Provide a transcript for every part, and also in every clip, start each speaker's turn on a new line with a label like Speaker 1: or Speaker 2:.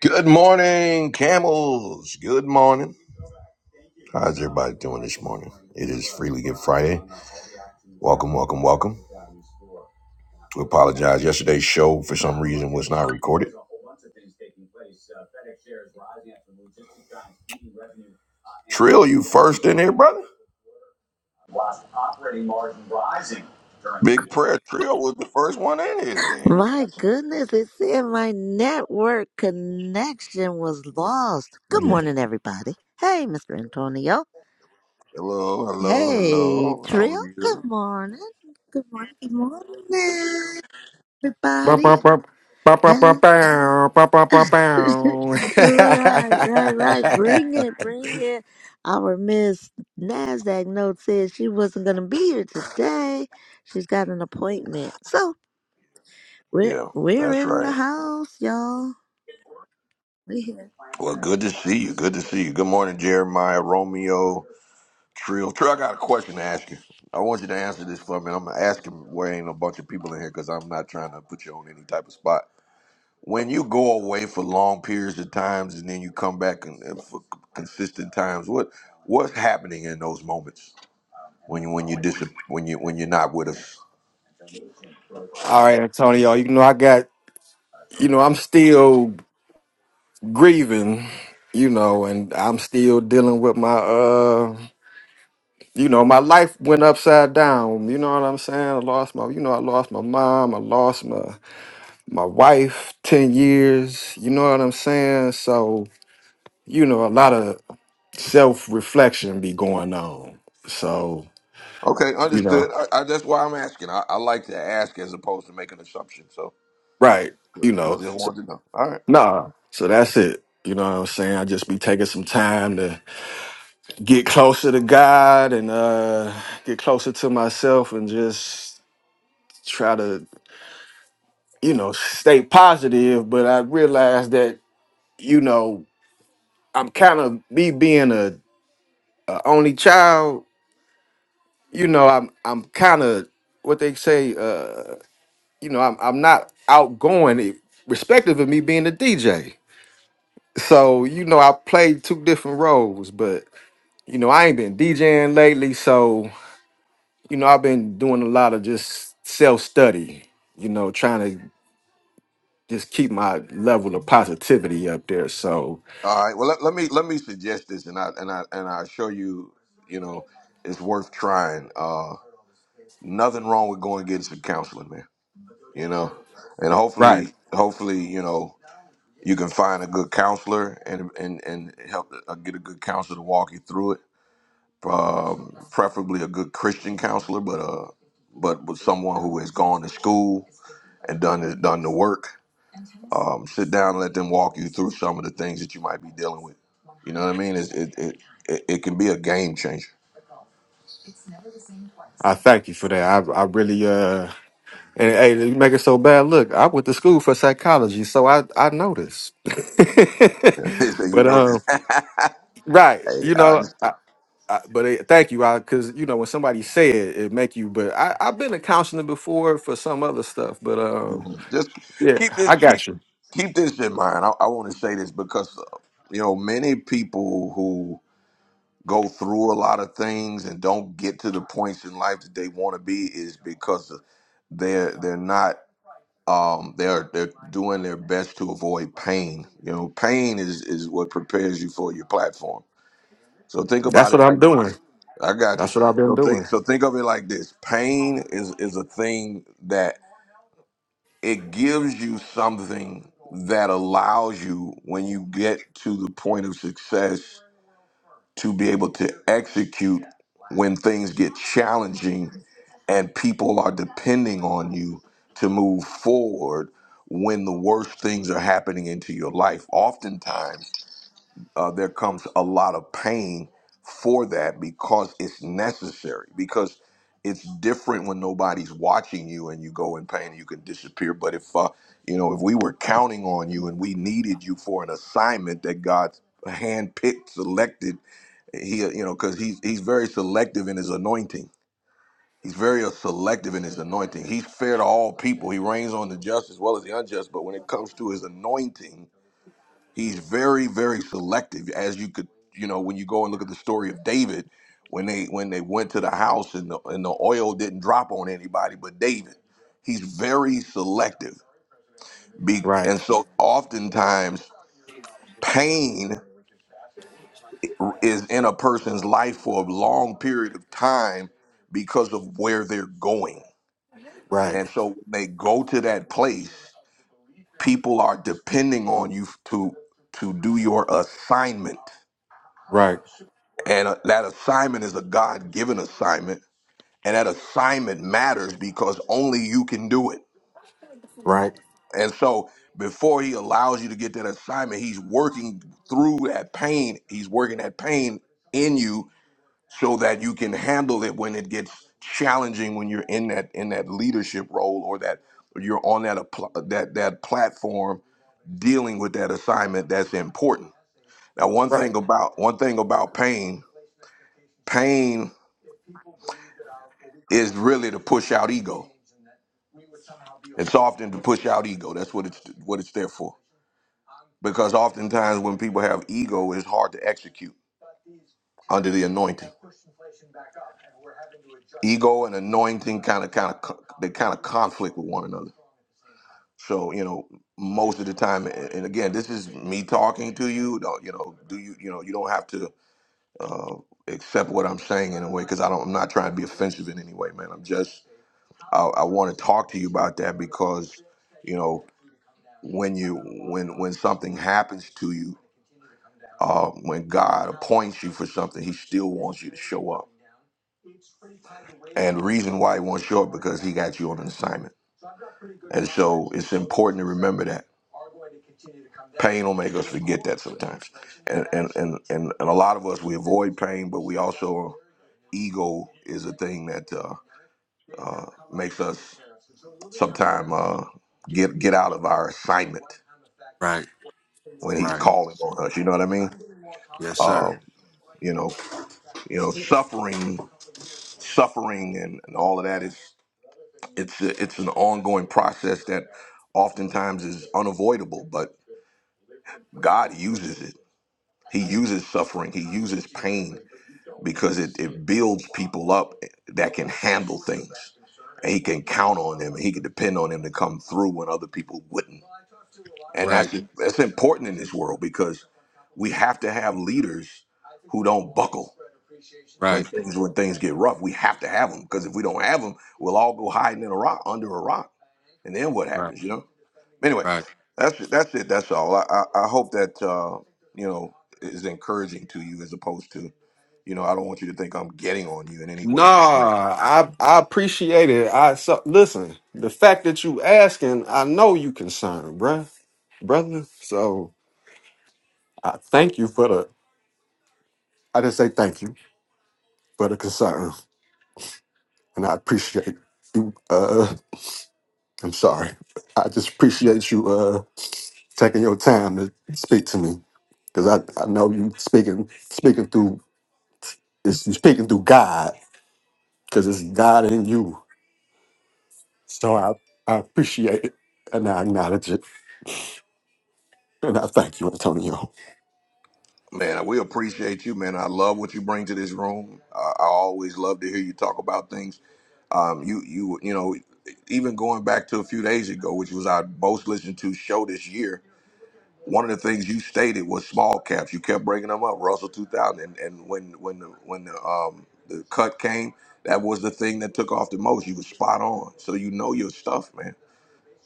Speaker 1: Good morning, camels. Good morning. How's everybody doing this morning? It is Freely Give Friday. Welcome, welcome, welcome. We apologize. Yesterday's show, for some reason, was not recorded. Trill, you first in here, brother? Big prayer. Trill was the first one in here today.
Speaker 2: My goodness, it said my network connection was lost. Good morning, everybody. Hey, Mr. Antonio.
Speaker 1: Hello, hello,
Speaker 2: Hey,
Speaker 1: hello. How
Speaker 2: Trill.
Speaker 1: are
Speaker 2: Good
Speaker 1: you?
Speaker 2: morning. Good morning. Good morning,
Speaker 3: Bow, bow,
Speaker 2: everybody.
Speaker 3: bow. Bow, bow, bow,
Speaker 2: Hello.
Speaker 3: bow. Bow, bow, bow, bow.
Speaker 2: right, right, right. Bring it, bring it. Our Miss NASDAQ note said she wasn't going to be here today. She's got an appointment. So we're,
Speaker 1: Yeah,
Speaker 2: we're
Speaker 1: that's
Speaker 2: in the
Speaker 1: right.
Speaker 2: house, y'all. We here.
Speaker 1: Well, good to see you. Good to see you. Good morning, Jeremiah, Romeo, Trill. Trill, I got a question to ask you. I want you to answer this for me. and I'm gonna ask him where ain't a bunch of people in here because I'm not trying to put you on any type of spot. When you go away for long periods of times and then you come back and, and for consistent times, what what's happening in those moments when you when you dis- when you when you're not with us?
Speaker 3: All right, Antonio, you know, I got, you know, I'm still grieving, you know, and I'm still dealing with my, uh, you know, my life went upside down. You know what I'm saying? I lost my, you know, I lost my mom. I lost my, my wife 10 years. You know what I'm saying? So, you know, a lot of self reflection be going on. So,
Speaker 1: Okay,
Speaker 3: you know.
Speaker 1: understood. I, I, that's why I'm asking. I, I like to ask as opposed to make an assumption. So
Speaker 3: Right. You
Speaker 1: I
Speaker 3: know,
Speaker 1: just
Speaker 3: so,
Speaker 1: wanted to know. All right.
Speaker 3: nah. So that's it. You know what I'm saying? I just be taking some time to get closer to God and uh get closer to myself and just try to, you know, stay positive. But I realize that, you know, I'm kind of me being a, a only child, you know, I'm I'm kind of what they say, uh, you know, I'm I'm not outgoing respective of me being a DJ. So, you know, I played two different roles, but you know, I ain't been DJing lately, so you know, I've been doing a lot of just self study, you know, trying to just keep my level of positivity up there. So
Speaker 1: All right. Well, let, let me let me suggest this, and I and I and I assure you, you know, it's worth trying. Uh, nothing wrong with going and getting some counseling, man. You know, and
Speaker 3: Right.
Speaker 1: hopefully, hopefully, you know, you can find a good counselor and and and help uh, get a good counselor to walk you through it. Um, preferably a good Christian counselor, but uh, but with someone who has gone to school and done the, done the work um, sit down and let them walk you through some of the things that you might be dealing with. You know what I mean? It's, it, it it it can be a game changer.
Speaker 3: I thank you for that. I I really uh and hey, you make it so bad. Look, I went to school for psychology, so I I noticed.
Speaker 1: so you
Speaker 3: but
Speaker 1: know,
Speaker 3: um,
Speaker 1: hey,
Speaker 3: right, you
Speaker 1: I
Speaker 3: know,
Speaker 1: just,
Speaker 3: I, I, but it, thank you, I because you know when somebody say it, it make you. But I I've been a counselor before for some other stuff, but um,
Speaker 1: just
Speaker 3: yeah,
Speaker 1: keep this
Speaker 3: I
Speaker 1: keep
Speaker 3: got you.
Speaker 1: keep this in mind. I, I want to say this because uh, you know many people who go through a lot of things and don't get to the points in life that they want to be is because they're they're not um, they're they're doing their best to avoid pain. You know, pain is is what prepares you for your platform. So think
Speaker 3: That's
Speaker 1: about
Speaker 3: what
Speaker 1: it
Speaker 3: I'm
Speaker 1: like
Speaker 3: doing.
Speaker 1: this. I got you.
Speaker 3: That's what I've been
Speaker 1: So
Speaker 3: doing.
Speaker 1: think so think of it like this. Pain is is a thing that it gives you something that allows you when you get to the point of success to be able to execute when things get challenging and people are depending on you to move forward when the worst things are happening into your life. Oftentimes, uh, there comes a lot of pain for that because it's necessary, because it's different when nobody's watching you and you go in pain and you can disappear. But if, uh, you know, if we were counting on you and we needed you for an assignment that God handpicked, selected, he uh, you know because he's he's very selective in his anointing he's very uh, selective in his anointing he's fair to all people he reigns on the just as well as the unjust but when it comes to his anointing he's very very selective as you could you know when you go and look at the story of david when they when they went to the house and the, and the oil didn't drop on anybody but david he's very selective Be,
Speaker 3: Right,
Speaker 1: and so oftentimes pain is in a person's life for a long period of time because of where they're going.
Speaker 3: right,
Speaker 1: And so when they go to that place, people are depending on you to to do your assignment.
Speaker 3: right,
Speaker 1: And uh, that assignment is a God-given assignment, and that assignment matters because only you can do it.
Speaker 3: right,
Speaker 1: And so before he allows you to get that assignment, he's working through that pain. He's working that pain in you so that you can handle it when it gets challenging when you're in that in that leadership role or that you're on that apl- that that platform dealing with that assignment that's important. Now one
Speaker 3: right,
Speaker 1: thing about one thing about pain, pain is really to push out ego. It's often to push out ego. That's what it's what it's there for. Because oftentimes when people have ego, it's hard to execute under the anointing. Ego and anointing kind of kind of they kind of conflict with one another So you know, most of the time, and and again, this is me talking to you. Don't you know? Do you you know? You don't have to uh, accept what I'm saying in a way because I don't. I'm not trying to be offensive in any way, man. I'm just I, I want to talk to you about that because you know when you when when something happens to you, uh, when God appoints you for something, He still wants you to show up. And the reason why He wants you show up because He got you on an assignment. And so it's important to remember that pain will make us forget that sometimes. and and and and, and a lot of us we avoid pain, but we also ego is a thing that uh, uh, makes us sometimes uh, get get out of our assignment
Speaker 3: right,
Speaker 1: when he's
Speaker 3: right.
Speaker 1: calling on us. You know what I mean?
Speaker 3: Yes,
Speaker 1: Uh,
Speaker 3: sir.
Speaker 1: you know, you know, suffering, suffering, and, and all of that is it's it's an ongoing process that oftentimes is unavoidable, but God uses it. He uses suffering, he uses pain because it, it builds people up that can handle things. And he can count on them and he can depend on them to come through when other people wouldn't. And
Speaker 3: Right,
Speaker 1: that's that's important in this world because we have to have leaders who don't buckle when
Speaker 3: right,
Speaker 1: things when things get rough. We have to have them because if we don't have them, we'll all go hiding in a rock under a rock, and then what
Speaker 3: right,
Speaker 1: happens? You know. Anyway,
Speaker 3: right.
Speaker 1: that's it, that's it. That's all. I I, I hope that uh, you know is encouraging to you as opposed to you know I don't want you to think I'm getting on you in any
Speaker 3: Nah,
Speaker 1: way because I'm not.
Speaker 3: I I appreciate it. I so listen. The fact that you asking, I know you concerned, bruh, brother. So I thank you for the. I just say thank you for the concern, and I appreciate you. Uh, I'm sorry. I just appreciate you uh taking your time to speak to me. because I, I know you speaking speaking through it's you speaking through God because it's God in you. So I I appreciate it and I acknowledge it and I thank you, Antonio.
Speaker 1: Man, we appreciate you, man. I love what you bring to this room. I, I always love to hear you talk about things. Um, you you you know even going back to a few days ago, which was our most listened to show this year one of the things you stated was small caps. You kept bringing them up, Russell 2000, and, and when when the, when the um the cut came, that was the thing that took off the most. You were spot on, so you know your stuff, man.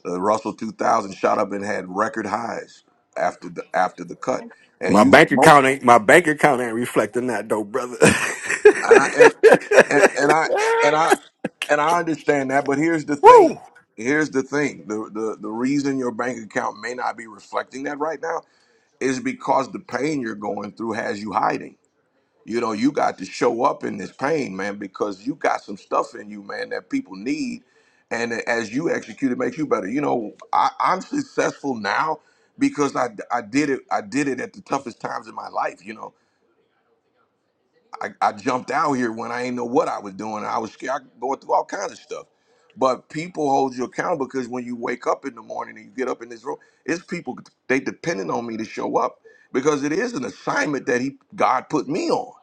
Speaker 1: The Russell 2000 shot up and had record highs after the after the cut, and
Speaker 3: My
Speaker 1: you
Speaker 3: bank account
Speaker 1: spoke,
Speaker 3: ain't my bank account ain't reflecting that though, brother.
Speaker 1: and I and and, and I and I and I understand that, but here's the
Speaker 3: Woo!
Speaker 1: thing. Here's the thing. The, the the reason your bank account may not be reflecting that right now is because the pain you're going through has you hiding you know, you got to show up in this pain, man, because you got some stuff in you, man, that people need. And as you execute, it makes you better. You know, I, I'm successful now because I, I did it. I did it at the toughest times in my life. You know, I, I jumped out here when I ain't know what I was doing. I was scared, going through all kinds of stuff. But people hold you accountable because when you wake up in the morning and you get up in this room, it's people they depending on me to show up because it is an assignment that he God put me on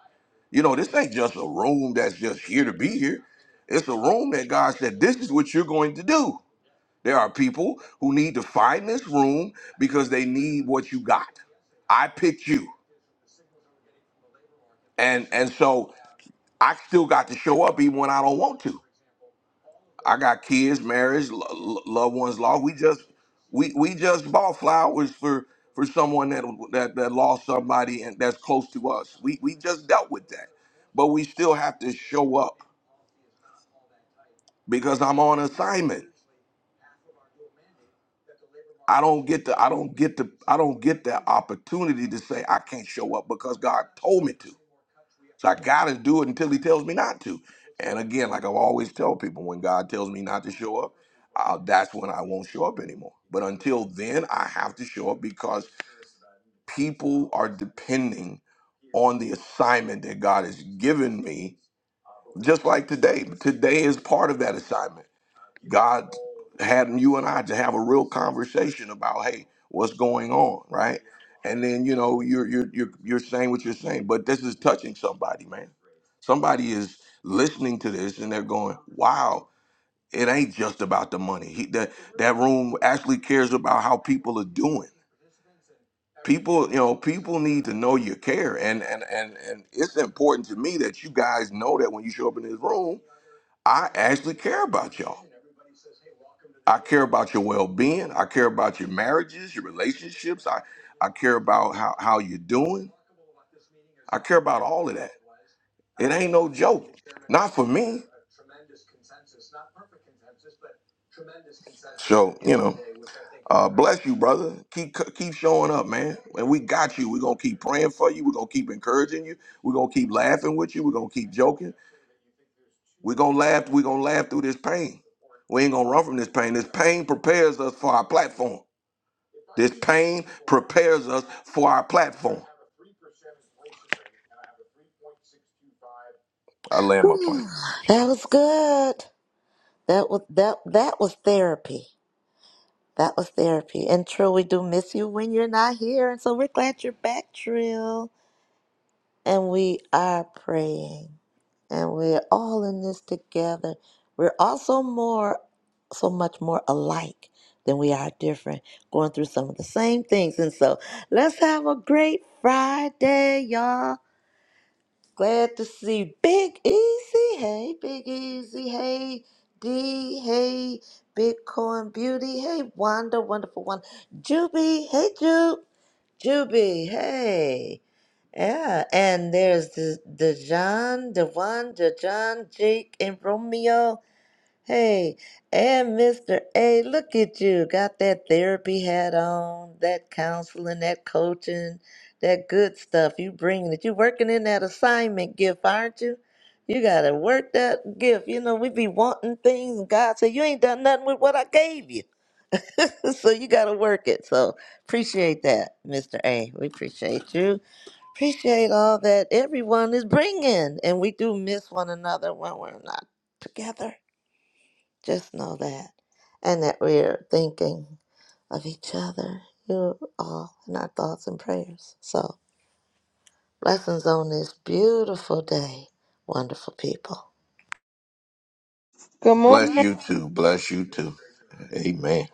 Speaker 1: you know, this ain't just a room that's just here to be here. It's a room that God said, this is what you're going to do. There are people who need to find this room because they need what you got. I picked you. And and so I still got to show up even when I don't want to. I got kids, marriage, lo- lo- loved ones lost. We just we we just bought flowers for for someone that that, that lost somebody and that's close to us. We we just dealt with that. But we still have to show up because I'm on assignment. I don't get the I don't get the I don't get that opportunity to say I can't show up because God told me to. So I gotta do it until He tells me not to. And again, like I always tell people, when God tells me not to show up, uh, that's when I won't show up anymore. But until then, I have to show up because people are depending on the assignment that God has given me. Just like today, today is part of that assignment God had you and I to have a real conversation about, hey, what's going on, right? And then you know you're you're you're you're saying what you're saying, but this is touching somebody, man. Somebody is listening to this and they're going, wow, it ain't just about the money. He, that that room actually cares about how people are doing. People, you know, people need to know you care, and and and and it's important to me that you guys know that when you show up in this room, I actually care about y'all. I care about your well-being. I care about your marriages, your relationships. I, I care about how, how you're doing. I care about all of that. It ain't no joke. Not for me. So, you know, uh, bless you, brother. Keep keep showing up, man. And we got you. We're gonna keep praying for you. We're gonna keep encouraging you. We're gonna keep laughing with you. We're gonna keep joking. We're gonna laugh, we're gonna laugh through this pain. We ain't gonna run from this pain. This pain prepares us for our platform. This pain prepares us for our platform. I land my plane.
Speaker 2: That was good. That was that that was therapy. That was therapy. And Trill, we do miss you when you're not here. And so we're glad you're back, Trill. And we are praying. And we're all in this together. We're also more so much more alike than we are different, going through some of the same things. And so let's have a great Friday, y'all. Glad to see Big Easy. Hey, Big Easy. Hey, D. Hey, Bitcoin Beauty. Hey, Wanda, wonderful one. Juby. Hey, Jube. Juby. Hey. Yeah. And there's the Dejan, Devon, Dejan, Jake, and Romeo. Hey, and Mr. A, look at you. Got that therapy hat on, that counseling, that coaching, that good stuff. You bringing it. You working in that assignment gift, aren't you? You gotta work that gift. You know, we be wanting things, and God said, You ain't done nothing with what I gave you. so you gotta work it. So appreciate that, Mr. A. We appreciate you. Appreciate all that everyone is bringing. And we do miss one another when we're not together just know that. And that we're thinking of each other. You're all in our thoughts and prayers. So, blessings on this beautiful day, wonderful people.
Speaker 4: Good morning,
Speaker 1: Bless you too. Bless you too. Amen.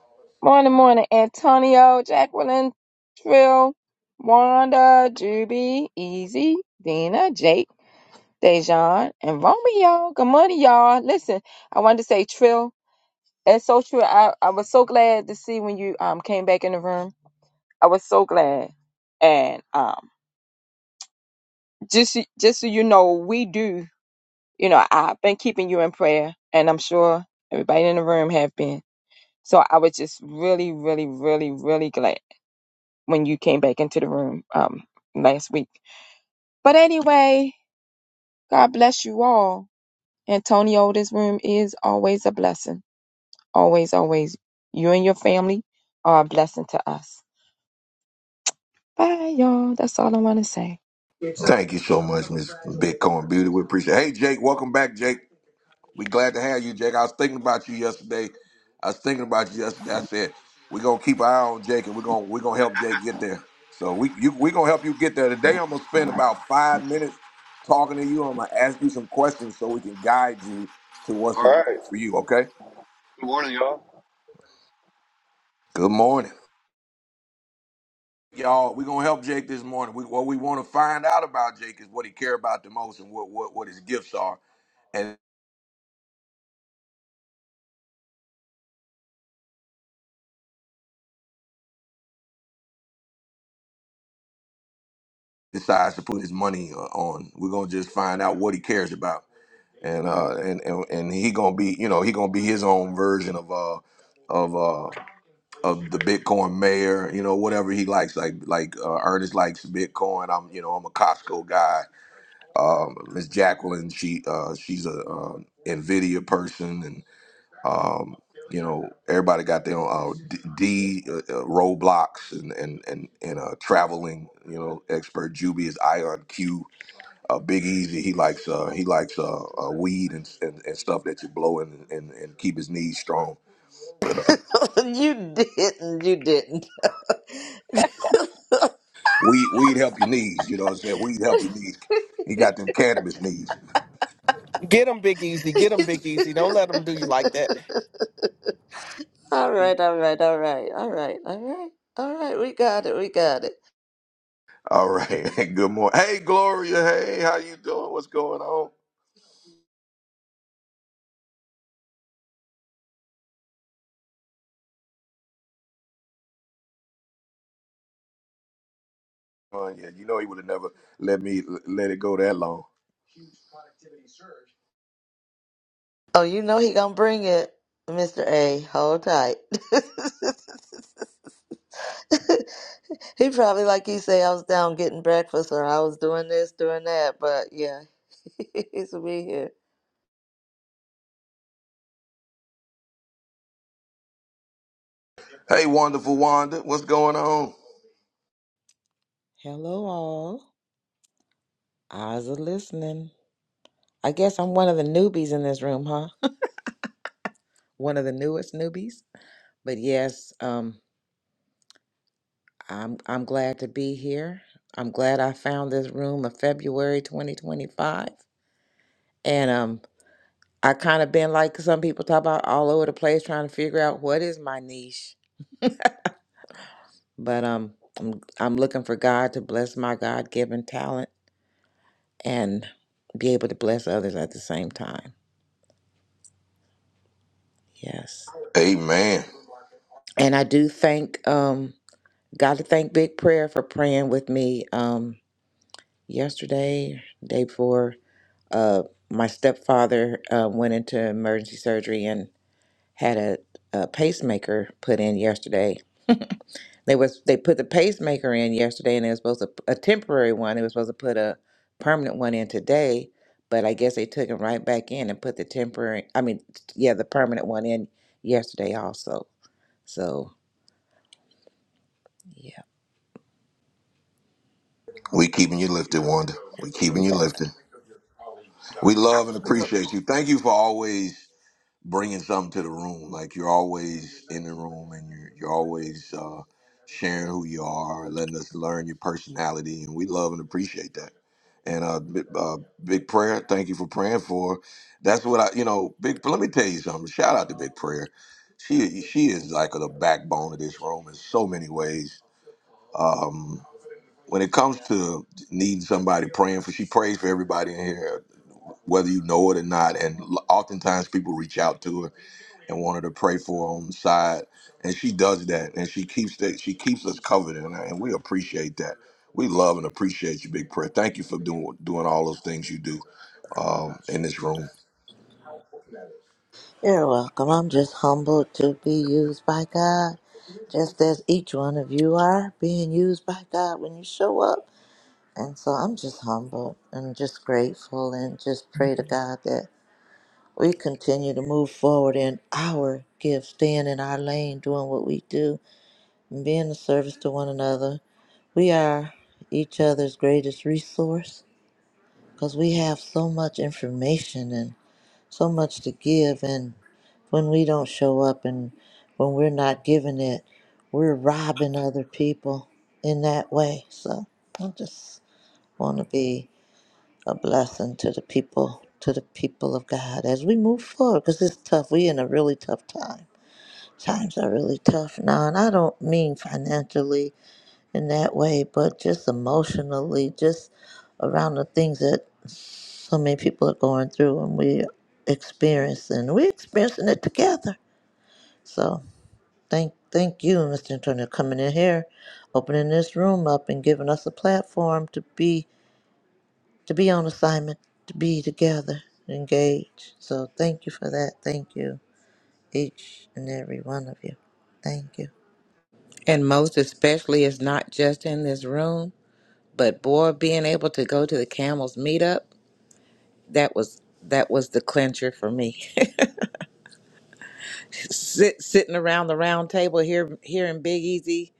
Speaker 4: morning, morning, Antonio, Jacqueline, Trill, Wanda, Juby, Easy, Dina, Jake, Dejan, and Romeo. Good morning, y'all. Listen, I wanted to say, Trill, it's so true. I, I was so glad to see when you um came back in the room. I was so glad, and um just so- just so you know, we do. You know, I've been keeping you in prayer, and I'm sure everybody in the room have been. So I was just really, really, really, really glad. when you came back into the room um, last week. But anyway, God bless you all. Antonio, this room is always a blessing. Always, always. You and your family are a blessing to us. Bye, y'all. That's all I want to say.
Speaker 1: Thank you so much, Miss Bitcoin Beauty. We appreciate it. Hey Jake, welcome back, Jake. We glad to have you, Jake. I was thinking about you yesterday. I was thinking about you yesterday. I said we're gonna keep an eye on Jake, and we're gonna we're gonna help Jake get there. So we you, we're gonna help you get there today. I'm gonna spend about five minutes talking to you. I'm gonna ask you some questions so we can guide you to what's
Speaker 5: All right. right.
Speaker 1: important for you. Okay.
Speaker 5: Good morning, y'all.
Speaker 1: Good morning, y'all. We're gonna help Jake this morning. We, what we want to find out about Jake is what he care about the most and what what what his gifts are, and decides to put his money uh, on. We're gonna just find out what he cares about. and uh and and, and he gonna be you know he gonna be his own version of uh of uh of the Bitcoin mayor you know whatever he likes like like uh, Ernest likes Bitcoin I'm you know I'm a Costco guy um Miss Jacqueline she uh she's a uh, Nvidia person and um you know everybody got their own uh, D, D uh, uh, Roblox and and and and uh, traveling you know expert Juby is Ion Q uh, Big Easy, he likes uh, he likes uh, uh, weed and, and, and stuff that you blow and, and, and keep his knees strong. But uh,
Speaker 2: you didn't. You didn't.
Speaker 1: weed weed help your knees. You know what I'm saying? Weed help your knees. He got them cannabis knees.
Speaker 6: Get them, Big Easy. Get them, Big Easy. Don't let them do you like that.
Speaker 2: all right, all right, all right, all right, all right, all right. We got it. We got it.
Speaker 1: All right. Good morning. Hey Gloria. Hey, how you doing? What's going on? Oh yeah, you know he would have never let me let it go that long.
Speaker 2: Oh, you know he gonna bring it, Mister A. Hold tight. He probably, like you say, I was down getting breakfast or I was doing this, doing that, but yeah, it's me here.
Speaker 1: Hey, wonderful Wanda. What's going on?
Speaker 7: Hello, all. Eyes are listening. I guess I'm one of the newbies in this room, huh? One of the newest newbies. But yes, um, I'm I'm glad to be here. I'm glad I found this room of February 2025. And um, I kind of been like some people talk about all over the place, trying to figure out what is my niche. But um, I'm I'm looking for God to bless my God-given talent and be able to bless others at the same time. Yes.
Speaker 1: Amen.
Speaker 7: And I do thank um Got to thank Big Prayer for praying with me um, yesterday, day before. Uh, my stepfather uh, went into emergency surgery and had a, a pacemaker put in yesterday. They was they put the pacemaker in yesterday, and it was supposed to a temporary one. It was supposed to put a permanent one in today, but I guess they took him right back in and put the temporary. I mean, yeah, the permanent one in yesterday also. So yeah.
Speaker 1: We keeping you lifted, Wanda. We keeping you lifted. We love and appreciate you. Thank you for always. bringing something to the room. Like you're always in the room and you're, you're always uh, sharing who you are, letting us learn your personality. And we love and appreciate that. And uh, bi- uh, big prayer. Thank you for praying for. That's what I, you know, big. Let me tell you something. Shout out to Big Prayer. She she is like the backbone of this room in so many ways. Um, when it comes to needing somebody praying for, she prays for everybody in here, whether you know it or not. And l- oftentimes people reach out to her and wanted to pray for her on the side. And she does that, and she keeps that. She keeps us covered, and, and we appreciate that. We love and appreciate you, Big Prayer. Thank you for doing doing all those things you do um, in this room.
Speaker 2: You're welcome. I'm just humbled to be used by God, just as each one of you are being used by God when you show up. And so I'm just humbled and just grateful and just pray to God that we continue to move forward in our gift, staying in our lane, doing what we do. and being of service to one another. We are each other's greatest resource because we have so much information and so much to give. And when we don't show up and when we're not giving it, we're robbing other people in that way. So I just want to be a blessing to the people, to the people of God as we move forward because it's tough. We're in a really tough time. Times are really tough now, and I don't mean financially in that way, but just emotionally, just around the things that so many people are going through and we experiencing. We're experiencing it together. So thank thank you, Mr. Antonio, coming in here, opening this room up and giving us a platform to be to be on assignment, to be together, engaged. So thank you for that. Thank you, each and every one of you. Thank you.
Speaker 7: And most especially is not just in this room. But boy, being able to go to the Camels meetup, that was that was the clincher for me. Sit, sitting around the round table here, hearing Big Easy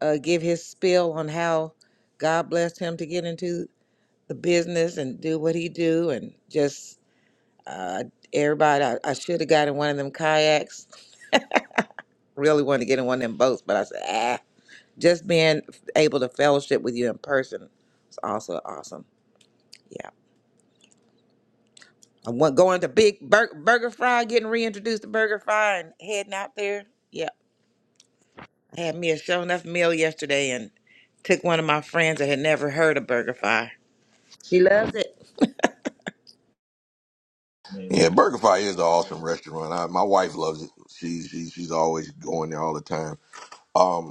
Speaker 7: uh, give his spiel on how God blessed him to get into the business and do what he do, and just uh, everybody. I, I should have got in one of them kayaks. Really wanted to get in one of them boats, but I said, ah. Just being able to fellowship with you in person was also awesome. Yeah. I went going to Big Bur- Burger Fry, getting reintroduced to Burger Fry, and heading out there. Yeah, I had me a show enough meal yesterday, and took one of my friends that had never heard of Burger Fry. She loves it.
Speaker 1: Yeah, Burger Fi is an awesome restaurant. I, my wife loves it. She's she's she's always going there all the time. Um,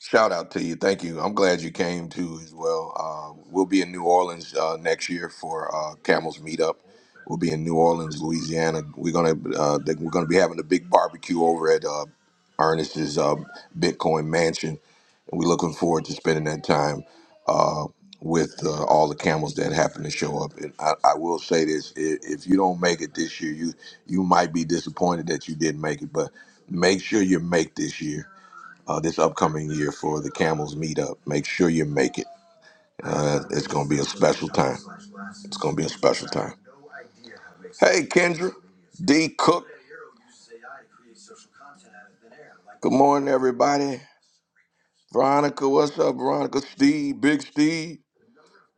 Speaker 1: Shout out to you. Thank you. I'm glad you came too as well. Uh, we'll be in New Orleans uh, next year for uh, Camels Meetup. We'll be in New Orleans, Louisiana. We're gonna uh, they- we're gonna be having a big barbecue over at uh, Ernest's uh, Bitcoin Mansion, and we're looking forward to spending that time uh, with uh, all the camels that happen to show up. And I, I will say this: i- if you don't make it this year, you you might be disappointed that you didn't make it, but make sure you make this year uh, this upcoming year for the Camels Meetup. Make sure you make it. Uh, it's going to be a special time. It's going to be a special time. Hey, Kendra, D. Cook. Good morning, everybody. Veronica, what's up, Veronica? Steve, Big Steve.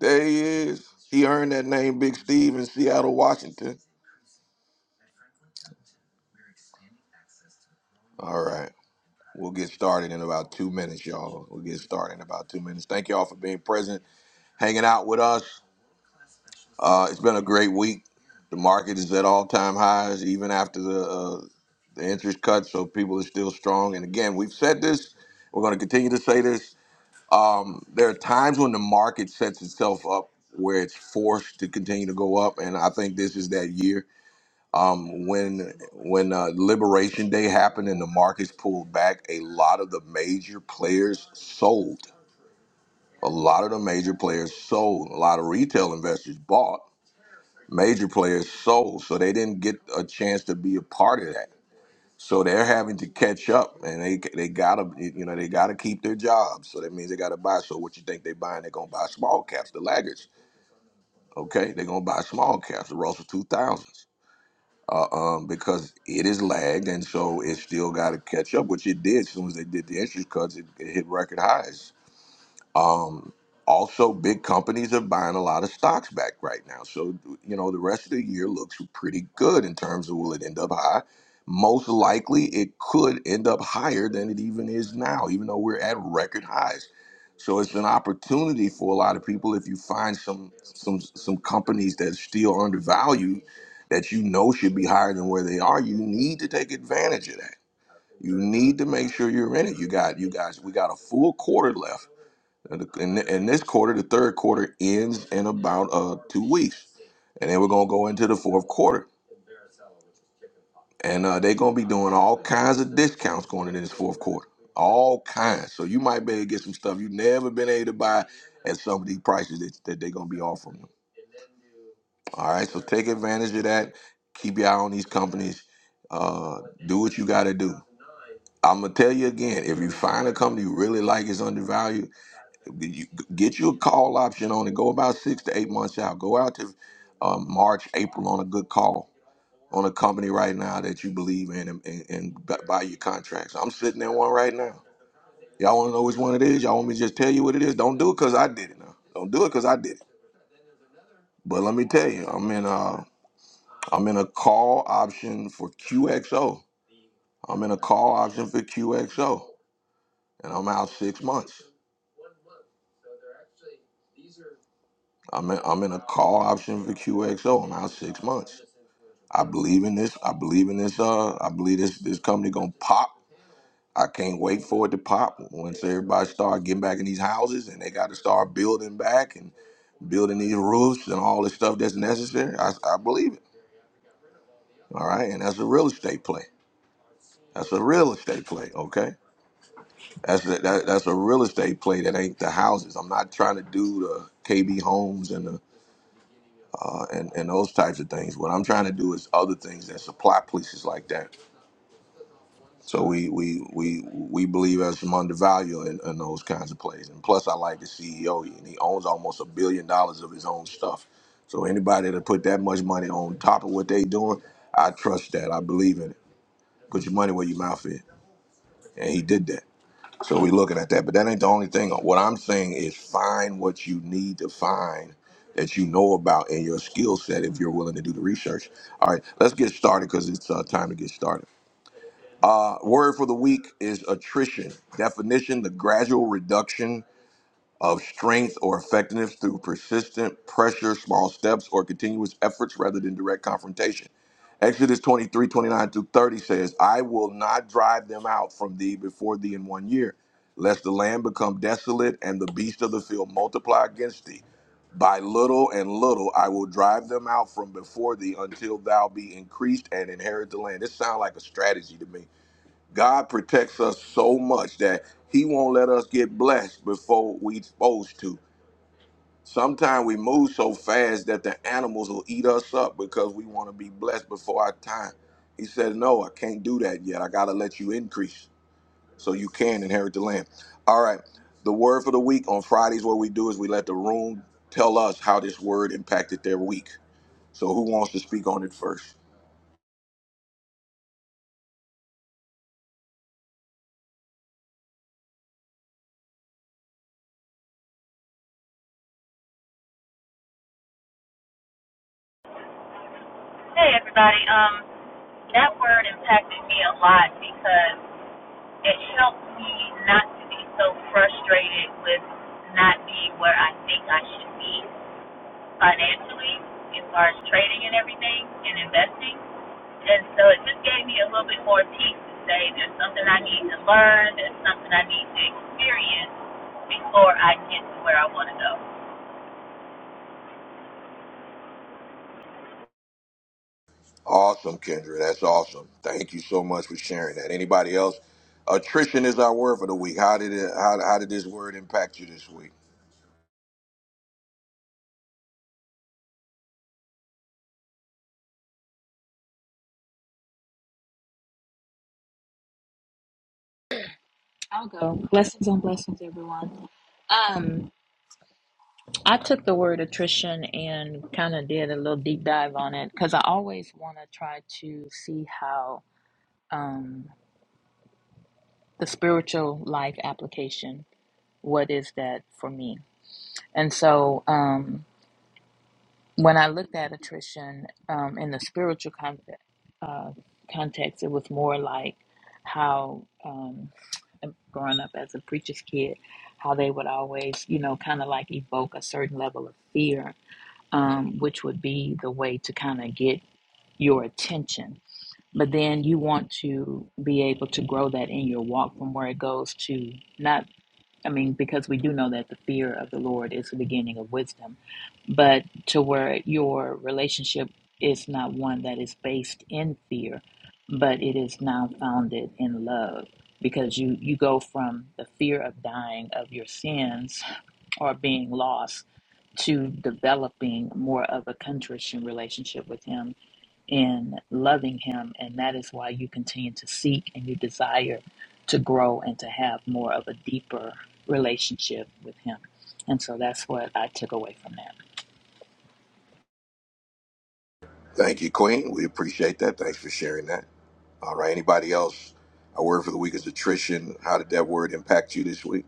Speaker 1: There he is. He earned that name, Big Steve, in Seattle, Washington. All right. We'll get started in about two minutes, y'all. We'll get started in about two minutes. Thank y'all for being present, hanging out with us. Uh, it's been a great week. The market is at all time highs, even after the uh, the interest cut. So people are still strong. And again, we've said this. We're going to continue to say this. Um, there are times when the market sets itself up where it's forced to continue to go up, and I think this is that year. Um, when when uh, Liberation Day happened and the markets pulled back, a lot of the major players sold. A lot of the major players sold. A lot of retail investors bought major players sold, so they didn't get a chance to be a part of that. So they're having to catch up, and they they gotta you know they gotta keep their jobs. So that means they gotta buy. So what you think they buying? They're gonna buy small caps, the laggards. Okay, they're gonna buy small caps, the Russell two thousands, uh, um, because it is lagged, and so it still got to catch up, which it did. As soon as they did the interest cuts, it, it hit record highs. Um, also, big companies are buying a lot of stocks back right now. So, you know, the rest of the year looks pretty good in terms of will it end up high? Most likely, it could end up higher than it even is now, even though we're at record highs. So it's an opportunity for a lot of people if you find some some some companies that are still undervalued that you know should be higher than where they are. You need to take advantage of that. You need to make sure you're in it. You got you guys. We got a full quarter left in the- this quarter, the third quarter, ends in about uh, two weeks. And then we're going to go into the fourth quarter. And uh, they're going to be doing all kinds of discounts going into this fourth quarter. All kinds. So you might be able to get some stuff you've never been able to buy at some of these prices that, that they're going to be offering you. All right. So take advantage of that. Keep your eye on these companies. Uh, do what you got to do. I'm going to tell you again if you find a company you really like is undervalued, you get you a call option on it. Go about six to eight months out. Go out to um, March, April on a good call on a company right now that you believe in and, and, and bu- buy your contracts. I'm sitting in one right now. Y'all want to know which one it is? Y'all want me to just tell you what it is? Don't do it because I did it now. Don't do it because I did it. But let me tell you, I'm in a I'm in a call option for QXO. I'm in a call option for QXO, and I'm out six months. I'm in, I'm in a call option for QXO. I'm out six months. I believe in this. I believe in this. Uh, I believe this this company gonna pop. I can't wait for it to pop once everybody start getting back in these houses and they got to start building back and building these roofs and all the stuff that's necessary. I, I believe it. All right, and that's a real estate play. That's a real estate play. Okay, that's a, that, that's a real estate play that ain't the houses. I'm not trying to do the KB homes and the uh, and and those types of things. What I'm trying to do is other things that supply places like that. So we we we we believe as I'm undervalued in, in those kinds of plays. And plus, I like the CEO, and he owns almost a billion dollars of his own stuff. So anybody that put that much money on top of what they doing, I trust that. I believe in it. Put your money where your mouth is, and he did that. So we looking at that, but that ain't the only thing. What I'm saying is find what you need to find that you know about in your skill set if you're willing to do the research. All right, let's get started because it's uh, time to get started. Uh, word for the week is attrition. Definition the gradual reduction of strength or effectiveness through persistent pressure, small steps, or continuous efforts rather than direct confrontation. Exodus twenty three twenty nine 29 through 30 says, I will not drive them out from thee before thee in one year, lest the land become desolate and the beasts of the field multiply against thee. By little and little I will drive them out from before thee until thou be increased and inherit the land. This sounds like a strategy to me God protects us so much that He won't let us get blessed before we supposed to. Sometimes we move so fast that the animals will eat us up because we want to be blessed before our time. He said, No, I can't do that yet. I got to let you increase so you can inherit the land. All right. The word for the week on Fridays, what we do is we let the room tell us how this word impacted their week. So, who wants to speak on it first?
Speaker 8: Hey everybody. Um, that word impacted me a lot because it helped me not to be so frustrated with not being where I think I should be financially, as far as trading and everything and investing. And so it just gave me a little bit more peace to say there's something I need to learn, there's something I need to experience before I get to where I want to go.
Speaker 1: Awesome, Kendra. That's awesome. Thank you so much for sharing that. Anybody else? Attrition is our word for the week. How did it, how, how did this word impact you this week?
Speaker 9: I'll go. Blessings on blessings, everyone. Um, I took the word attrition and kind of did a little deep dive on it because I always want to try to see how um, the spiritual life application, what is that for me? And so, um, when I looked at attrition um, in the spiritual context, uh, context, it was more like how um, growing up as a preacher's kid, how they would always, you know, kind of like evoke a certain level of fear, um, which would be the way to kind of get your attention but then you want to be able to grow that in your walk from where it goes to not I mean, because we do know that the fear of the Lord is the beginning of wisdom, but to where your relationship is not one that is based in fear, but it is now founded in love. Because you, you go from the fear of dying of your sins or being lost to developing more of a contrition relationship with Him in loving Him. And that is why you continue to seek and you desire to grow and to have more of a deeper relationship with Him. And so that's what I took away from that.
Speaker 1: Thank you, Queen. We appreciate that. Thanks for sharing that. All right. Anybody else? Our word for the week is attrition. How did that word impact you this week?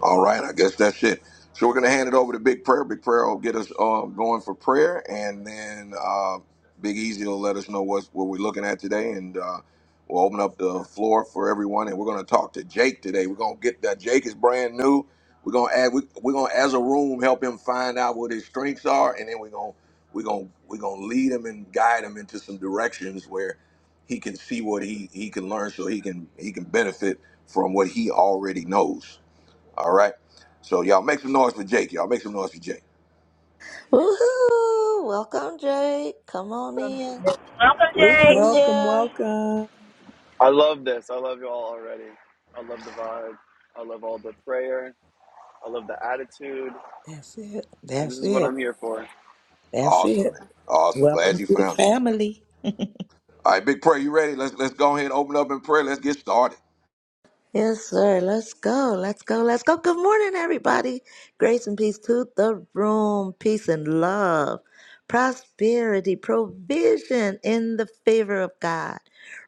Speaker 1: All right, I guess that's it. So we're going to hand it over to Big Prayer. Big Prayer will get us um, going for prayer, and then uh, Big Easy will let us know what's, what we're looking at today, and uh, we'll open up the floor for everyone. And we're going to talk to Jake today. We're going to get that Jake is brand new. We're going to add. We, we're going to, as a room, help him find out what his strengths are, and then we're going to we're going to we're going to lead him and guide him into some directions where he can see what he he can learn, so he can he can benefit from what he already knows. All right. So y'all make some noise for Jake. Y'all make some noise for Jake.
Speaker 2: Woohoo! Welcome, Jake. Come on
Speaker 10: something
Speaker 2: in.
Speaker 8: Welcome,
Speaker 2: We
Speaker 8: Jake.
Speaker 11: Welcome,
Speaker 2: here.
Speaker 11: welcome.
Speaker 5: I love this. I love you all already. I love the vibe. I love all the prayer. I love the attitude.
Speaker 7: That's it.
Speaker 5: And this
Speaker 7: That's
Speaker 5: is what
Speaker 7: it.
Speaker 5: I'm here for.
Speaker 7: That's
Speaker 1: Awesome,
Speaker 7: it.
Speaker 1: man. Awesome. Glad
Speaker 7: Welcome
Speaker 1: you
Speaker 7: to the
Speaker 1: found me.
Speaker 7: family.
Speaker 1: All right, big prayer. You ready? Let's let's go ahead and open up in prayer. Let's get started.
Speaker 2: Yes, sir. Let's go. Let's go. Let's go. Good morning, everybody. Grace and peace to the room. Peace and love. Prosperity, provision in the favor of God.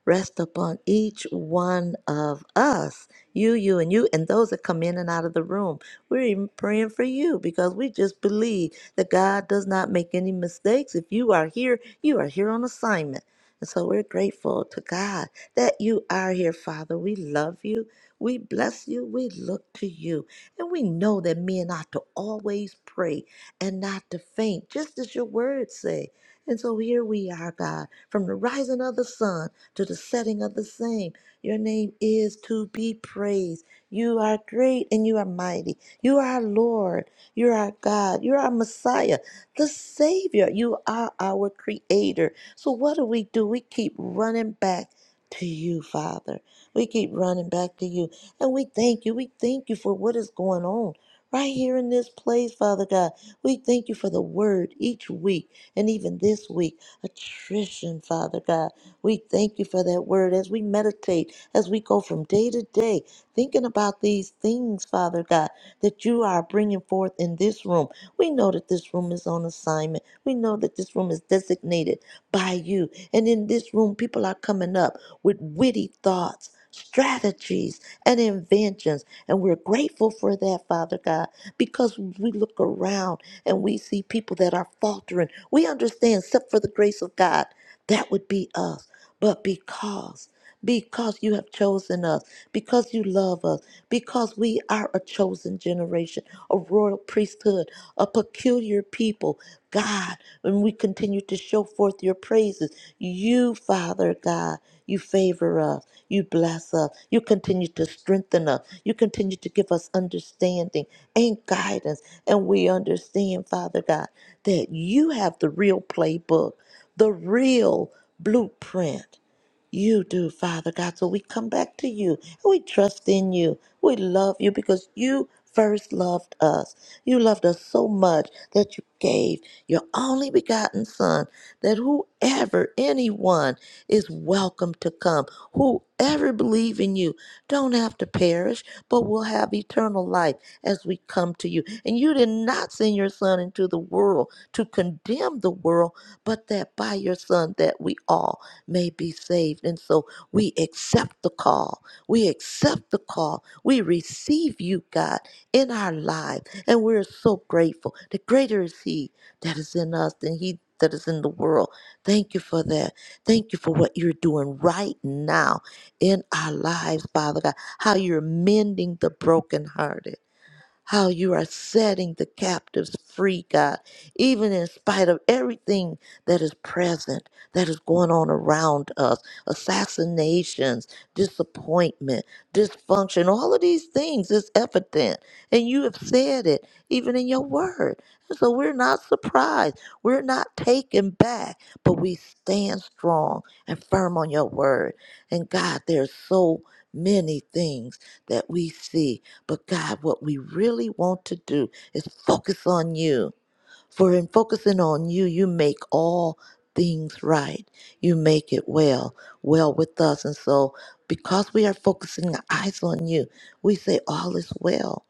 Speaker 2: Rest upon each one of us. You, you, and you, and those that come in and out of the room. We're even praying for you because we just believe that God does not make any mistakes. If you are here, you are here on assignment. And so we're grateful to God that you are here, Father. We love you. We bless you. We look to you. And we know that men ought to always pray and not to faint, just as your words say. And so here we are, God, from the rising of the sun to the setting of the same. Your name is to be praised. You are great and you are mighty. You are our Lord. You are our God. You are our Messiah, the Savior. You are our Creator. So what do we do? We keep running back to you, Father. We keep running back to you. And we thank you. We thank you for what is going on right here in this place, Father God. We thank you for the word each week and even this week. Attrition, Father God. We thank you for that word as we meditate, as we go from day to day, thinking about these things, Father God, that you are bringing forth in this room. We know that this room is on assignment. We know that this room is designated by you. And in this room, people are coming up with witty thoughts, strategies, and inventions. And we're grateful for that, Father God, because we look around and we see people that are faltering. We understand, except for the grace of God, that would be us. But because because you have chosen us, because you love us, because we are a chosen generation, a royal priesthood, a peculiar people, God, when we continue to show forth your praises. You, Father God, you favor us, you bless us, you continue to strengthen us, you continue to give us understanding and guidance. And we understand, Father God, that you have the real playbook, the real blueprint. You do, Father God. So we come back to you. We trust in you. We love you because you first loved us. You loved us so much that you gave your only begotten Son, that whoever, anyone is welcome to come. Whoever believe in you don't have to perish, but will have eternal life as we come to you. And you did not send your Son into the world to condemn the world, but that by your Son that we all may be saved. And so we accept the call. We accept the call. We receive you, God, in our lives. And we're so grateful. The greater is He that is in us than he that is in the world. Thank you for that. Thank you for what you're doing right now in our lives, Father God. How you're mending the brokenhearted how you are setting the captives free, God, even in spite of everything that is present, that is going on around us assassinations, disappointment, dysfunction, all of these things is evident. And you have said it even in your word. And so we're not surprised, we're not taken back, but we stand strong and firm on your word. And God, there's so many things that we see but God, what we really want to do is focus on you. For in focusing on you, you make all things right. You make it well, well with us. And so, because we are focusing our eyes on you, we say, All is well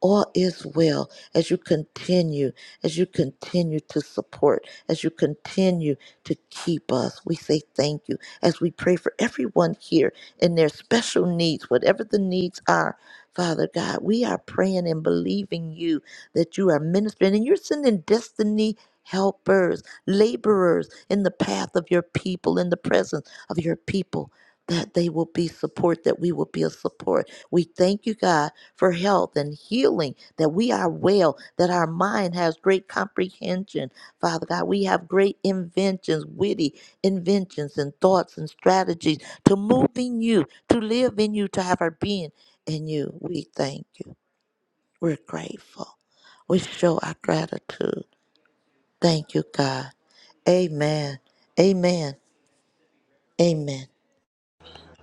Speaker 2: all is well as you continue, as you continue to support, as you continue to keep us. We say thank you as we pray for everyone here and their special needs, whatever the needs are. Father God, we are praying and believing you that you are ministering and you're sending destiny helpers, laborers in the path of your people, in the presence of your people that they will be support, that we will be a support. We thank you, God, for health and healing, that we are well, that our mind has great comprehension. Father God, we have great inventions, witty inventions and thoughts and strategies to move in you, to live in you, to have our being in you. We thank you. We're grateful. We show our gratitude. Thank you, God. Amen. Amen. Amen.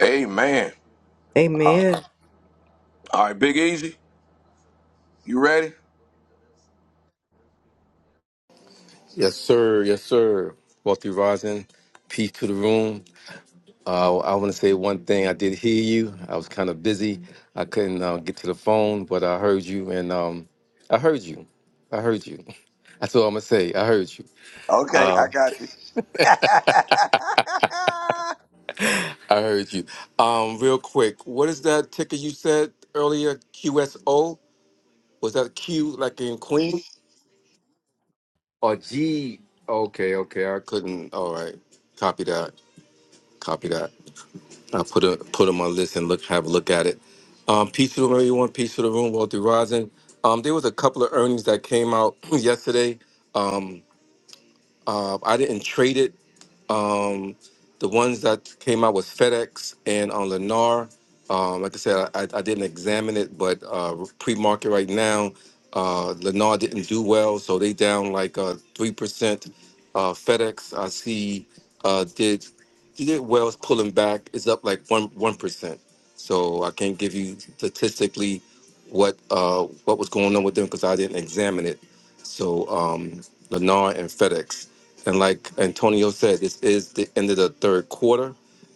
Speaker 1: Amen. All
Speaker 11: Amen.
Speaker 1: right, All right, Big Easy. You ready?
Speaker 12: Yes, sir. Yes, sir. Wealthy Rising, peace to the room. Uh, I want to say one thing. I did hear you. I was kind of busy. I couldn't uh, get to the phone, but I heard you, and um, I heard you. I heard you. That's all I'm gonna say. I heard you.
Speaker 1: Okay, I got you.
Speaker 12: I heard you. Um, real quick, what is that ticker you said earlier? QSO? Was that Q like in Queen or G? Okay, okay. I couldn't. All right. Copy that. Copy that. I'll put a put them on list and look have a look at it. Um, peace to the room, everyone. Peace to the room, Walter Rising. Um, there was a couple of earnings that came out yesterday. Um, uh, I didn't trade it um, the ones that came out was FedEx and on Lennar. Um, like I said, I, I didn't examine it, but uh, pre-market right now, uh, Lennar didn't do well, so they down like uh, three percent. Uh, FedEx, I see, uh, did did well. It's pulling back. It's up like one one percent. So I can't give you statistically what uh, what was going on with them because I didn't examine it. So um, Lennar and FedEx. And like Antonio said, this is the end of the third quarter.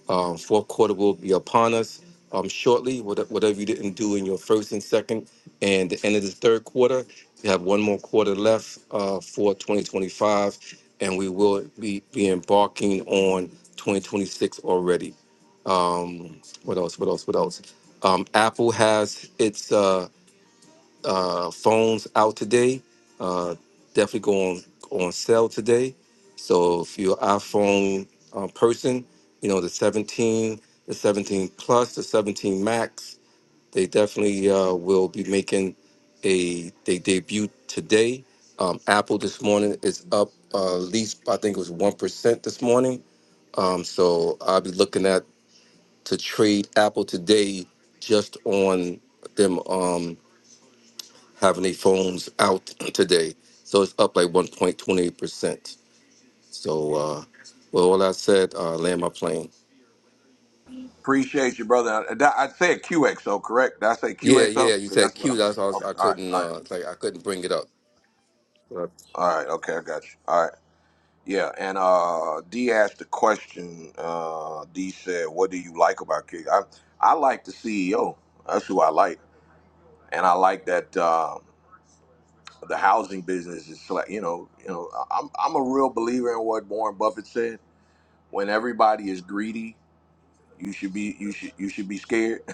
Speaker 12: Um, fourth quarter will be upon us um, shortly. What- Whatever you didn't do in your first and second, and the end of the third quarter, we have one more quarter left uh, for 2025, and we will be, be embarking on 2026 already. Um, what else? What else? What else? Um, Apple has its. Uh, uh, phones out today. Uh, definitely go on on sale today. So if you're an iPhone uh, person, you know the 17, the 17 Plus, the 17 Max, they definitely uh, will be making a they debut today. Um, Apple this morning is up uh, at least I think it was one percent this morning. Um, so I'll be looking at to trade Apple today just on them. Um, have any phones out today. So it's up like 1.28%. So, uh, well, all I said, uh, land my plane.
Speaker 1: Appreciate you, brother. I, I said QXO, correct? Did I say
Speaker 12: Yeah,
Speaker 1: QXO?
Speaker 12: yeah, you
Speaker 1: Because
Speaker 12: said
Speaker 1: that's what
Speaker 12: cute.
Speaker 1: I'm.
Speaker 12: That's why I, was,
Speaker 1: Okay.
Speaker 12: I
Speaker 1: All right.
Speaker 12: couldn't,
Speaker 1: All right.
Speaker 12: uh, like, I couldn't bring it up.
Speaker 1: All right. Okay, I got you. All right. Yeah, and uh, D asked the question. Uh, D said, "What do you like about Kick?" I I like the CEO. That's who I like, and I like that uh, the housing business is like you know you know I- I'm I'm a real believer in what Warren Buffett said. When everybody is greedy, you should be you should you should be scared,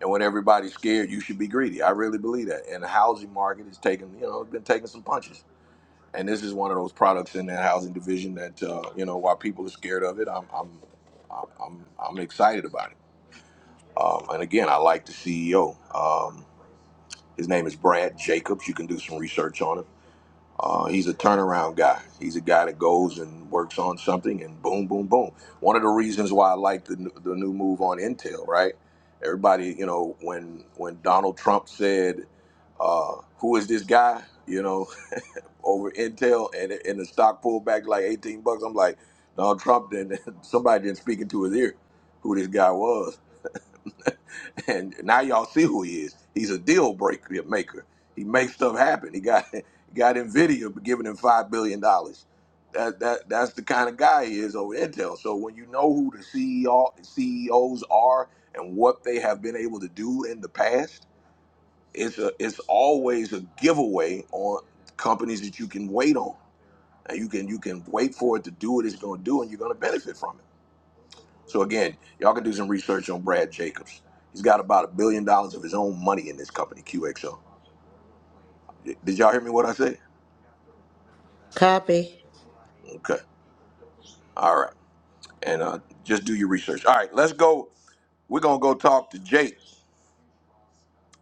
Speaker 1: and when everybody's scared, you should be greedy. I really believe that, and the housing market is taking you know it's been taking some punches and this is one of those products in that housing division that uh, you know while people are scared of it, I'm I'm I'm I'm, I'm excited about it. Um, and again, I like the CEO. Um, his name is Brad Jacobs. You can do some research on him. Uh, he's a turnaround guy. He's a guy that goes and works on something, and boom, boom, boom. One of the reasons why I like the n- the new move on Intel, right? Everybody, you know, when when Donald Trump said, uh, "Who is this guy?" You know, over Intel, and and the stock pulled back like eighteen bucks. I'm like, Donald Trump didn't. Somebody didn't speak into his ear who this guy was, and now y'all see who he is. He's a deal breaker maker. He makes stuff happen. He got he got Nvidia giving him five billion dollars. That that that's the kind of guy he is over Intel. So when you know who the CEO CEOs are and what they have been able to do in the past, it's a it's always a giveaway on companies that you can wait on now you can you can wait for it to do what it's going to do, and you're going to benefit from it. So again, y'all can do some research on Brad Jacobs. He's got about a billion dollars of his own money in this company, QXO. Did y'all hear me? What I said?
Speaker 2: Copy.
Speaker 1: Okay. All right. And uh, just do your research. All right. Let's go. We're gonna go talk to Jake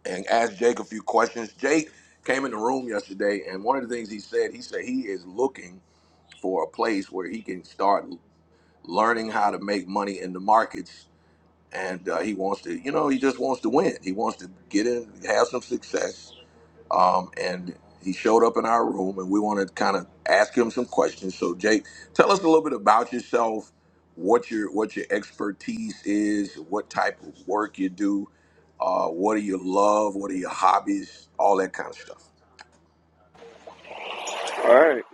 Speaker 1: and ask Jake a few questions. Jake came in the room yesterday, and one of the things he said, he said he is looking for a place where he can start learning how to make money in the markets and uh, he wants to, you know, he just wants to win. He wants to get in, have some success. Um, and he showed up in our room, and we want to kind of ask him some questions. So, Jake, tell us a little bit about yourself, what your what your expertise is, what type of work you do, uh, what do you love, what are your hobbies, all that kind of stuff.
Speaker 5: All right.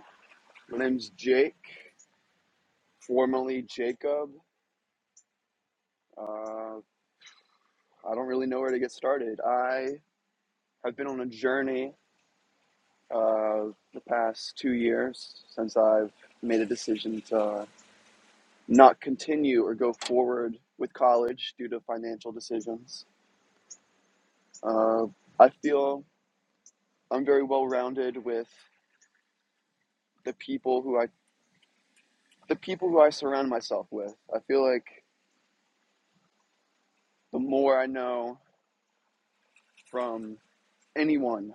Speaker 5: My name's Jake, formerly Jacob. Uh, I don't really know where to get started. I have been on a journey uh, the past two years since I've made a decision to not continue or go forward with college due to financial decisions. Uh, I feel I'm very well rounded with the people who I the people who I surround myself with. I feel like the more I know from anyone,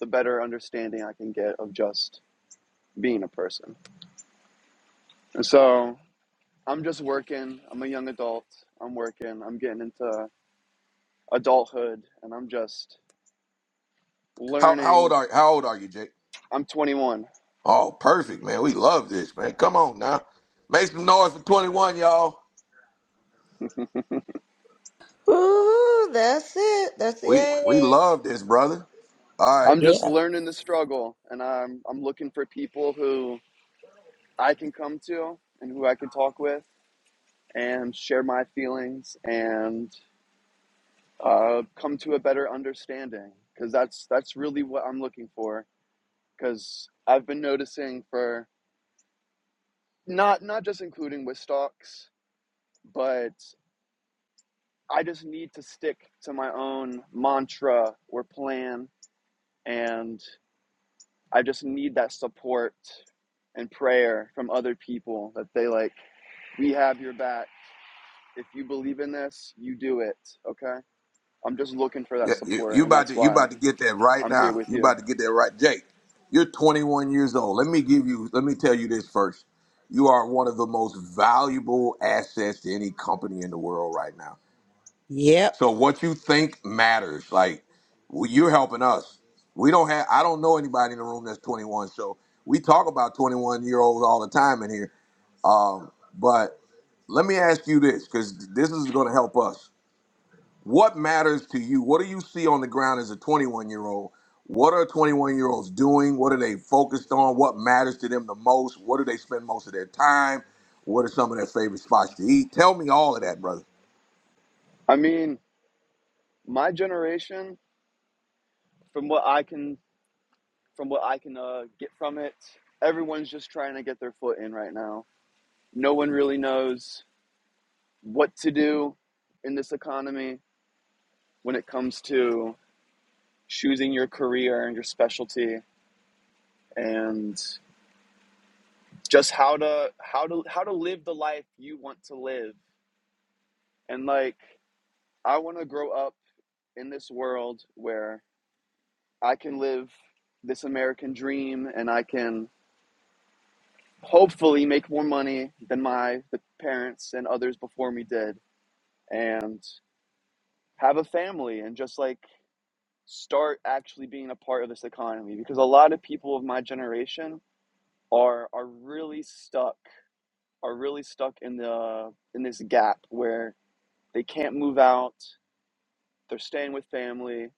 Speaker 5: the better understanding I can get of just being a person. And so I'm just working. I'm a young adult. I'm working. I'm getting into adulthood and I'm just
Speaker 1: How how old
Speaker 5: learning.
Speaker 1: are how old are you, Jake?
Speaker 5: I'm 21.
Speaker 1: Oh, perfect, man. We love this, man. Come on now, make some noise for twenty one, y'all.
Speaker 2: Ooh, that's it. That's
Speaker 1: We we
Speaker 2: it.
Speaker 1: love this, brother. All right.
Speaker 5: I'm just
Speaker 7: Yeah.
Speaker 5: learning the struggle and I'm I'm looking for people who I can come to and who I can talk with and share my feelings and uh, come to a better understanding because that's that's really what I'm looking for because I've been noticing for not not just including with stocks but I just need to stick to my own mantra or plan and I just need that support and prayer from other people that they like we have your back if you believe in this you do it okay I'm just looking for that
Speaker 1: Yeah, you,
Speaker 5: support
Speaker 1: you
Speaker 5: and
Speaker 1: about
Speaker 5: that's
Speaker 1: to you
Speaker 5: why
Speaker 1: about to get that right
Speaker 5: I'm here
Speaker 1: now.
Speaker 5: with
Speaker 1: You
Speaker 5: you.
Speaker 1: about to get that right. Jake, you're 21 years old. Let me give you let me tell you this first. You are one of the most valuable assets to any company in the world right now.
Speaker 7: Yep.
Speaker 1: So what you think matters. Like well, you're helping us. We don't have I don't know anybody in the room that's 21. So we talk about 21 year olds all the time in here. Um, but let me ask you this, because this is going to help us What matters to you? What do you see on the ground as a 21 year old? What are 21 year olds doing? What are they focused on? What matters to them the most? What do they spend most of their time? What are some of their favorite spots to eat? Tell me all of that, brother.
Speaker 5: I mean, my generation, from what I can, from what I can uh, get from it, everyone's just trying to get their foot in right now. No one really knows what to do in this economy when it comes to choosing your career and your specialty and just how to how to how to live the life you want to live. And like, I want to grow up in this world where I can live this American dream and I can hopefully make more money than my the parents and others before me did and have a family and just like start actually being a part of this economy because a lot of people of my generation are are really stuck are really stuck in the in this gap where they can't move out they're staying with family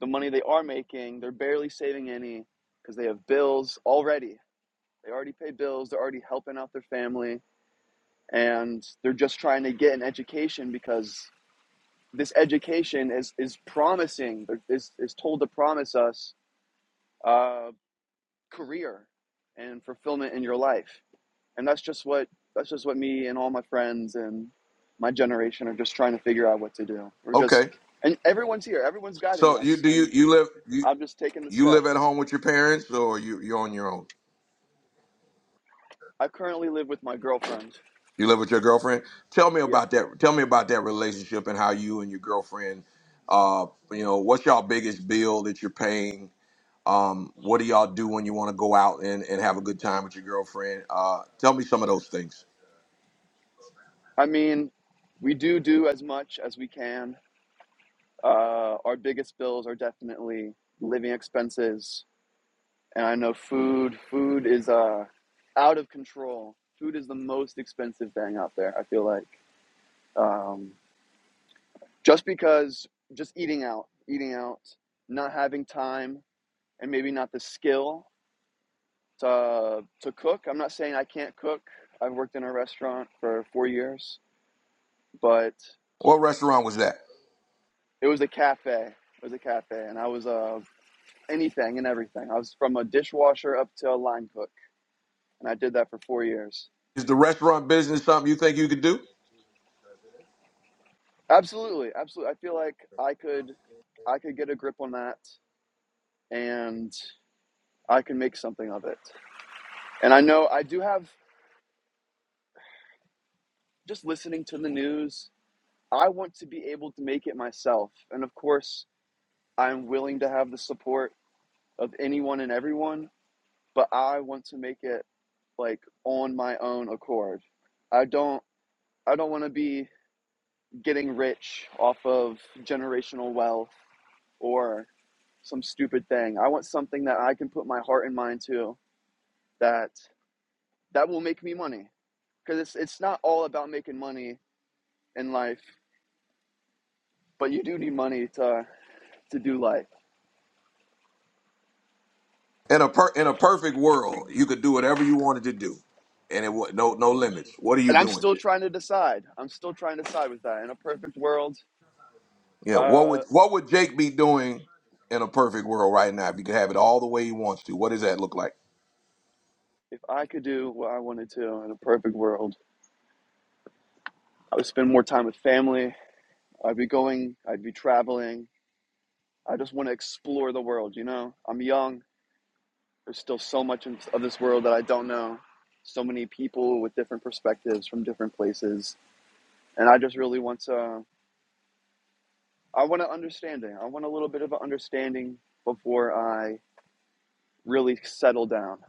Speaker 5: the money they are making they're barely saving any because they have bills already they already pay bills they're already helping out their family and they're just trying to get an education because this education is is promising is is told to promise us uh, career and fulfillment in your life, and that's just what that's just what me and all my friends and my generation are just trying to figure out what to do. We're just
Speaker 1: Okay.
Speaker 5: and everyone's here, everyone's guiding
Speaker 1: So you
Speaker 5: us,
Speaker 1: do you
Speaker 5: and
Speaker 1: you live you
Speaker 5: I'm just taking the
Speaker 1: you
Speaker 5: step.
Speaker 1: live at home with your parents or you you're on your own?
Speaker 5: I currently live with my girlfriend.
Speaker 1: You live with your girlfriend? Tell me
Speaker 5: Yeah,
Speaker 1: about that. Tell me about that relationship and how you and your girlfriend uh you know, what's y'all biggest bill that you're paying? Um, what do y'all do when you want to go out and, and have a good time with your girlfriend? Uh, tell me some of those things.
Speaker 5: I mean, we do do as much as we can Uh, our biggest bills are definitely living expenses, and I know food. Food is uh, out of control. Food is the most expensive thing out there. I feel like um, just because just eating out, eating out, not having time, and maybe not the skill to to cook. I'm not saying I can't cook. I've worked in a restaurant for four years, but
Speaker 1: What restaurant was that?
Speaker 5: it was a cafe. It was a cafe, and I was uh, anything and everything. I was from a dishwasher up to a line cook, and I did that for four years.
Speaker 1: Is the restaurant business something you think you could do?
Speaker 5: Absolutely, absolutely. I feel like I could, I could get a grip on that, and I can make something of it. And I know I do have. Just listening to the news, I want to be able to make it myself, and of course, I'm willing to have the support of anyone and everyone. But I want to make it like on my own accord. I don't. I don't want to be getting rich off of generational wealth or some stupid thing. I want something that I can put my heart and mind to that that will make me money because it's it's not all about making money in life, but you do need money to to do life.
Speaker 1: In a per, in a perfect world, you could do whatever you wanted to do, and it wa- no no limits. What are you
Speaker 5: And I'm
Speaker 1: doing?
Speaker 5: still trying to decide. I'm still trying to decide with that. In a perfect world,
Speaker 1: Yeah, what
Speaker 5: uh,
Speaker 1: would what would Jake be doing in a perfect world right now if you could have it all the way he wants to? What does that look like?
Speaker 5: if I could do what I wanted to in a perfect world, I would spend more time with family. I'd be going. I'd be traveling. I just want to explore the world. You know, I'm young. There's still so much of this world that I don't know. So many people with different perspectives from different places, and I just really want to. I want an understanding. I want a little bit of an understanding before I really settle down.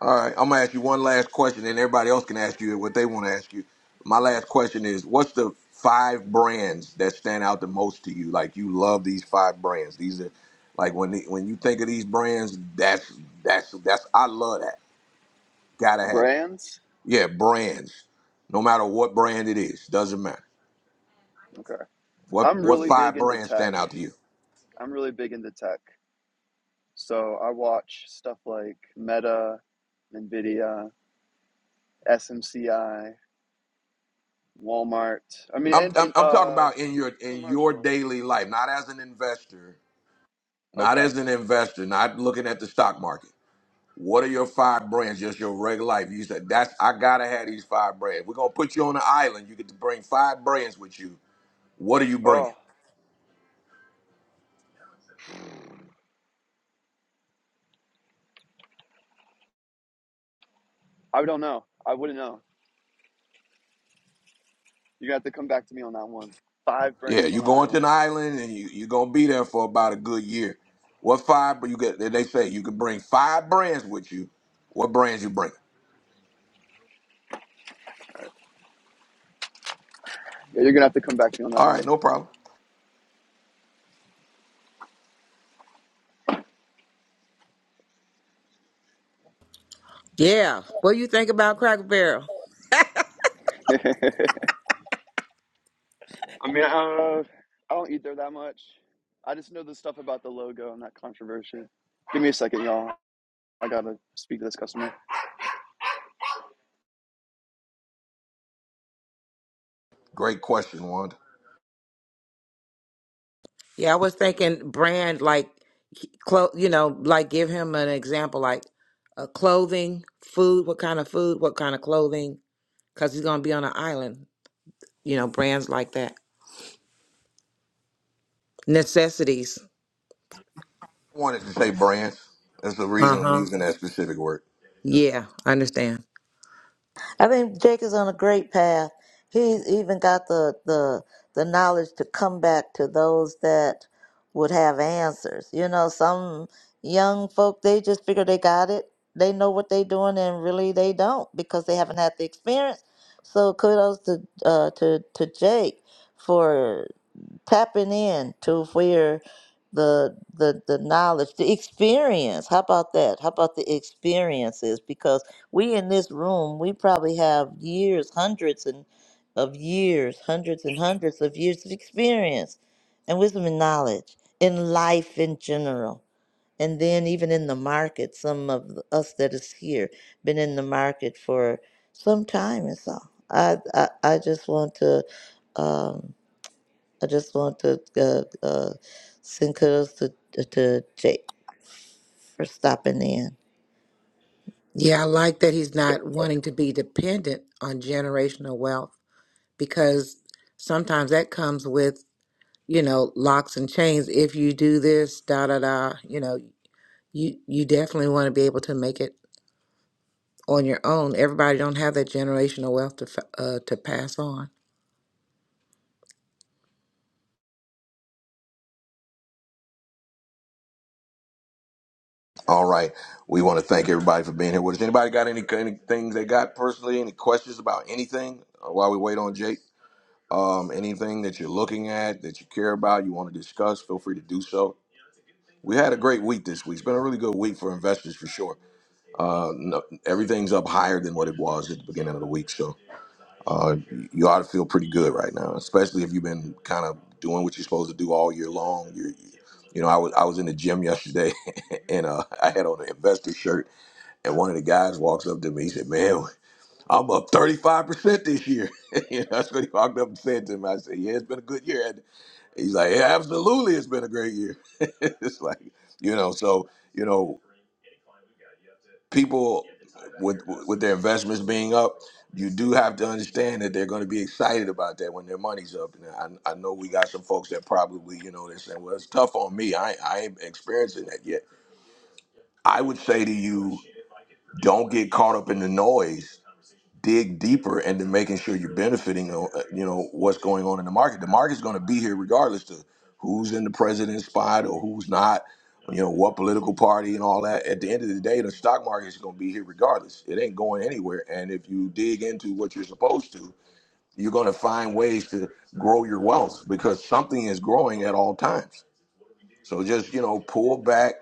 Speaker 1: All right, I'm gonna ask you one last question, and everybody else can ask you what they want to ask you. My last question is: What's the five brands that stand out the most to you? Like you love these five brands. These are like when the, when you think of these brands, that's that's that's I love that. Gotta have it.
Speaker 5: Brands.
Speaker 1: Yeah, brands. No matter what brand it is, doesn't matter.
Speaker 5: Okay.
Speaker 1: What
Speaker 5: I'm
Speaker 1: what
Speaker 5: really big
Speaker 1: five
Speaker 5: into
Speaker 1: brands
Speaker 5: tech.
Speaker 1: stand out to you?
Speaker 5: I'm really big into tech. So I watch stuff like Meta, Nvidia, SMCI, Walmart. I mean,
Speaker 1: I'm
Speaker 5: and,
Speaker 1: I'm
Speaker 5: and
Speaker 1: I'm talking
Speaker 5: uh,
Speaker 1: about in your in your
Speaker 5: commercial.
Speaker 1: daily life, not as an investor, not
Speaker 5: Okay.
Speaker 1: as an investor, not looking at the stock market What are your five brands? Just your regular life. You said that's I gotta have these five brands. We're gonna put you on an island. You get to bring five brands with you. What are you bringing?
Speaker 5: Oh, I don't know. I wouldn't know. You're gonna have to come back to me on that one. Five
Speaker 1: Yeah,
Speaker 5: brands
Speaker 1: you
Speaker 5: on the
Speaker 1: going to an
Speaker 5: island.
Speaker 1: island and you you gonna be there for about a good year. What five? But you get they say you can bring five brands with you. What brands you bring?
Speaker 5: Yeah, you're gonna have to come back to me on that
Speaker 1: All right,
Speaker 5: one.
Speaker 1: no problem.
Speaker 7: Yeah. What do you think about Cracker Barrel?
Speaker 5: I mean, I don't know. I don't eat there that much. I just know the stuff about the logo and that controversy. Give me a second, y'all. I gotta speak to this customer.
Speaker 1: Great question, Wanda.
Speaker 7: Yeah, I was thinking brand like clo- you know, like give him an example like uh, clothing, food, what kind of food, what kind of clothing, because he's gonna be on an island. You know, brands like that. Necessities.
Speaker 1: I wanted to say brands. That's the
Speaker 7: Uh
Speaker 1: reason I'm
Speaker 7: huh.
Speaker 1: using that specific word.
Speaker 7: Yeah, I understand.
Speaker 2: I think Jake is on a great path. He's even got the the the knowledge to come back to those that would have answers. You know, some young folk they just figure they got it. They know what they're doing, and really they don't because they haven't had the experience. So kudos to uh, to to Jake for tapping in to where the the the knowledge the experience how about that how about the experiences because we in this room, we probably have years, hundreds and of years, hundreds and hundreds of years of experience and wisdom and knowledge in life in general. And then even in the market, some of us that is here been in the market for some time and so I I, I just want to um, I just want to uh, uh, send kudos to to Jake for stopping in.
Speaker 7: Yeah, I like that he's not wanting to be dependent on generational wealth because sometimes that comes with, you know, locks and chains. If you do this, da da da, you know, you you definitely want to be able to make it on your own. Everybody don't have that generational wealth to f- uh, to pass on.
Speaker 1: All right. We want to thank everybody for being here with us. Anybody got any, any things they got personally? Any questions about anything uh, while we wait on Jake? Um, anything that you're looking at that you care about, you want to discuss, feel free to do so. We had a great week this week. It's been a really good week for investors for sure. Uh, no, everything's up higher than what it was at the beginning of the week. So uh, you ought to feel pretty good right now, especially if you've been kind of doing what you're supposed to do all year long. You're, you know, I was I was in the gym yesterday, and uh, I had on an investor shirt, and one of the guys walks up to me. He said, "Man, I'm up 35 percent this year." you know, that's what he walked up and said to me. I said, "Yeah, it's been a good year." And he's like, "Yeah, absolutely, it's been a great year." it's like, you know, so you know, people with with their investments being up, you do have to understand that they're going to be excited about that when their money's up. And I, I know we got some folks that probably, you know, they're saying, "Well, it's tough on me. I I ain't experiencing that yet." I would say to you, don't get caught up in the noise dig deeper and then making sure you're benefiting uh, uh, you know what's going on in the market the market's going to be here regardless to who's in the president's spot or who's not you know what political party and all that at the end of the day the stock market is going to be here regardless it ain't going anywhere and if you dig into what you're supposed to you're going to find ways to grow your wealth because something is growing at all times so just you know pull back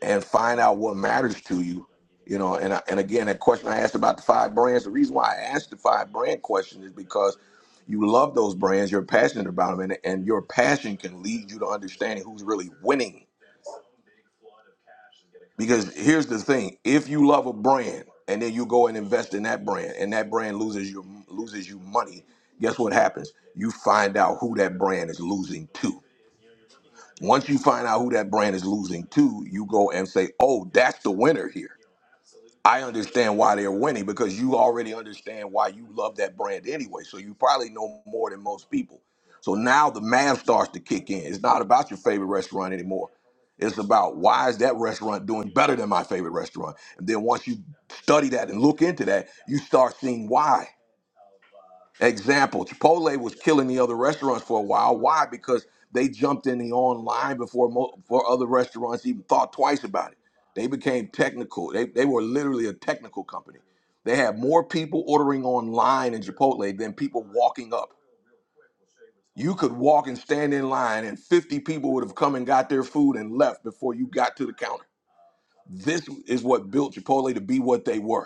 Speaker 1: and find out what matters to you. You know, and I, and again, that question I asked about the five brands. The reason why I asked the five brand question is because you love those brands, you're passionate about them, and, and your passion can lead you to understanding who's really winning. Because here's the thing: if you love a brand and then you go and invest in that brand, and that brand loses you loses you money, guess what happens? You find out who that brand is losing to. Once you find out who that brand is losing to, you go and say, "Oh, that's the winner here." I understand why they're winning because you already understand why you love that brand anyway. So you probably know more than most people. So now the math starts to kick in. It's not about your favorite restaurant anymore. It's about why is that restaurant doing better than my favorite restaurant? And then once you study that and look into that, you start seeing why. Example, Chipotle was killing the other restaurants for a while. Why? Because they jumped in the online before mo- before other restaurants even thought twice about it. They became technical. They, they were literally a technical company. They had more people ordering online in Chipotle than people walking up. You could walk and stand in line, and 50 people would have come and got their food and left before you got to the counter. This is what built Chipotle to be what they were.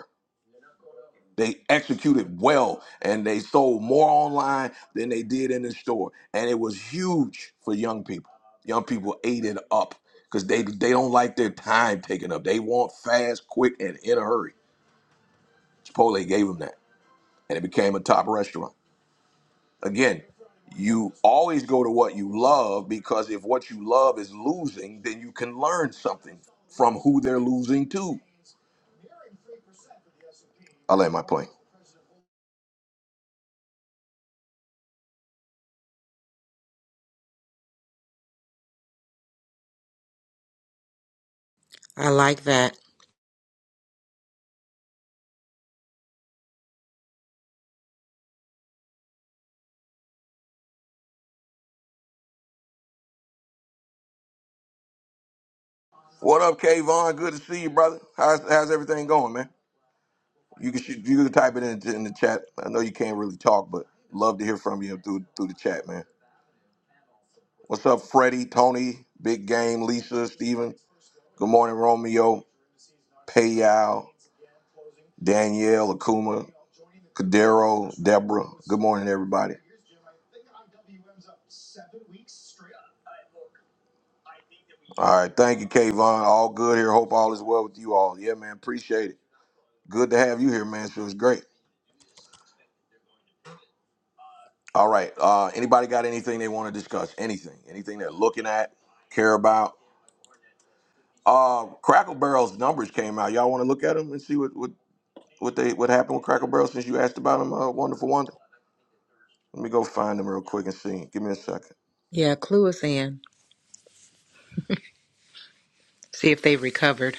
Speaker 1: They executed well and they sold more online than they did in the store. And it was huge for young people. Young people ate it up because they, they don't like their time taken up. They want fast, quick, and in a hurry. Chipotle gave them that and it became a top restaurant. Again, you always go to what you love because if what you love is losing, then you can learn something from who they're losing to. I'll land my plane.
Speaker 7: I like that.
Speaker 1: What up, Kayvon? Good to see you, brother. How's, how's everything going, man? You can shoot, you can type it in in the chat. I know you can't really talk, but love to hear from you through through the chat, man. What's up, Freddie, Tony, Big Game, Lisa, Steven? Good morning, Romeo, Payal, Danielle, Akuma, Cadero, Deborah. Good morning, everybody. All right, thank you, Kayvon. All good here. Hope all is well with you all. Yeah, man, appreciate it. Good to have you here, man. It was great. All right. Uh, anybody got anything they want to discuss? Anything? Anything they're looking at, care about? Uh, Crackle Barrel's numbers came out. Y'all want to look at them and see what what what they what happened with Crackle Barrel since you asked about them? Uh, Wonderful Wonder. Let me go find them real quick and see. Give me a second.
Speaker 7: Yeah, clue us in. See if they recovered.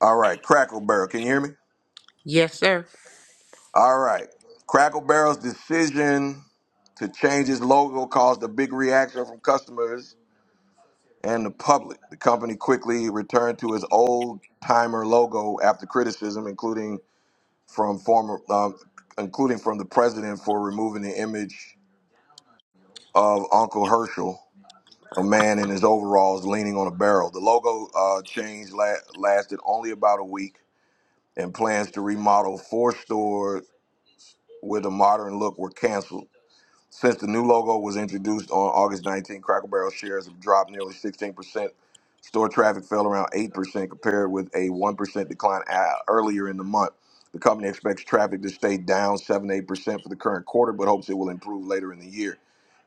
Speaker 1: All right, Crackle Barrel. Can you hear me?
Speaker 7: Yes, sir.
Speaker 1: All right, Crackle Barrel's decision to change its logo caused a big reaction from customers and the public. The company quickly returned to its old timer logo after criticism, including from former, um, including from the president for removing the image of Uncle Herschel a man in his overalls leaning on a barrel. The logo uh, change la- lasted only about a week, and plans to remodel four stores with a modern look were canceled. Since the new logo was introduced on August 19, Cracker Barrel shares have dropped nearly 16%. Store traffic fell around 8% compared with a 1% decline a- earlier in the month. The company expects traffic to stay down 7 8% for the current quarter, but hopes it will improve later in the year.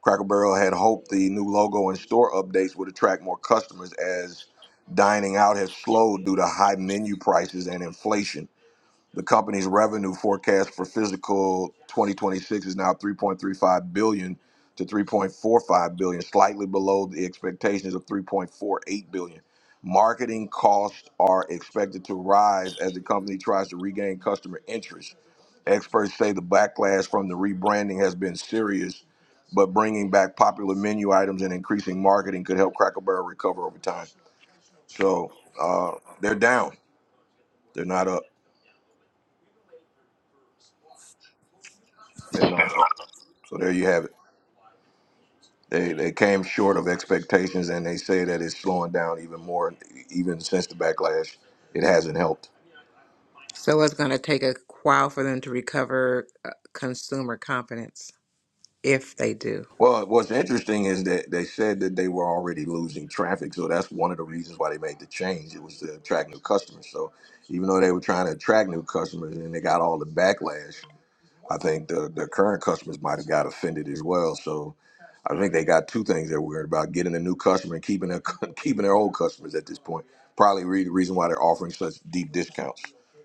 Speaker 1: Cracker Barrel had hoped the new logo and store updates would attract more customers as dining out has slowed due to high menu prices and inflation. The company's revenue forecast for physical 2026 is now 3.35 billion dollars to 3.45 billion, dollars, slightly below the expectations of 3.48 billion. dollars. Marketing costs are expected to rise as the company tries to regain customer interest. Experts say the backlash from the rebranding has been serious, but bringing back popular menu items and increasing marketing could help Cracker Barrel recover over time. So uh, they're down. They're not up. They're not up. So there you have it. They they came short of expectations, and they say that it's slowing down even more. Even since the backlash, it hasn't helped.
Speaker 7: So it's going to take a while for them to recover uh, consumer confidence if they do.
Speaker 1: Well, what's interesting is that they said that they were already losing traffic, so that's one of the reasons why they made the change. It was to attract new customers. So even though they were trying to attract new customers, and they got all the backlash, I think the, the current customers might have got offended as well. So I think they got two things they're worried about: getting a new customer and keeping their keeping their old customers at this point. Probably re- the reason why they're offering such deep discounts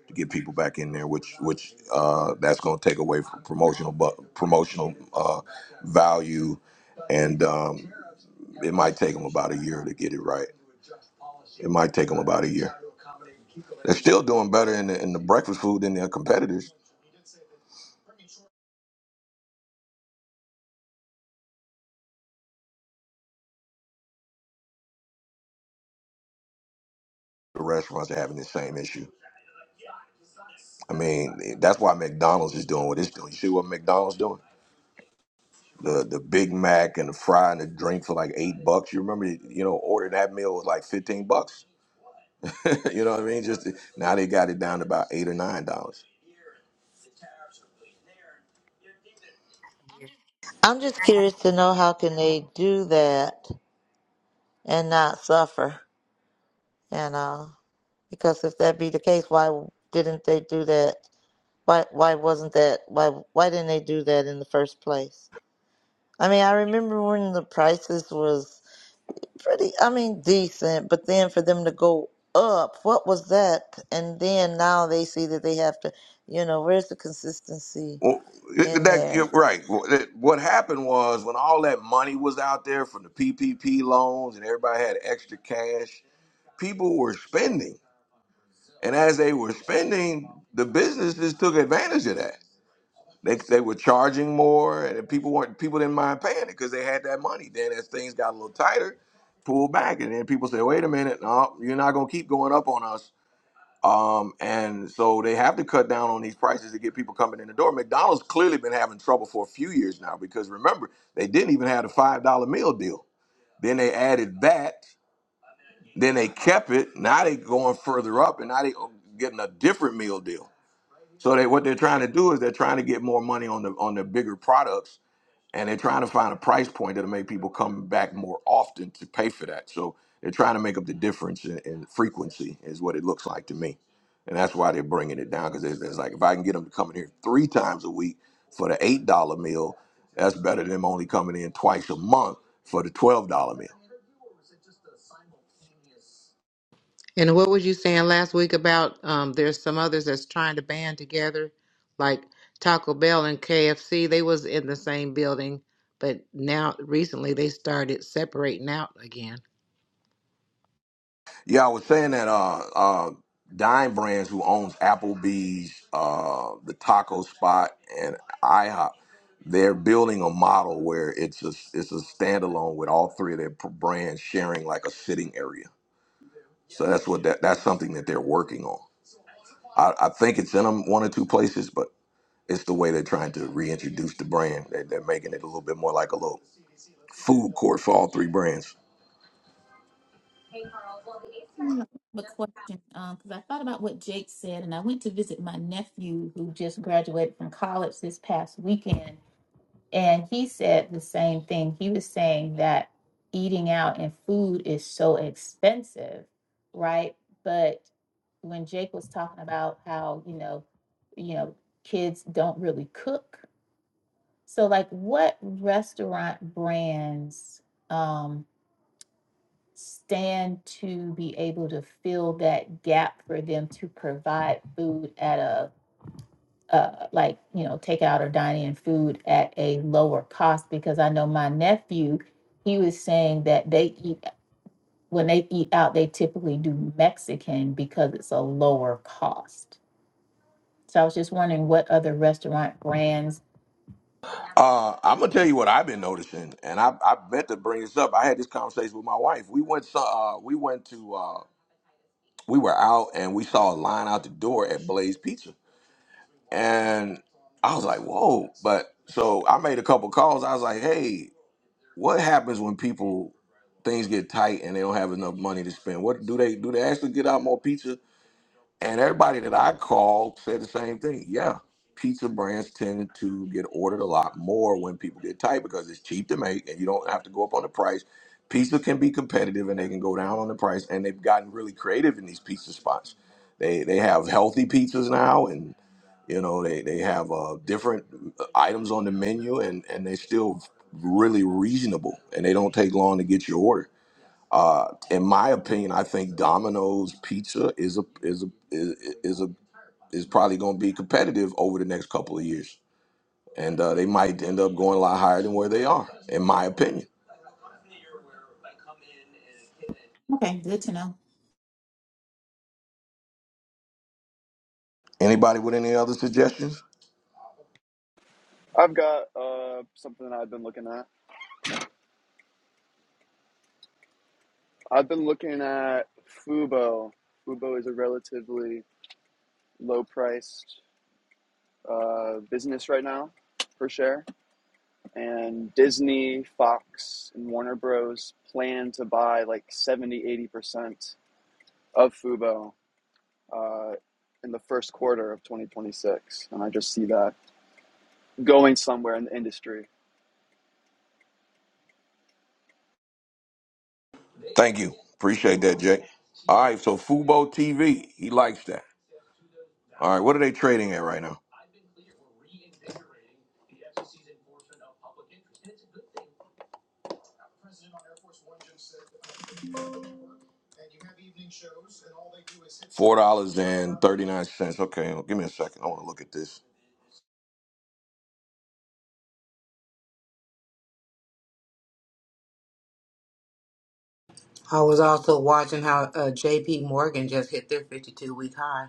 Speaker 1: to get people back in there, which which uh, that's going to take away from promotional bu- promotional uh, value, and um, it might take them about a year to get it right. It might take them about a year. They're still doing better in the, in the breakfast food than their competitors. The restaurants are having the same issue. I mean, that's why McDonald's is doing what it's doing. You see what McDonald's doing? The the Big Mac and the fry and the drink for like eight bucks. You remember, you know, ordering that meal was like fifteen bucks. you know what I mean? Just now they got it down to about eight or nine dollars.
Speaker 2: I'm just curious to know how can they do that and not suffer. And uh, because if that be the case, why didn't they do that? Why why wasn't that? Why why didn't they do that in the first place? I mean, I remember when the prices was pretty. I mean, decent, but then for them to go up, what was that? And then now they see that they have to. You know, where's the consistency
Speaker 1: Well, it-
Speaker 2: in
Speaker 1: that
Speaker 2: there?
Speaker 1: you're right. Well, it- What happened was when all that money was out there from the PPP loans and everybody had extra cash, people were spending, and as they were spending, the businesses took advantage of that They, they were charging more, and people weren't people didn't mind paying it because they had that money. Then as things got a little tighter, pulled back, and then people said, "Wait a minute, no, you're not gonna keep going up on us." Um, and so they have to cut down on these prices to get people coming in the door. McDonald's clearly been having trouble for a few years now because remember they didn't even have the five dollar meal deal. Then they added that. Then they kept it. Now they going further up, and now they oh, getting a different meal deal. So they what they're trying to do is they're trying to get more money on the on the bigger products and they're trying to find a price point that'll make people come back more often to pay for that. So they're trying to make up the difference in, in frequency, is what it looks like to me, and that's why they're bringing it down because it's, it's like if I can get them to come in here three times a week for the eight dollar meal, that's better than them only coming in twice a month for the twelve dollar meal.
Speaker 7: And what was you saying last week about um, there's some others that's trying to band together, like Taco Bell and KFC? They was in the same building, but now recently they started separating out again.
Speaker 1: Yeah, I was saying that uh uh Dime Brands who owns Applebee's, uh the taco spot and IHOP, they're building a model where it's a it's a standalone with all three of their p- brands sharing like a sitting area. So that's what that that's something that they're working on. I, I think it's in them one or two places, but it's the way they're trying to reintroduce the brand. They, they're making it a little bit more like a little food court for all three brands.
Speaker 8: Mm, I have a question because I thought about what Jake said, and I went to visit my nephew who just graduated from college this past weekend, and he said the same thing. He was saying that eating out and food is so expensive, right? But when Jake was talking about how you know, you know, kids don't really cook. So, like, what restaurant brands? Um, stand to be able to fill that gap for them to provide food at a uh, like you know take out or dine in food at a lower cost because i know my nephew he was saying that they eat when they eat out they typically do mexican because it's a lower cost so i was just wondering what other restaurant brands
Speaker 1: Uh, I'm gonna tell you what I've been noticing, and I I meant to bring this up. I had this conversation with my wife. We went so uh, we went to uh, we were out and we saw a line out the door at Blaze Pizza, and I was like, whoa! But so I made a couple calls. I was like, hey, what happens when people things get tight and they don't have enough money to spend? What do they do? They actually get out more pizza, and everybody that I called said the same thing. Yeah, pizza brands tend to get ordered a lot more when people get tight because it's cheap to make and you don't have to go up on the price. Pizza can be competitive and they can go down on the price. And they've gotten really creative in these pizza spots. They they have healthy pizzas now, and you know they they have uh, different uh, items on the menu, and and they're still really reasonable, and they don't take long to get your order. Uh, in my opinion, I think Domino's Pizza is a is a is, is a is probably going to be competitive over the next couple of years, and uh, they might end up going a lot higher than where they are, in my opinion.
Speaker 8: okay good to know
Speaker 1: Anybody with any other suggestions?
Speaker 5: I've got uh, something that I've been looking at. I've been looking at Fubo. Fubo is a relatively low-priced uh, business right now per share. and Disney, Fox, and Warner Bros. plan to buy like seventy, eighty percent of Fubo uh, in the first quarter of 2026. And I just see that going somewhere in the industry.
Speaker 1: Thank you, appreciate that, Jay. All right, so Fubo TV, he likes that. All right, what are they trading at right now? Four dollars and thirty nine cents. Okay, give me a second. I want to look at this.
Speaker 7: I was also watching how uh, J.P. Morgan just hit their 52 week high.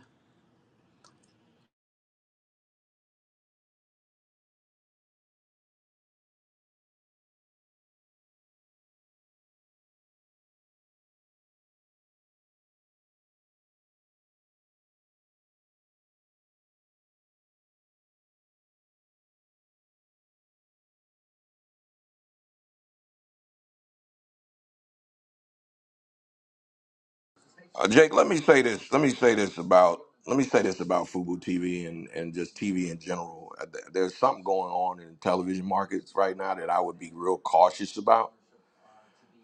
Speaker 1: Uh, Jake, let me say this. Let me say this about let me say this about Fubu TV and and just TV in general. Uh, th- There's something going on in television markets right now that I would be real cautious about.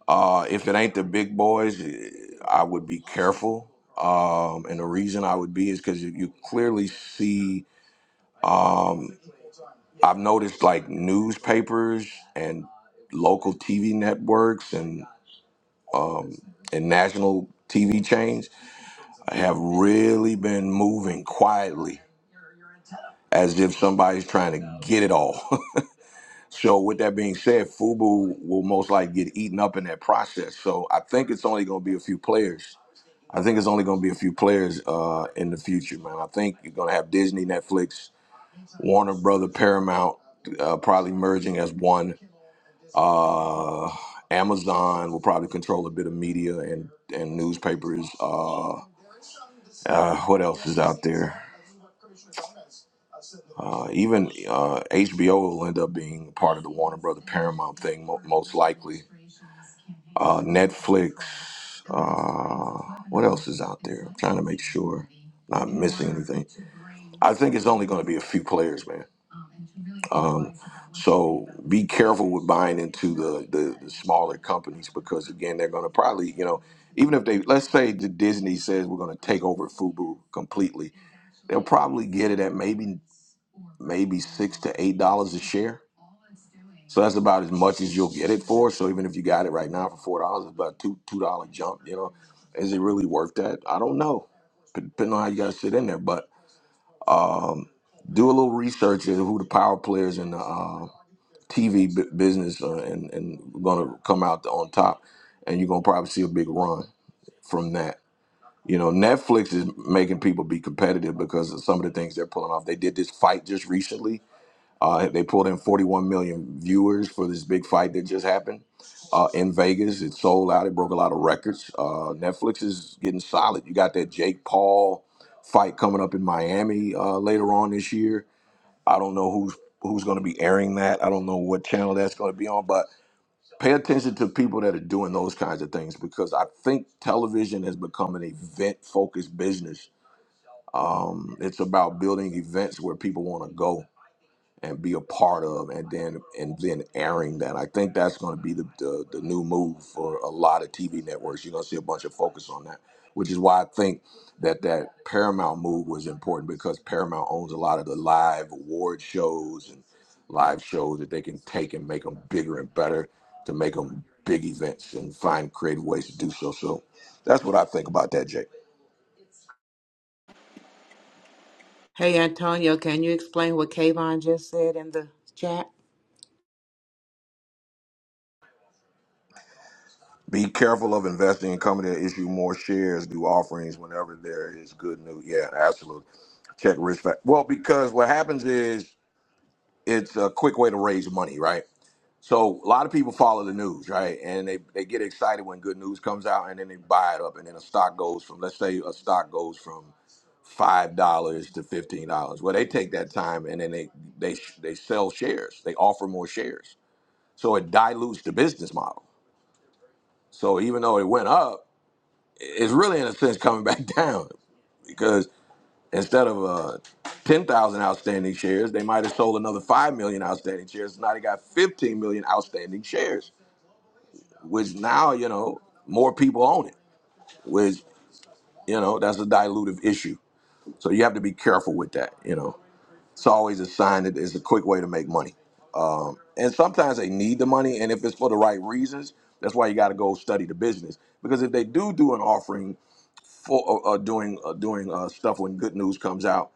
Speaker 1: Uh, if it ain't the big boys, eh, I would be careful. Um, and the reason I would be is because you you clearly see. Um, I've noticed like newspapers and local TV networks and um, and national TV chains I have really been moving quietly as if somebody's trying to get it all. so, with that being said, Fubu will most likely get eaten up in that process. So, I think it's only going to be a few players. I think it's only going to be a few players uh, in the future, man. I think you're going to have Disney, Netflix, Warner Brother, Paramount uh, probably merging as one. Uh, Amazon will probably control a bit of media and and newspapers. Uh, uh, what else is out there? Uh, even uh, HBO will end up being part of the Warner Brother Paramount thing, mo- most likely. Uh, Netflix. Uh, what else is out there? I'm trying to make sure not missing anything. I think it's only going to be a few players, man. Um, so be careful with buying into the, the, the smaller companies because again, they're going to probably, you know, even if they, let's say the Disney says we're going to take over Fubu completely, they'll probably get it at maybe maybe six to eight dollars a share. So that's about as much as you'll get it for. So even if you got it right now for four dollars, it's about two two dollar jump. You know, is it really worth that? I don't know, P- depending on how you guys sit in there. But um, do a little research into who the power players in the uh, TV business are, and and going to come out on top, and you're gonna probably see a big run from that. You know, Netflix is making people be competitive because of some of the things they're pulling off. They did this fight just recently uh, they pulled in 41 million viewers for this big fight that just happened uh, in Vegas. It sold out. It broke a lot of records. Uh, Netflix is getting solid. You got that Jake Paul fight coming up in Miami uh, later on this year. I don't know who's who's going to be airing that. I don't know what channel that's going to be on, but pay attention to people that are doing those kinds of things because I think television has become an event focused business. Um, it's about building events where people want to go and be a part of and then and then airing that. I think that's going to be the, the the new move for a lot of TV networks. You're going to see a bunch of focus on that, which is why I think that that Paramount move was important because Paramount owns a lot of the live award shows and live shows that they can take and make them bigger and better to make them big events and find creative ways to do so. So that's what I think about that, Jake.
Speaker 7: Hey, Antonio, can you explain what Kayvon just said in the chat?
Speaker 1: Be careful of investing in company that issue more shares, do offerings whenever there is good news. Yeah, absolutely. Check risk factor. Well, because what happens is it's a quick way to raise money, right? So a lot of people follow the news, right? And they, they get excited when good news comes out and then they buy it up and then a stock goes from let's say a stock goes from five dollars to fifteen dollars. Well, they take that time and then they they they sell shares. They offer more shares, so it dilutes the business model. So even though it went up, it's really in a sense coming back down because instead of uh, 10,000 outstanding shares, they might have sold another 5 million outstanding shares. Now they got 15 million outstanding shares, which now, you know, more people own it, which, you know, that's a dilutive issue. So you have to be careful with that, you know. It's always a sign that it's a quick way to make money. Um, and sometimes they need the money, and if it's for the right reasons, that's why you got to go study the business. Because if they do do an offering for uh, uh, doing uh, doing uh, stuff when good news comes out.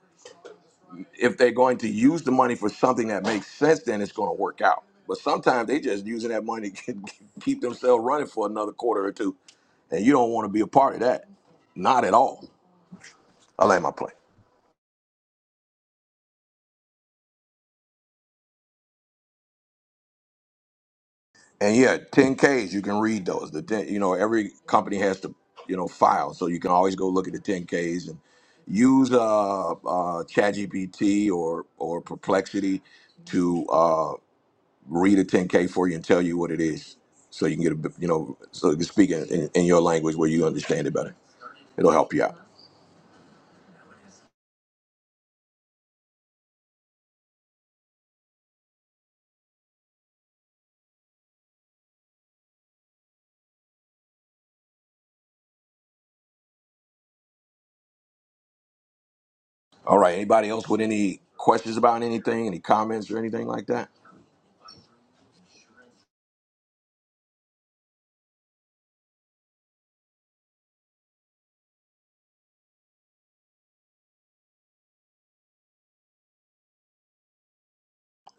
Speaker 1: If they're going to use the money for something that makes sense, then it's going to work out. But sometimes they just using that money to keep themselves running for another quarter or two, and you don't want to be a part of that, not at all. I like my plane. And yeah, 10Ks you can read those. The 10, you know every company has to you know file, so you can always go look at the 10Ks and use uh, uh, ChatGPT or or Perplexity to. uh, read a 10K for you and tell you what it is, so you can get a bit- you know so you can speak in, in, in your language where you understand it better. It'll help you out. All right. Anybody else with any questions about anything, any comments or anything like that?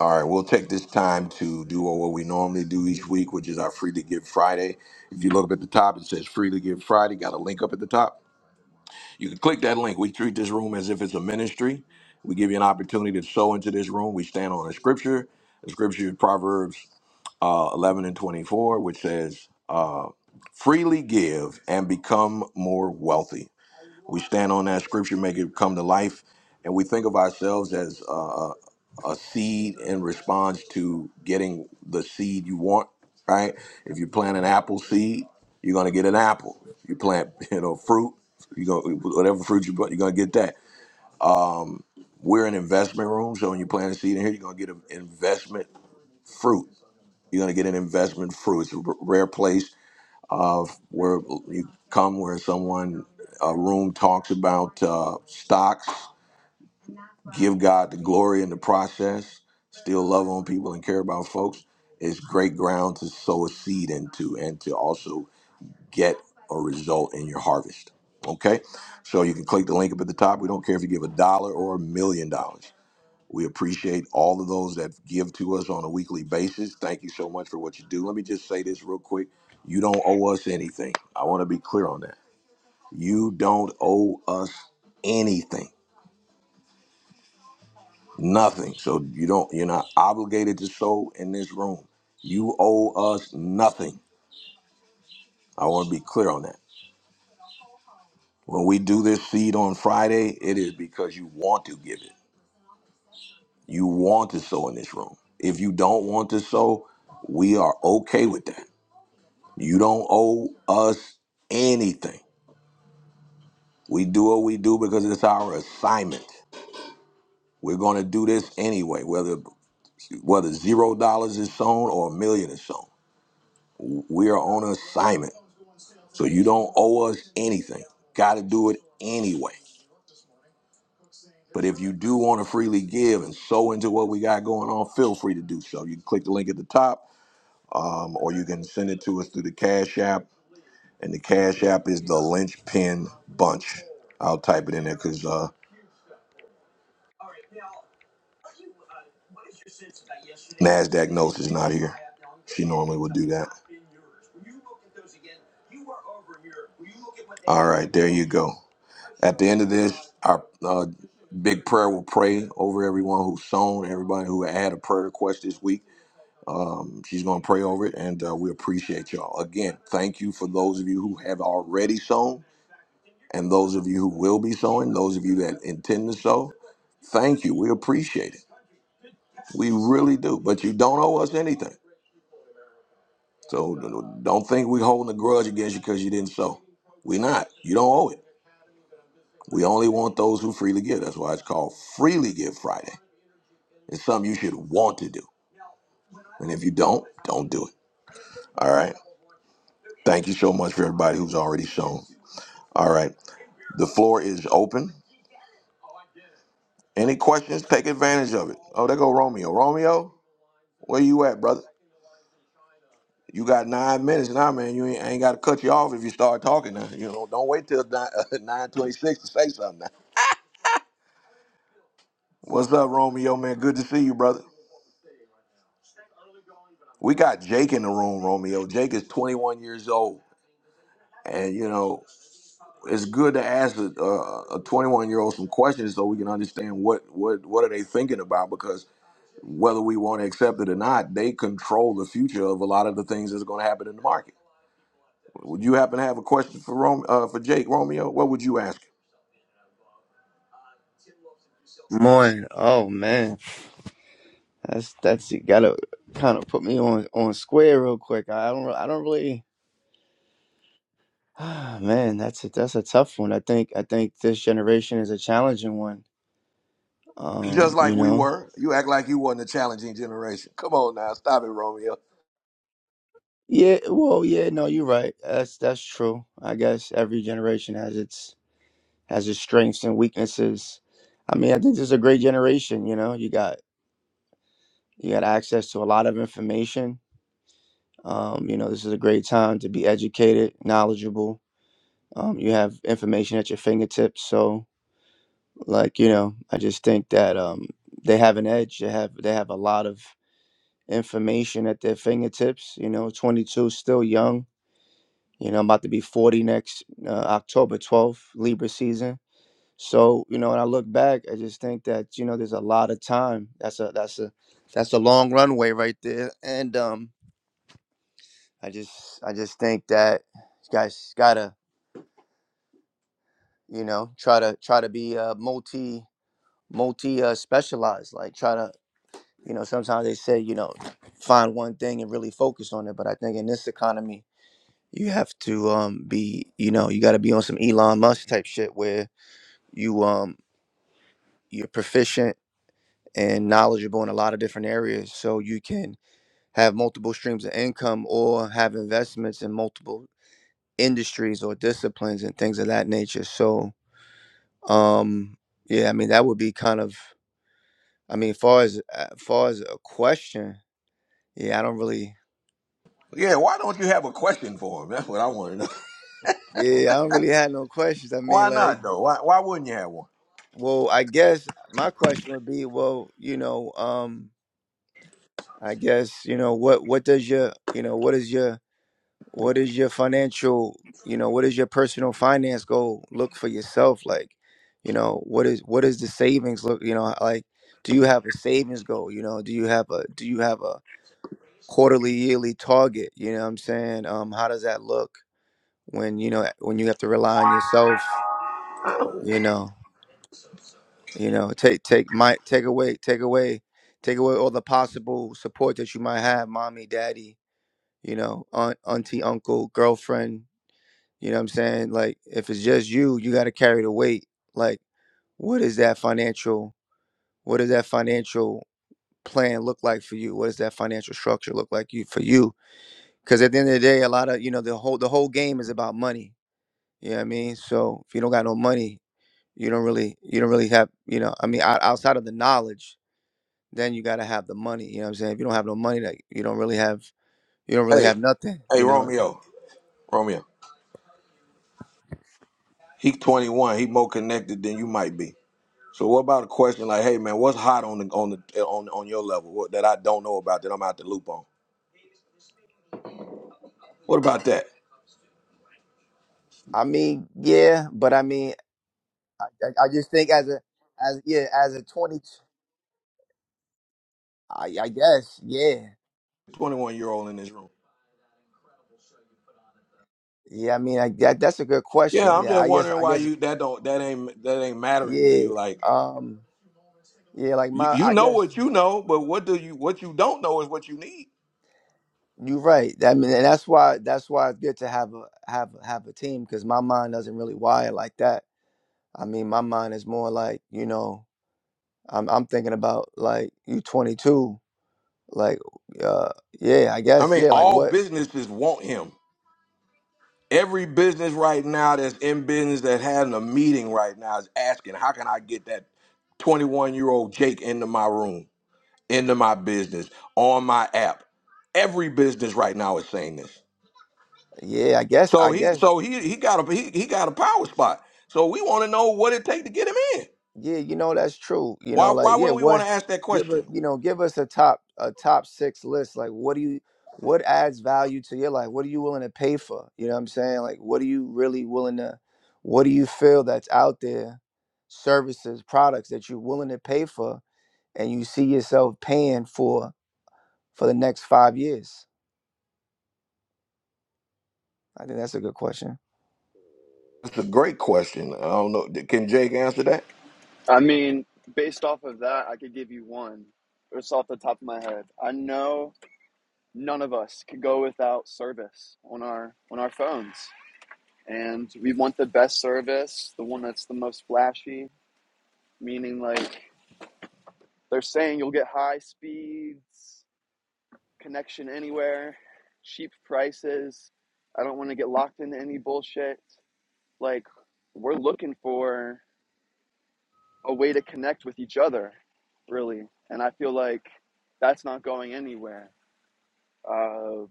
Speaker 1: All right, we'll take this time to do what we normally do each week, which is our Free to Give Friday. If you look up at the top, it says Free to Give Friday. Got a link up at the top. You can click that link. We treat this room as if it's a ministry. We give you an opportunity to sow into this room. We stand on a scripture. The scripture is Proverbs uh, 11 and 24, which says, uh, freely give and become more wealthy. We stand on that scripture, make it come to life, and we think of ourselves as uh, a seed in response to getting the seed you want, right? If you plant an apple seed, you're going to get an apple. You plant, you know, fruit, you go whatever fruit you put, you're going to get that. Um, we're an investment room, so when you plant a seed in here, you're going to get an investment fruit you're going to get an investment fruit. It's a r- rare place uh, where you come where someone, a room talks about uh, stocks, give God the glory in the process, still love on people and care about folks. It's great ground to sow a seed into and to also get a result in your harvest. Okay? So you can click the link up at the top. We don't care if you give a dollar or a million dollars. We appreciate all of those that give to us on a weekly basis. Thank you so much for what you do. Let me just say this real quick. You don't owe us anything. I want to be clear on that. You don't owe us anything. Nothing. So you don't you're not obligated to sow in this room. You owe us nothing. I want to be clear on that. When we do this seed on Friday, it is because you want to give it. You want to sow in this room. If you don't want to sow, we are okay with that You don't owe us anything. We do what we do because it's our assignment. We're going to do this anyway, whether whether zero dollars is sown or a million is sown. We are on assignment, so you don't owe us anything. Got to do it anyway. But if you do want to freely give and sow into what we got going on, feel free to do so. You can click the link at the top, um, or you can send it to us through the Cash App. And the Cash App is the Lynchpin Bunch. I'll type it in there because uh, Nasdaq knows is not here. She normally would do that. All right, there you go. At the end of this, our uh, big prayer will pray over everyone who's sown, everybody who had a prayer request this week. Um, she's going to pray over it, and uh, we appreciate y'all. Again, thank you for those of you who have already sown, and those of you who will be sowing, those of you that intend to sow. Thank you. We appreciate it. We really do. But you don't owe us anything. So d- d- don't think we're holding a grudge against you because you didn't sow. We're not. You don't owe it. We only want those who freely give. That's why it's called Freely Give Friday. It's something you should want to do. And if you don't, don't do it. All right. Thank you so much for everybody who's already sown. All right. The floor is open. Any questions? Take advantage of it. Oh, there go Romeo. Romeo, where you at, brother? You got nine minutes now, man. You ain't, I ain't got to cut you off if you start talking now. You know, don't wait till nine nine twenty six to say something. Now. What's up, Romeo? Man, good to see you, brother. We got Jake in the room, Romeo. Jake is twenty one years old, and you know it's good to ask a twenty one year old some questions so we can understand what what what are they thinking about because whether we want to accept it or not, they control the future of a lot of the things that's going to happen in the market. Would you happen to have a question for Rome, uh, for Jake Romeo? What would you ask?
Speaker 13: Morning. Oh man, that's that's you gotta kind of put me on on square real quick. I don't re- I don't really. man, that's a, that's a tough one. I think I think this generation is a challenging one. Um,
Speaker 1: Just
Speaker 13: you
Speaker 1: like we
Speaker 13: know.
Speaker 1: were. You act like you wasn't a challenging generation. Come on now, stop it, Romeo.
Speaker 13: Yeah. Well, yeah. No, you're right. That's that's true. I guess every generation has its has its strengths and weaknesses. I mean, I think this is a great generation. You know, you got you got access to a lot of information. Um, you know, this is a great time to be educated, knowledgeable um, you have information at your fingertips. So, like you know, I just think that um, they have an edge. They have they have a lot of information at their fingertips. You know, 22, still young. You know, I'm about to be 40 next uh, October 12th, Libra season. So, you know, when I look back, I just think that you know there's a lot of time. That's a that's a that's a long runway right there. And um, I just I just think that you guys gotta you know try to try to be uh, multi multi uh, specialized. Like try to, you know, sometimes they say, you know, find one thing and really focus on it. But I think in this economy, you have to um be, you know, you got to be on some Elon Musk type shit where you um you're proficient and knowledgeable in a lot of different areas, so you can have multiple streams of income or have investments in multiple industries or disciplines and things of that nature. So, um, yeah, I mean that would be kind of, I mean, far as uh, far as a question, Yeah, I don't really.
Speaker 1: Yeah, why don't you have a question for him? That's what I want to know.
Speaker 13: Yeah, I don't really have no questions. I mean,
Speaker 1: Why
Speaker 13: like,
Speaker 1: not though? Why why wouldn't you have one?
Speaker 13: well, I guess my question would be, well, you know, um, I guess you know what what does your you know what is your what is your financial you know what is your personal finance goal look for yourself like you know what is what is the savings look you know like do you have a savings goal you know do you have a do you have a quarterly yearly target you know what I'm saying um how does that look when you know when you have to rely on yourself you know You know, take take my take away take away take away all the possible support that you might have, mommy, daddy, you know, aunt, auntie, uncle, girlfriend. You know what I'm saying? Like if it's just you, you gotta carry the weight. Like, what is that financial what does that financial plan look like for you? What does that financial structure look like you for you? Because at the end of the day, a lot of you know, the whole the whole game is about money. You know what I mean? So if you don't got no money, you don't really you don't really have you know, I mean, out outside of the knowledge then you gotta have the money. You know what I'm saying? If you don't have no money, like you don't really have you don't really
Speaker 1: Hey,
Speaker 13: have nothing.
Speaker 1: hey
Speaker 13: You know?
Speaker 1: Romeo. Romeo. He twenty one, he more connected than you might be. So what about a question like, hey man, what's hot on the on the on on your level what, that I don't know about that I'm out the loop on? What about that?
Speaker 13: I mean, yeah, but I mean, I, I I just think as a as yeah as a twenty, I I guess yeah
Speaker 1: Twenty one year old in this room.
Speaker 13: yeah. I mean, I that, that's a good
Speaker 1: Yeah,
Speaker 13: question.
Speaker 1: I'm
Speaker 13: Yeah,
Speaker 1: just
Speaker 13: I guess
Speaker 1: wondering
Speaker 13: I
Speaker 1: why
Speaker 13: guess
Speaker 1: you that don't that ain't that ain't mattering to
Speaker 13: yeah
Speaker 1: you. Like
Speaker 13: um yeah like
Speaker 1: You,
Speaker 13: my
Speaker 1: you
Speaker 13: I
Speaker 1: know
Speaker 13: guess
Speaker 1: what you know, but what do you what you don't know is what you need.
Speaker 13: you're right. I mean, and that's why that's why it's good to have a have have a team because my mind doesn't really wire like that. I mean, my mind is more like you know. I'm I'm thinking about like you 22, like uh yeah, I
Speaker 1: I
Speaker 13: guess
Speaker 1: mean,
Speaker 13: yeah, like
Speaker 1: all
Speaker 13: what?
Speaker 1: businesses want him. Every business right now that's in business that having a meeting right now is asking, how can I get that 21 year old Jake into my room, into my business, on my app? Every business right now is saying this.
Speaker 13: Yeah, I guess
Speaker 1: So
Speaker 13: I
Speaker 1: he
Speaker 13: guess
Speaker 1: so he he got a he, he got a power spot. So we want to know what it take to get him in.
Speaker 13: yeah, you know that's true. You
Speaker 1: Why
Speaker 13: know, like
Speaker 1: why
Speaker 13: yeah,
Speaker 1: wouldn't we want
Speaker 13: what?
Speaker 1: to ask that
Speaker 13: Give a
Speaker 1: question?
Speaker 13: you know give us a top a top six list. Like what do you what adds value to your life? What are you willing to pay for? You know what I'm saying? Like what are you really willing to? What do you feel that's out there? Services, products that you're willing to pay for, and you see yourself paying for for the next five years. I think that's a good question.
Speaker 1: That's a great question. I don't know. Can Jake answer that?
Speaker 5: I mean, based off of that, I could give you one just off the top of my head. I know none of us could go without service on our on our phones. And we want the best service, the one that's the most flashy, meaning like They're saying you'll get high speeds, connection anywhere, cheap prices. I don't want to get locked into any bullshit. Like, we're looking for a way to connect with each other, really. And I feel like that's not going anywhere. Uh,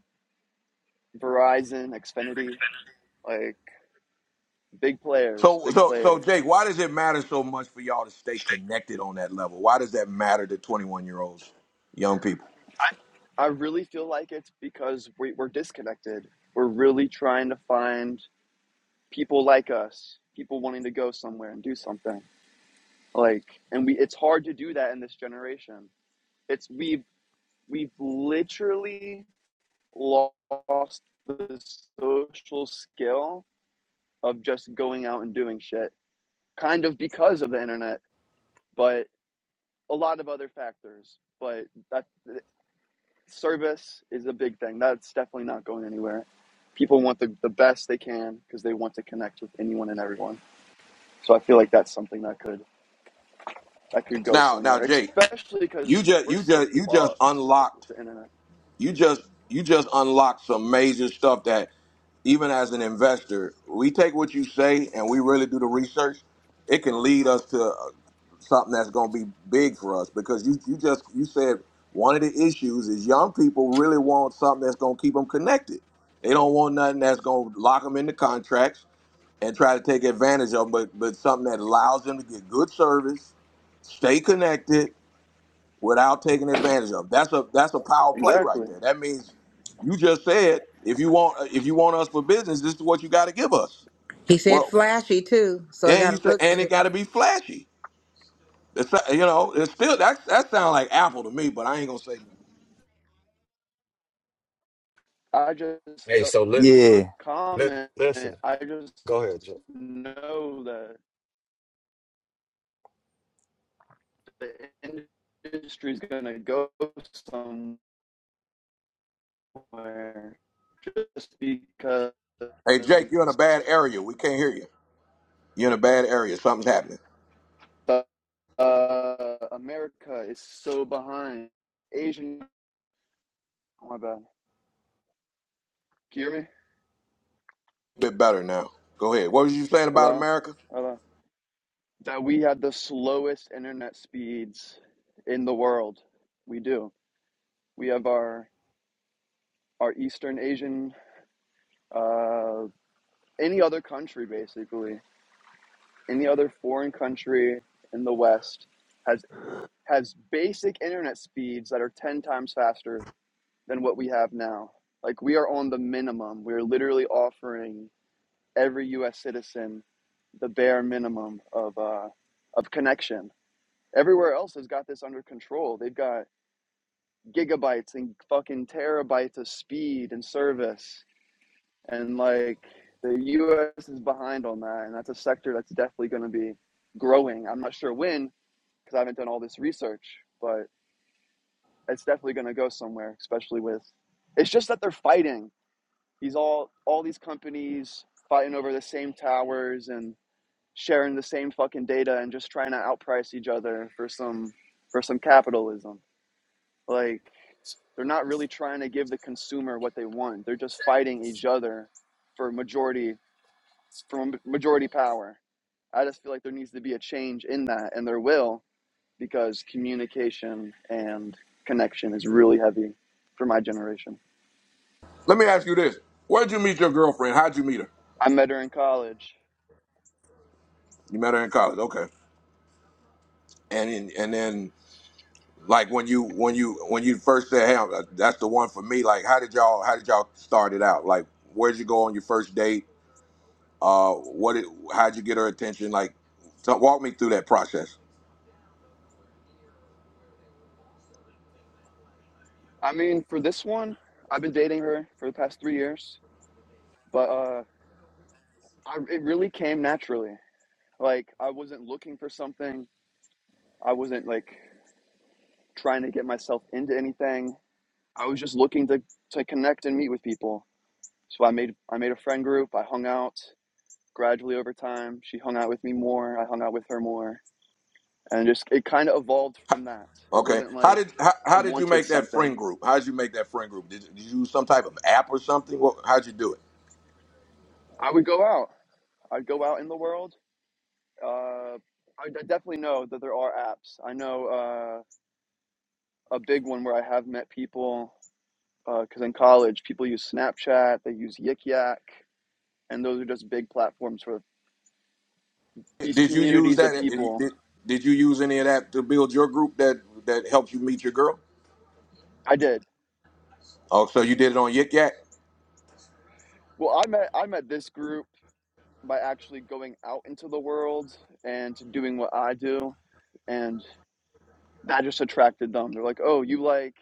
Speaker 5: Verizon, Xfinity, like, big players,
Speaker 1: So,
Speaker 5: big
Speaker 1: so, so,
Speaker 5: players.
Speaker 1: Jake, why does it matter so much for y'all to stay connected on that level? Why does that matter to twenty-one year olds, young people?
Speaker 5: I, I really feel like it's because we, we're disconnected. We're really trying to find people like us, people wanting to go somewhere and do something. Like, and we, it's hard to do that in this generation. It's we've we've literally lost the social skill of just going out and doing shit, kind of because of the internet, but a lot of other factors. But that service is a big thing. That's definitely not going anywhere. People want the, the best they can because they want to connect with anyone and everyone. So I feel like that's something that could I could go
Speaker 1: Now, now,
Speaker 5: somewhere,
Speaker 1: Jake,
Speaker 5: especially
Speaker 1: you
Speaker 5: because
Speaker 1: just,
Speaker 5: we're
Speaker 1: you
Speaker 5: so
Speaker 1: just, you just
Speaker 5: fucked with
Speaker 1: unlocked
Speaker 5: the internet.
Speaker 1: you just you just unlock some amazing stuff that even as an investor, we take what you say and we really do the research. It can lead us to uh, something that's going to be big for us because you you just you said one of the issues is young people really want something that's going to keep them connected. They don't want nothing that's going to lock them into contracts and try to take advantage of them, but but something that allows them to get good service, stay connected, without taking advantage of. That's a that's a power play right
Speaker 5: Exactly.
Speaker 1: there. That means you just said if you want if you want us for business, this is what you got to give us.
Speaker 7: He said
Speaker 1: Well,
Speaker 7: flashy too, so it
Speaker 1: and
Speaker 7: got
Speaker 1: you
Speaker 7: to
Speaker 1: said
Speaker 7: look
Speaker 1: and it got to be flashy. It's not- you know it's still that that sounds like Apple to me, but I ain't gonna say.
Speaker 5: I just
Speaker 3: Hey,
Speaker 5: uh,
Speaker 3: so look,
Speaker 13: Yeah.
Speaker 3: look,
Speaker 5: comment.
Speaker 3: listen.
Speaker 5: I just
Speaker 3: Go ahead, Joe.
Speaker 5: know that the industry's gonna go somewhere just because
Speaker 1: Hey Jake, you're in a bad area. We can't hear you. You're in a bad area. Something's happening.
Speaker 5: uh, America is so behind. Asian. Oh my bad. Can you hear me?
Speaker 1: bit better now. Go ahead. What was you saying about
Speaker 5: Hello.
Speaker 1: America?
Speaker 5: Hello. that we have the slowest internet speeds in the world. We do. We have our our Eastern Asian, uh, any other country basically, any other foreign country in the West has has basic internet speeds that are ten times faster than what we have now. Like we are on the minimum. We're literally offering every U.S. citizen the bare minimum of uh, of connection. Everywhere else has got this under control. They've got gigabytes and fucking terabytes of speed and service. And like the US is behind on that. And that's a sector that's definitely going to be growing. I'm not sure when because I haven't done all this research, but it's definitely going to go somewhere, especially with it's just that they're fighting. These all all these companies fighting over the same towers and sharing the same fucking data and just trying to outprice each other for some for some capitalism. Like They're not really trying to give the consumer what they want. They're just fighting each other for majority for majority power. I just feel like there needs to be a change in that, and there will because communication and connection is really heavy for my generation.
Speaker 1: Let me ask you this: Where'd you meet your girlfriend? How'd you meet her?
Speaker 5: I met her in college.
Speaker 1: You met her in college, okay? And in, and then Like when you when you when you first said, "Hey, I'm- uh, that's the one for me." Like, how did y'all how did y'all start it out? Like, where'd you go on your first date? Uh, what did how'd you get her attention? Like, so walk me through that process.
Speaker 5: I mean, for this one, I've been dating her for the past three years, but uh, I, it really came naturally. Like I wasn't looking for something. I wasn't like trying to get myself into anything. I was just looking to to connect and meet with people. So I made I made a friend group. I hung out gradually over time. She hung out with me more. I hung out with her more, and just it kind of evolved from that. It
Speaker 1: Okay,
Speaker 5: wasn't
Speaker 1: how
Speaker 5: like
Speaker 1: did how,
Speaker 5: I
Speaker 1: how did you
Speaker 5: wanted
Speaker 1: make that
Speaker 5: something.
Speaker 1: friend group? How did you make that friend group? Did, did you use some type of app or something? What, how'd you do
Speaker 5: I would go out. I'd go out in the world. Uh, I d- definitely know that there are apps. I know uh, a big one where I have met people because uh, in college people use Snapchat, they use Yik Yak, and those are just big platforms for
Speaker 1: it?
Speaker 5: these
Speaker 1: Did you use
Speaker 5: communities of
Speaker 1: that? uh,
Speaker 5: people.
Speaker 1: Did, did you use any of that to build your group that that helped you meet your girl?
Speaker 5: I did.
Speaker 1: Oh, so you did it on Yik Yak?
Speaker 5: Well, I met I met this group by actually going out into the world and doing what I do, and that just attracted them. They're like, "Oh, you like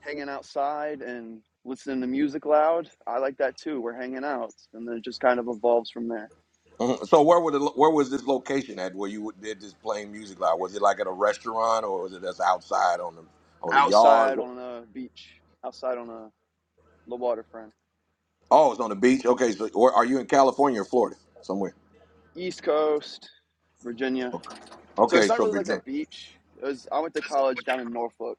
Speaker 5: hanging outside and listening to music loud? I like that too. We're hanging out." And then it just kind of evolves from there.
Speaker 1: Mhm. So where would it, where was this location at where you did this playing music live? Was it like at a restaurant or was it just outside on the on the yard?
Speaker 5: Outside
Speaker 1: Wh-
Speaker 5: on a beach, outside on a the waterfront,
Speaker 1: Oh, it's on the beach. Okay, so where, are you in California or Florida somewhere?
Speaker 5: East Coast, Virginia.
Speaker 1: Okay,
Speaker 5: So
Speaker 1: okay,
Speaker 5: it's not
Speaker 1: so
Speaker 5: really like a
Speaker 1: Virginia.
Speaker 5: beach. It was, I went to college down in Norfolk,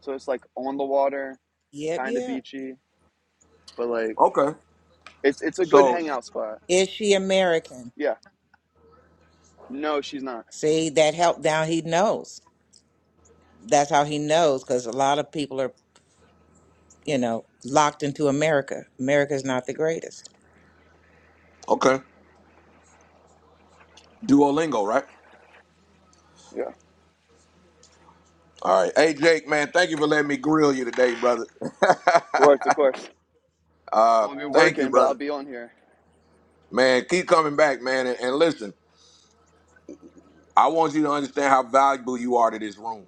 Speaker 5: so it's like on the water,
Speaker 7: Yep,
Speaker 5: kind of
Speaker 7: yeah.
Speaker 5: beachy, but like
Speaker 1: Okay,
Speaker 5: It's it's a good
Speaker 1: so
Speaker 5: hangout spot.
Speaker 7: Is she American?
Speaker 5: Yeah. No, she's not.
Speaker 7: See, that help down he knows. That's how he knows because a lot of people are, you know, locked into America. America's not the greatest.
Speaker 1: okay, Duolingo, right?
Speaker 5: Yeah. Of
Speaker 1: All right. Hey, Jake, man, thank you for letting me grill you today, brother.
Speaker 5: course, of course. I'm
Speaker 1: uh,
Speaker 5: gonna be
Speaker 1: thank you,
Speaker 5: working, but I'll
Speaker 1: brother.
Speaker 5: be on here.
Speaker 1: Man, keep coming back, man, and, and listen. I want you to understand how valuable you are to this room.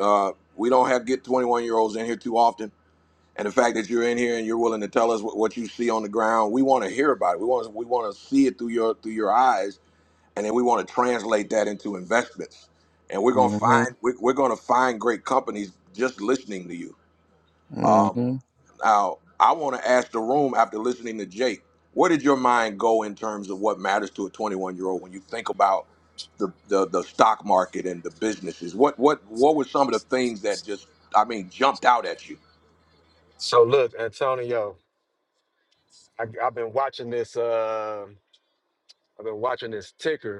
Speaker 1: Uh, we don't have get 21 year olds in here too often and the fact that you're in here and you're willing to tell us what, what you see on the ground, we want to hear about it. We want to, we want to see it through your through your eyes, and then we want to translate that into investments. And we're gonna
Speaker 13: hmm
Speaker 1: find we're, we're gonna find great companies just listening to you. Um,
Speaker 13: hmm
Speaker 1: now, I want to ask the room after listening to Jake, where did your mind go in terms of what matters to a 21 year old when you think about the, the the stock market and the businesses? What what what were some of the things that just I mean jumped out at you?
Speaker 3: So look, Antonio, I, I've been watching this. Uh, I've been watching this ticker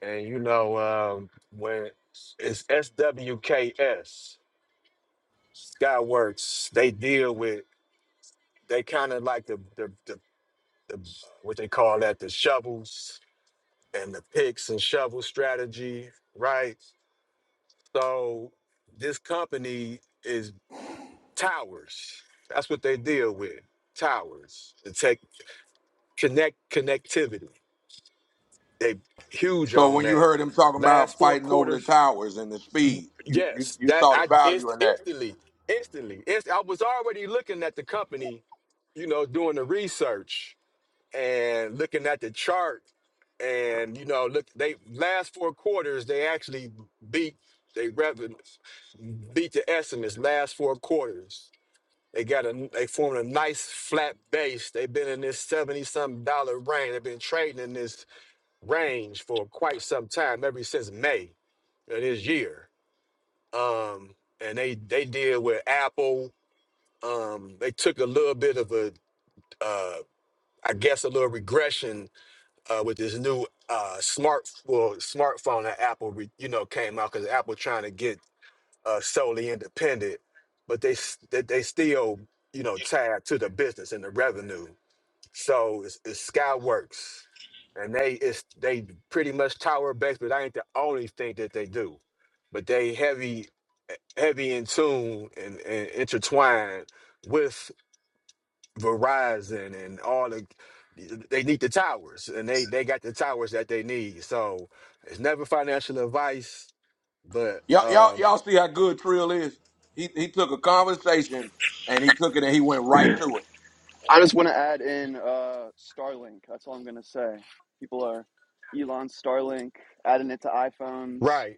Speaker 3: And you know, um, when it's SWKS, Skyworks, they deal with, they kind of like the, the, the, the, what they call that, the shovels and the picks and shovel strategy, right? So this company is towers. That's what they deal with, towers. The tech connect connectivity. They huge
Speaker 1: So
Speaker 3: on
Speaker 1: when you
Speaker 3: that.
Speaker 1: heard him talking
Speaker 3: Last
Speaker 1: about
Speaker 3: four
Speaker 1: fighting over the
Speaker 3: quarters
Speaker 1: towers and the speed, you you,
Speaker 3: Yes,
Speaker 1: you
Speaker 3: that
Speaker 1: saw the
Speaker 3: I
Speaker 1: value
Speaker 3: inst-
Speaker 1: in that.
Speaker 3: instantly, instantly. Inst- I was already looking at the company, you know, doing the research and looking at the chart, and you know, look, they last four quarters they actually beat they revenue, beat the estimates last four quarters. They got a they formed a nice flat base. They've been in this seventy something dollar range. They've been trading in this range for quite some time, ever since May of this year um, and they they did with Apple. Um, they took a little bit of a, uh, I guess, a little regression uh, with this new uh, smart well smartphone that Apple re, you know came out because Apple trying to get uh, solely independent, but they s- they, they still you know tied to the business and the revenue. So it's, it's Skyworks, and they it's they pretty much tower based, but I ain't the only thing that they do. But they heavy heavy in tune and, and intertwined with Verizon and all the they need the towers and they they got the towers that they need. So it's never financial advice, but
Speaker 1: Y'all, y'all
Speaker 3: um
Speaker 1: y'all see how good Trill is. He he took a conversation and he took it and he went right to it.
Speaker 5: I just want to add in uh, Starlink. That's all I'm gonna say. People are Elon Starlink adding it to iPhones.
Speaker 3: right,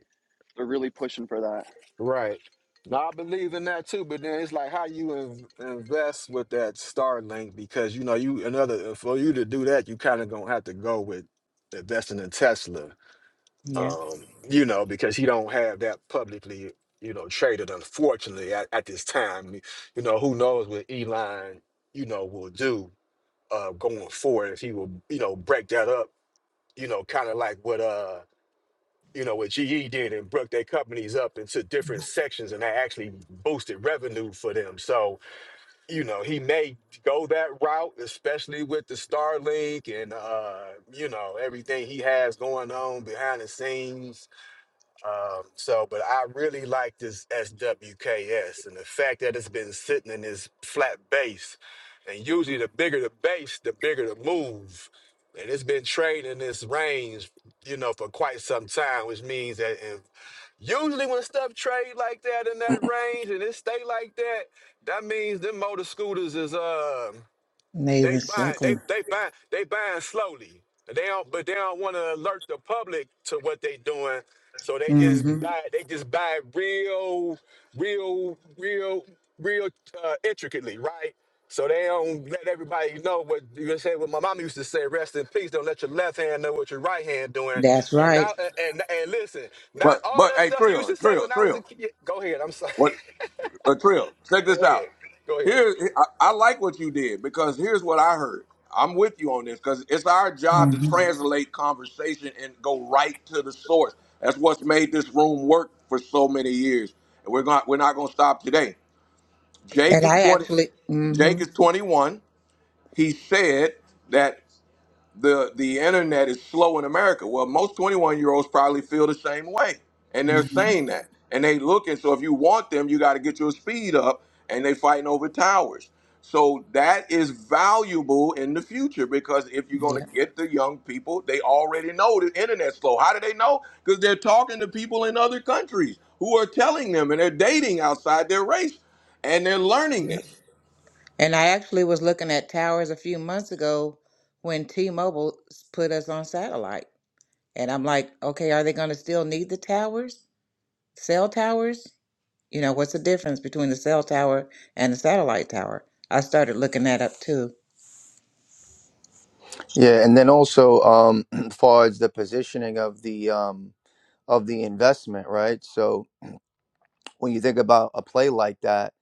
Speaker 5: They're really pushing for that
Speaker 3: right. Now I believe in that too, but then it's like how you in, invest with that Starlink because you know you another for you to do that you kind of gonna have to go with investing in Tesla
Speaker 7: Yeah,
Speaker 3: um, you know, because he don't have that publicly, you know, traded. Unfortunately, at, at this time, you know, who knows what Elon, you know, will do uh, going forward if he will, you know, break that up, you know, kind of like what uh, you know, what GE did and broke their companies up into different sections, and that actually boosted revenue for them. So, you know, he may go that route, especially with the Starlink and uh, you know, everything he has going on behind the scenes um, so, but I really like this SWKS and the fact that it's been sitting in this flat base. And usually, the bigger the base, the bigger the move. And it's been trading in this range, you know, for quite some time, which means that if usually when stuff trade like that in that range and it stay like that, that means them motor scooters is um they
Speaker 7: amazing
Speaker 3: buy, they
Speaker 7: circle.
Speaker 3: they buy, they buying slowly. They don't, but they don't want to alert the public to what they doing. So they just
Speaker 7: Mm-hmm.
Speaker 3: buy, they just buy real, real, real, real uh, intricately, right? So they don't let everybody know what you gonna say. What my mom used to say: "Rest in peace." Don't let your left hand know what your right hand doing.
Speaker 7: That's
Speaker 3: And now,
Speaker 7: right.
Speaker 3: and and, and listen, not
Speaker 1: But
Speaker 3: all
Speaker 1: but
Speaker 3: that
Speaker 1: hey
Speaker 3: stuff you used
Speaker 1: Trill
Speaker 3: to say
Speaker 1: Trill
Speaker 3: when I was a
Speaker 1: Trill
Speaker 3: kid. Go ahead. I'm sorry.
Speaker 1: what but Trill check this
Speaker 3: Go
Speaker 1: out.
Speaker 3: ahead. Go ahead.
Speaker 1: Here I, I like what you did because here's what I heard. I'm with you on this because it's our job to
Speaker 7: Mm-hmm.
Speaker 1: translate conversation and go right to the source. That's what's made this room work for so many years, and we're going we're not going to stop today. Jake
Speaker 7: And
Speaker 1: is
Speaker 7: I
Speaker 1: twenty.
Speaker 7: actually,
Speaker 1: Jake
Speaker 7: mm-hmm.
Speaker 1: is twenty-one. He said that the the internet is slow in America. Well, most twenty-one-year-olds probably feel the same way, and they're
Speaker 7: Mm-hmm.
Speaker 1: saying that, and they looking. So if you want them, you got to get your speed up, and they fighting over towers. So that is valuable in the future because if you're going to
Speaker 7: Yeah.
Speaker 1: get the young people, they already know the internet's slow. How do they know? Because they're talking to people in other countries who are telling them, and they're dating outside their race, and they're learning this.
Speaker 7: And I actually was looking at towers a few months ago when T-Mobile s- put us on satellite. And I'm like, okay, are they going to still need the towers, cell towers? You know, what's the difference between the cell tower and the satellite tower? I started looking that up too.
Speaker 13: Yeah, and then also um, as far as the positioning of the um, of the investment, right? So when you think about a play like that,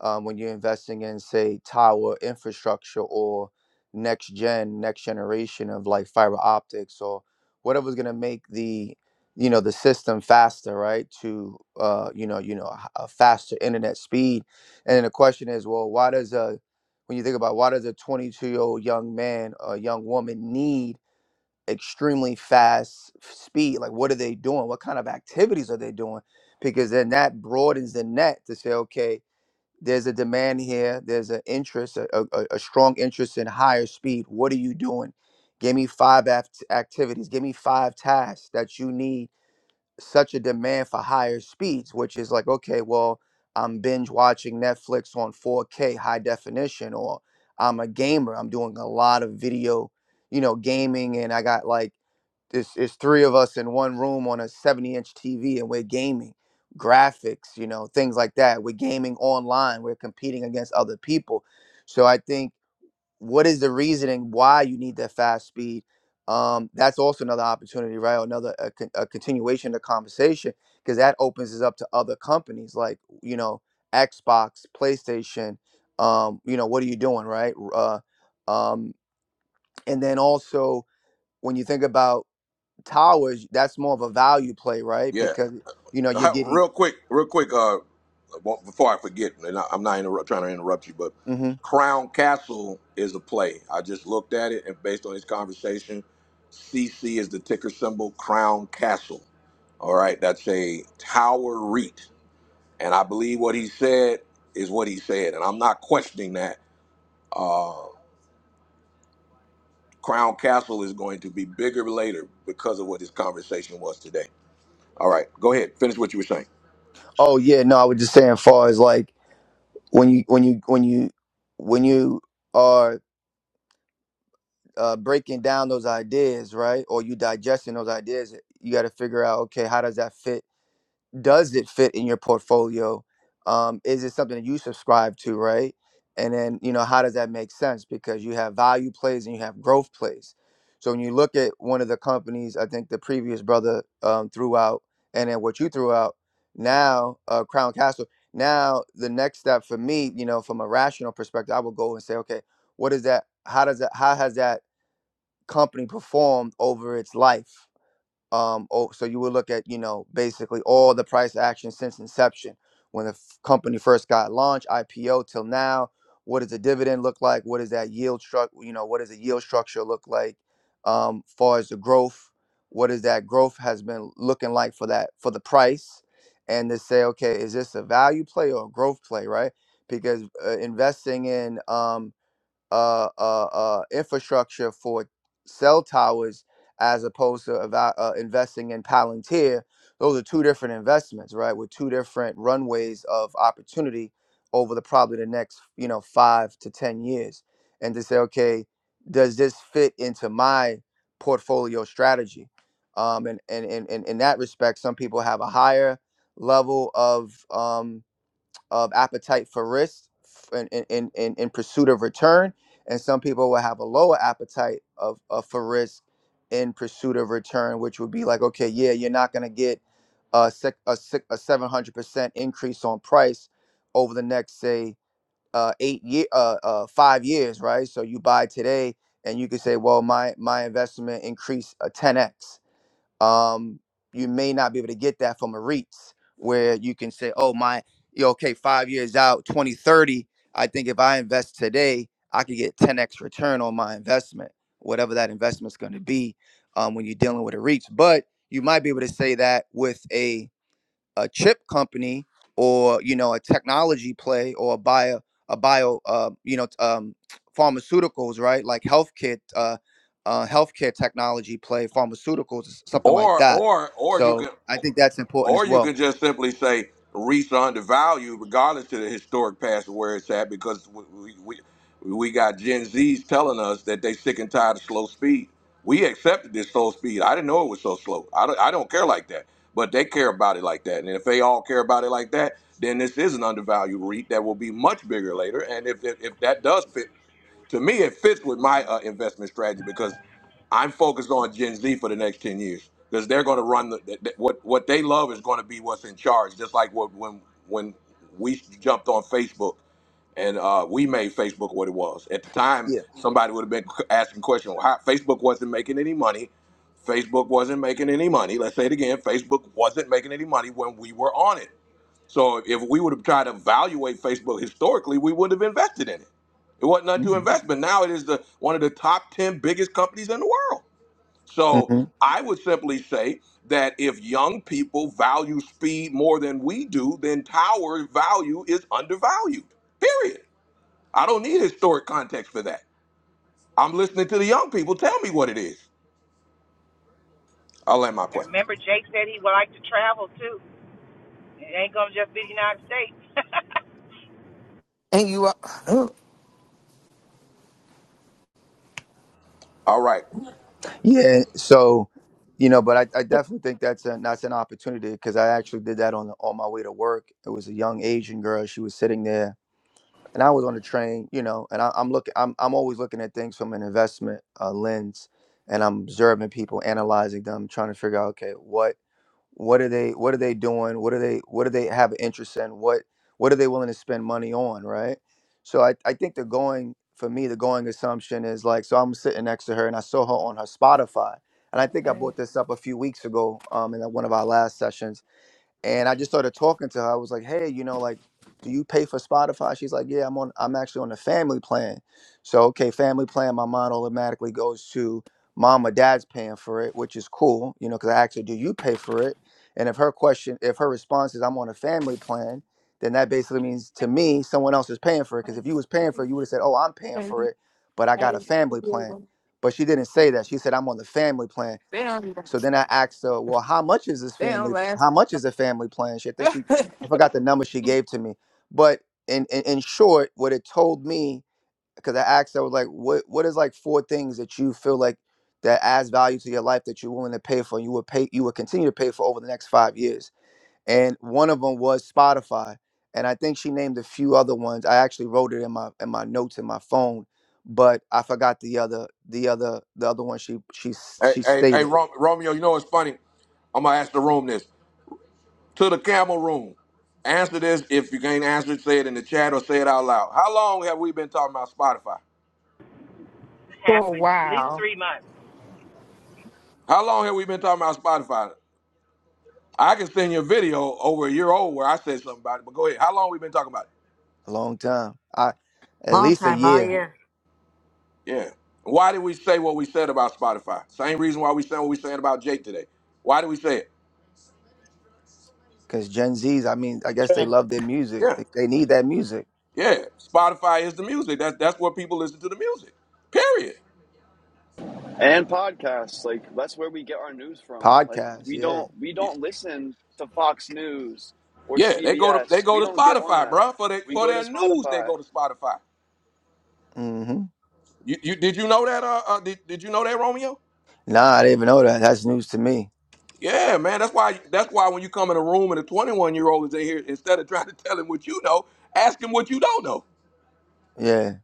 Speaker 13: um, when you're investing in, say, tower infrastructure or next gen, next generation of like fiber optics or whatever's going to make the you know the system faster, right? To uh, you know, you know, a h- a faster internet speed. And then the question is, well, why does a when you think about why does a 22 year old young man or young woman need extremely fast speed. Like, what are they doing? What kind of activities are they doing? Because then that broadens the net to say, okay, there's a demand here, there's an interest, a, a, a a strong interest in higher speed. What are you doing? Give me five act- activities, give me five tasks that you need such a demand for higher speeds, which is like, okay, well, I'm binge watching Netflix on 4K high definition, or I'm a gamer. I'm doing a lot of video, you know, gaming, and I got like it's, it's three of us in one room on a 70 inch TV and we're gaming graphics, you know, things like that. We're gaming online, we're competing against other people. So I think what is the reasoning why you need that fast speed um that's also another opportunity right Or another a, con- a continuation of the conversation because that opens us up to other companies like you know xbox playstation um you know what are you doing right uh um and then also when you think about towers that's more of a value play right
Speaker 1: Yeah,
Speaker 13: because you know you're
Speaker 1: Uh,
Speaker 13: getting
Speaker 1: real quick, real quick. Uh, well, before I forget, and I, I'm not interrupt, trying to interrupt you, but
Speaker 13: hmm
Speaker 1: Crown Castle is a play. I just looked at it, and based on this conversation, CC is the ticker symbol. Crown Castle. All right, that's a tower REIT, and I believe what he said is what he said, and I'm not questioning that. Uh, Crown Castle is going to be bigger later because of what this conversation was today. All right, go ahead, finish what you were saying.
Speaker 13: oh yeah no i was just saying far as like when you when you when you when you are uh, breaking down those ideas, right? Or you digesting those ideas, you got to figure out, okay, how does that fit? Does it fit in your portfolio? Um, is it something that you subscribe to, right? And then, you know, how does that make sense? Because you have value plays and you have growth plays. So when you look at one of the companies, I think the previous brother um, threw out, and then what you threw out now, uh, Crown Castle. Now, the next step for me, you know, from a rational perspective, I would go and say, okay, what is that? How does that? How has that? company performed over its life. Um, oh, so you would look at you know basically all the price action since inception, when the f- company first got launched, IPO till now. What does the dividend look like? What does that yield struct? You know, what does the yield structure look like? Um, far as the growth, what is that growth has been looking like for that for the price, and to say, okay, is this a value play or a growth play, right? Because uh, investing in um, uh, uh, uh, infrastructure for cell towers as opposed to eva- uh, investing in Palantir. Those are two different investments, right? With two different runways of opportunity over the probably the next, you know, five to ten years, and to say, okay, does this fit into my portfolio strategy? Um, and, and, and, and in that respect, some people have a higher level of um, of appetite for risk in, in, in, in in pursuit of return. And some people will have a lower appetite of, of for risk in pursuit of return, which would be like, okay, yeah, you're not going to get a, sec, a, sec, a 700% increase on price over the next, say, uh, eight year, uh, uh, five years, right? So you buy today and you could say, well, my, my investment increased a 10x um, you may not be able to get that from a REITs where you can say, oh, my, you know, okay, five years out, 2030, I think if I invest today, I could get 10x return on my investment, whatever that investment's going to be um, when you're dealing with a REITs. But you might be able to say that with a a chip company or you know a technology play or a bio a bio uh, you know um, pharmaceuticals right like healthcare uh, uh, healthcare technology play pharmaceuticals something like
Speaker 1: Or,
Speaker 13: that
Speaker 1: or, or you
Speaker 13: so
Speaker 1: can.
Speaker 13: i think that's important as
Speaker 1: Or you
Speaker 13: well
Speaker 1: can just simply say REITs are undervalued regardless to the historic past of where it's at because we, we, we got Gen Zs telling us that they sick and tired of slow speed. We accepted this slow speed. I didn't know it was so slow. I don't, I don't care like that. But they care about it like that. And if they all care about it like that, then this is an undervalued REIT that will be much bigger later. And if, if, if that does fit to me, it fits with my uh, investment strategy because I'm focused on Gen Z for the next ten years because they're going to run the, th- th- what what they love is going to be what's in charge. Just like what when when we jumped on Facebook and uh, we made Facebook what it was at the time,
Speaker 13: yeah
Speaker 1: somebody would have been c- asking questions. Well, How, Facebook wasn't making any money. Facebook wasn't making any money. Let's say it again. Facebook wasn't making any money when we were on it so if we would have tried to evaluate Facebook historically, we wouldn't have invested in it. It wasn't unto
Speaker 13: hmm
Speaker 1: investment. Now it is the one of the top 10 biggest companies in the world. So
Speaker 13: hmm
Speaker 1: I would simply say that if young people value speed more than we do, then tower value is undervalued. Period. I don't need historic context for that. I'm listening to the young people tell me what it is. I'll land my
Speaker 7: And
Speaker 1: plane.
Speaker 7: remember, Jake said he would like to travel too. It ain't gonna just be the United States.
Speaker 14: And you are, ugh,
Speaker 1: All right.
Speaker 13: yeah so you know but i, I definitely think that's an that's an opportunity because i actually did that on the, on my way to work it was a young asian girl she was sitting there and I was on the train, you know, and I, I'm looking, I'm, I'm always looking at things from an investment uh, lens, and I'm observing people, analyzing them, trying to figure out, okay, what, what are they, what are they doing, what are they, what do they have interest in, what, what are they willing to spend money on, right? So I, I think the going for me, the going assumption is like, so I'm sitting next to her, and I saw her on her Spotify, and I think I brought this up a few weeks ago, um, in one of our last sessions and I just started talking to her. I was like, "Hey, you know, like, do you pay for Spotify?" She's like, "Yeah, I'm on. I'm actually on the family plan." So okay, family plan. My mind automatically goes to mom or dad's paying for it, which is cool, you know, because I asked her, "Do you pay for it?" And if her question, if her response is, "I'm on a family plan," then that basically means to me someone else is paying for it. Because if you was paying for it, you would have said, "Oh, I'm paying for it, but I got a family plan." But she didn't say that. She said, "I'm on the family plan."
Speaker 14: they don't
Speaker 13: So then I asked her, well, how much is this
Speaker 14: they don't
Speaker 13: family?
Speaker 14: last
Speaker 13: How much is the family plan? She, I think she, I forgot the number she gave to me. But in, in, in short, what it told me, because I asked, I was like, what, what is like four things that you feel like that adds value to your life that you're willing to pay for? and You would pay, you would continue to pay for over the next five years. And one of them was Spotify. And I think she named a few other ones. I actually wrote it in my, in my notes in my phone, but I forgot the other, the other, the other one she, she,
Speaker 1: Hey,
Speaker 13: she
Speaker 1: hey,
Speaker 13: stated
Speaker 1: hey, Rom- Romeo, you know what's funny? I'm gonna ask the room this. to the camel room. Answer this. If you can't answer it, say it in the chat or say it out loud. How long have we been talking about Spotify?
Speaker 14: for
Speaker 7: Half
Speaker 14: a
Speaker 7: at least
Speaker 14: while.
Speaker 7: three months.
Speaker 1: How long have we been talking about Spotify? I can send you a video over a year old where I said something about it, but go ahead. How long we been talking about it?
Speaker 13: a long time. I at
Speaker 2: Long
Speaker 13: least a
Speaker 2: time, all
Speaker 13: year
Speaker 2: year.
Speaker 1: Yeah. Why did we say what we said about Spotify? Same reason why we said what we saying about Jake today. Why did we say it?
Speaker 13: because Gen Z's. I mean, I guess they
Speaker 2: Trending.
Speaker 13: love their music.
Speaker 1: Yeah.
Speaker 13: They, they need that music.
Speaker 1: Yeah. Spotify is the music. That's that's where people listen to the music. Period.
Speaker 5: and podcasts. Like that's where we get our news from. Like
Speaker 13: Podcasts,
Speaker 5: we
Speaker 13: yeah.
Speaker 5: don't we
Speaker 1: Yeah,
Speaker 5: don't listen to Fox News or
Speaker 1: Yeah. they go to
Speaker 5: CBS.
Speaker 1: they
Speaker 5: We
Speaker 1: go to
Speaker 5: don't get on
Speaker 1: Spotify,
Speaker 5: that.
Speaker 1: bruh. For their
Speaker 5: We
Speaker 1: for
Speaker 5: go to
Speaker 1: their news, they
Speaker 5: Spotify.
Speaker 1: go to Spotify.
Speaker 13: hmm
Speaker 1: You, you did you know that? Uh, uh did, did you know that Romeo?
Speaker 13: Nah, I didn't even know that. That's news to me.
Speaker 1: Yeah, man. That's why. That's why when you come in a room and a 21 year old is in here, instead of trying to tell him what you know, ask him what you don't know.
Speaker 13: Yeah,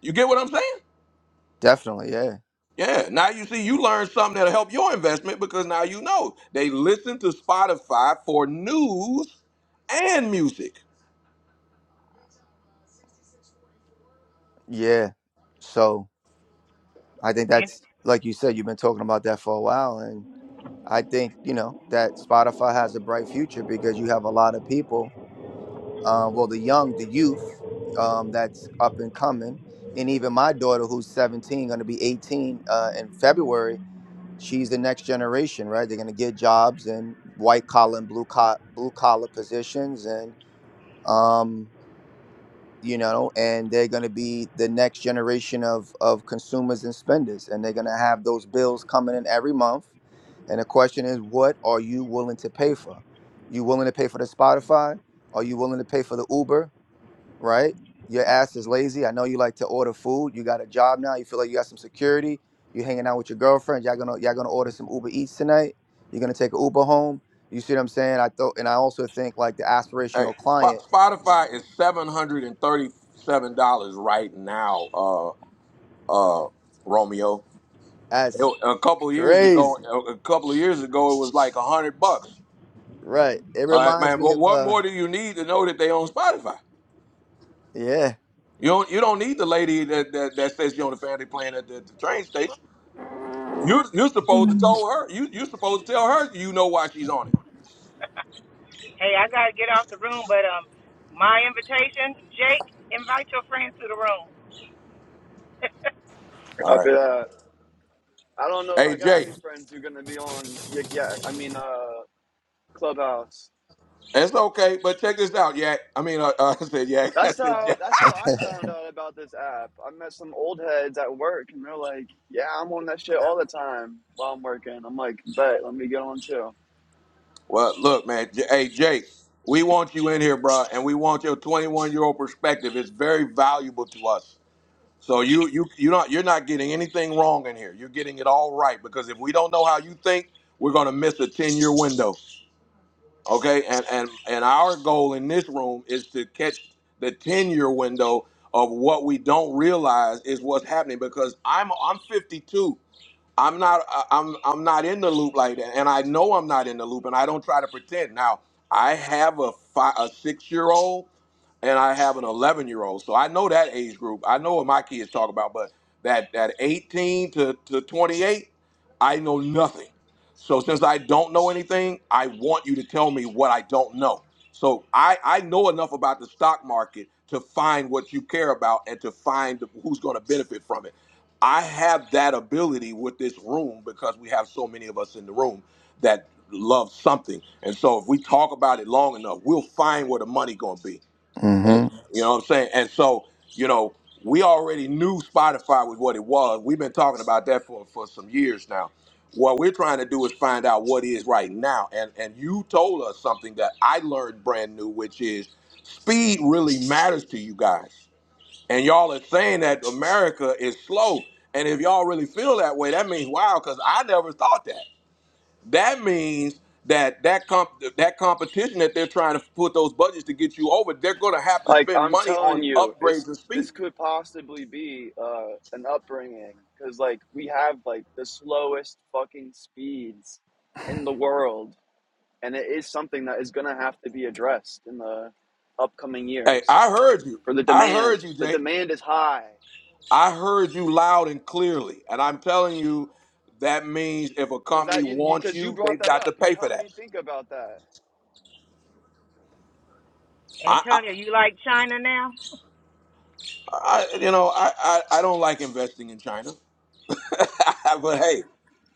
Speaker 1: You get what I'm saying?
Speaker 13: definitely. Yeah,
Speaker 1: Yeah. Now you see, you learn something that'll help your investment because now you know they listen to Spotify for news and music.
Speaker 13: yeah. So I think
Speaker 7: And,
Speaker 13: that's like you said. You've been talking about that for a while, and I think you know that Spotify has a bright future because you have a lot of people uh, well, the young, the youth um, that's up and coming, and even my daughter who's 17, going to be 18 uh, in February. She's the next generation, right? They're going to get jobs in white collar and blue collar blue collar positions, and um, you know, and they're going to be the next generation of of consumers and spenders, and they're going to have those bills coming in every month. And the question is, what are you willing to pay for? You willing to pay for the Spotify? Are you willing to pay for the Uber? right? Your ass is lazy. I know you like to order food. You got a job now. You feel like you got some security. You're hanging out with your girlfriend. Y'all gonna y'all gonna order some Uber Eats tonight. You're gonna take an Uber home. You see what I'm saying? I thought, and I also think like the
Speaker 1: Hey,
Speaker 13: aspirational
Speaker 1: Sp-
Speaker 13: client.
Speaker 1: Spotify is seven hundred and thirty-seven dollars right now. Uh, uh, Romeo.
Speaker 13: That's
Speaker 1: It- a couple of years ago,
Speaker 13: crazy,
Speaker 1: a couple of years ago, it was like a hundred bucks.
Speaker 13: right? It
Speaker 1: All right,
Speaker 13: reminds
Speaker 1: man.
Speaker 13: me
Speaker 1: But
Speaker 13: of
Speaker 1: what
Speaker 13: uh,
Speaker 1: more do you need to know that they on Spotify?
Speaker 13: yeah.
Speaker 1: You don't. You don't need the lady that that, that says you on the family plan at the, the train station. You you're supposed to tell her. You you're supposed to tell her. You know why she's on it.
Speaker 7: hey, I gotta get off the room, but um, my invitation, Jake, invite your friends to the room.
Speaker 1: All
Speaker 5: Copy
Speaker 1: right.
Speaker 5: that. I don't know if
Speaker 1: Hey
Speaker 5: I got
Speaker 1: Jake,
Speaker 5: any friends who are gonna be on Yik Yak. I mean, uh, Clubhouse.
Speaker 1: it's okay, but check this out, Yak. I mean, uh, uh, I said Yak. I
Speaker 5: That's
Speaker 1: said
Speaker 5: how
Speaker 1: Jack.
Speaker 5: that's how I found out about this app. I met some old heads at work, and they're like, "Yeah, I'm on that shit all the time while I'm working." I'm like, "Bet, let me get on too."
Speaker 1: Well, look, man. J- hey Jake, we want you in here, bro, and we want your 21 year old perspective. It's very valuable to us. So you you you are not you're not getting anything wrong in here. You're getting it all right because if we don't know how you think, we're gonna miss a ten year window. Okay, and and and our goal in this room is to catch the ten year window of what we don't realize is what's happening because I'm I'm 52. I'm not I- I'm I'm not in the loop like that, and I know I'm not in the loop, and I don't try to pretend. Now I have a five, a six year old, and I have an eleven year old, so I know that age group. I know what my kids talk about, but that that eighteen to to twenty eight, I know nothing. So since I don't know anything, I want you to tell me what I don't know. So I I know enough about the stock market to find what you care about and to find who's going to benefit from it. I have that ability with this room because we have so many of us in the room that love something. And so if we talk about it long enough, we'll find where the money gonna be. And
Speaker 13: Mm-hmm.
Speaker 1: you know what I'm saying? And so, you know, we already knew Spotify was what it was. We've been talking about that for, for some years now. What we're trying to do is find out what is right now. And and you told us something that I learned brand new, which is speed really matters to you guys and y'all are saying that America is slow. And if y'all really feel that way, that means wow, because I never thought that. That means that that comp- that competition that they're trying to put those budgets to get you over, they're going to have to
Speaker 5: Like,
Speaker 1: spend
Speaker 5: I'm
Speaker 1: money
Speaker 5: telling
Speaker 1: on
Speaker 5: you, it's
Speaker 1: upgrades and speed.
Speaker 5: this could possibly be uh, an upbringing because like we have like the slowest fucking speeds in the world, and it is something that is gonna have to be addressed in the upcoming
Speaker 1: Hey,
Speaker 5: years.
Speaker 1: I heard you.
Speaker 5: for the
Speaker 1: I heard
Speaker 5: demand.
Speaker 1: you,
Speaker 5: The
Speaker 1: Jake.
Speaker 5: demand is high
Speaker 1: I heard you loud and clearly. And I'm telling you, that means if a
Speaker 5: because
Speaker 1: company
Speaker 5: that you because
Speaker 1: wants
Speaker 5: you
Speaker 1: you,
Speaker 5: brought
Speaker 1: they've
Speaker 5: that
Speaker 1: got to
Speaker 5: up. You
Speaker 1: pay for
Speaker 5: helped
Speaker 1: that.
Speaker 5: me think about that.
Speaker 1: I, I,
Speaker 7: Antonio, you like China now?
Speaker 1: I you know, I, I, I don't like investing in China, but hey.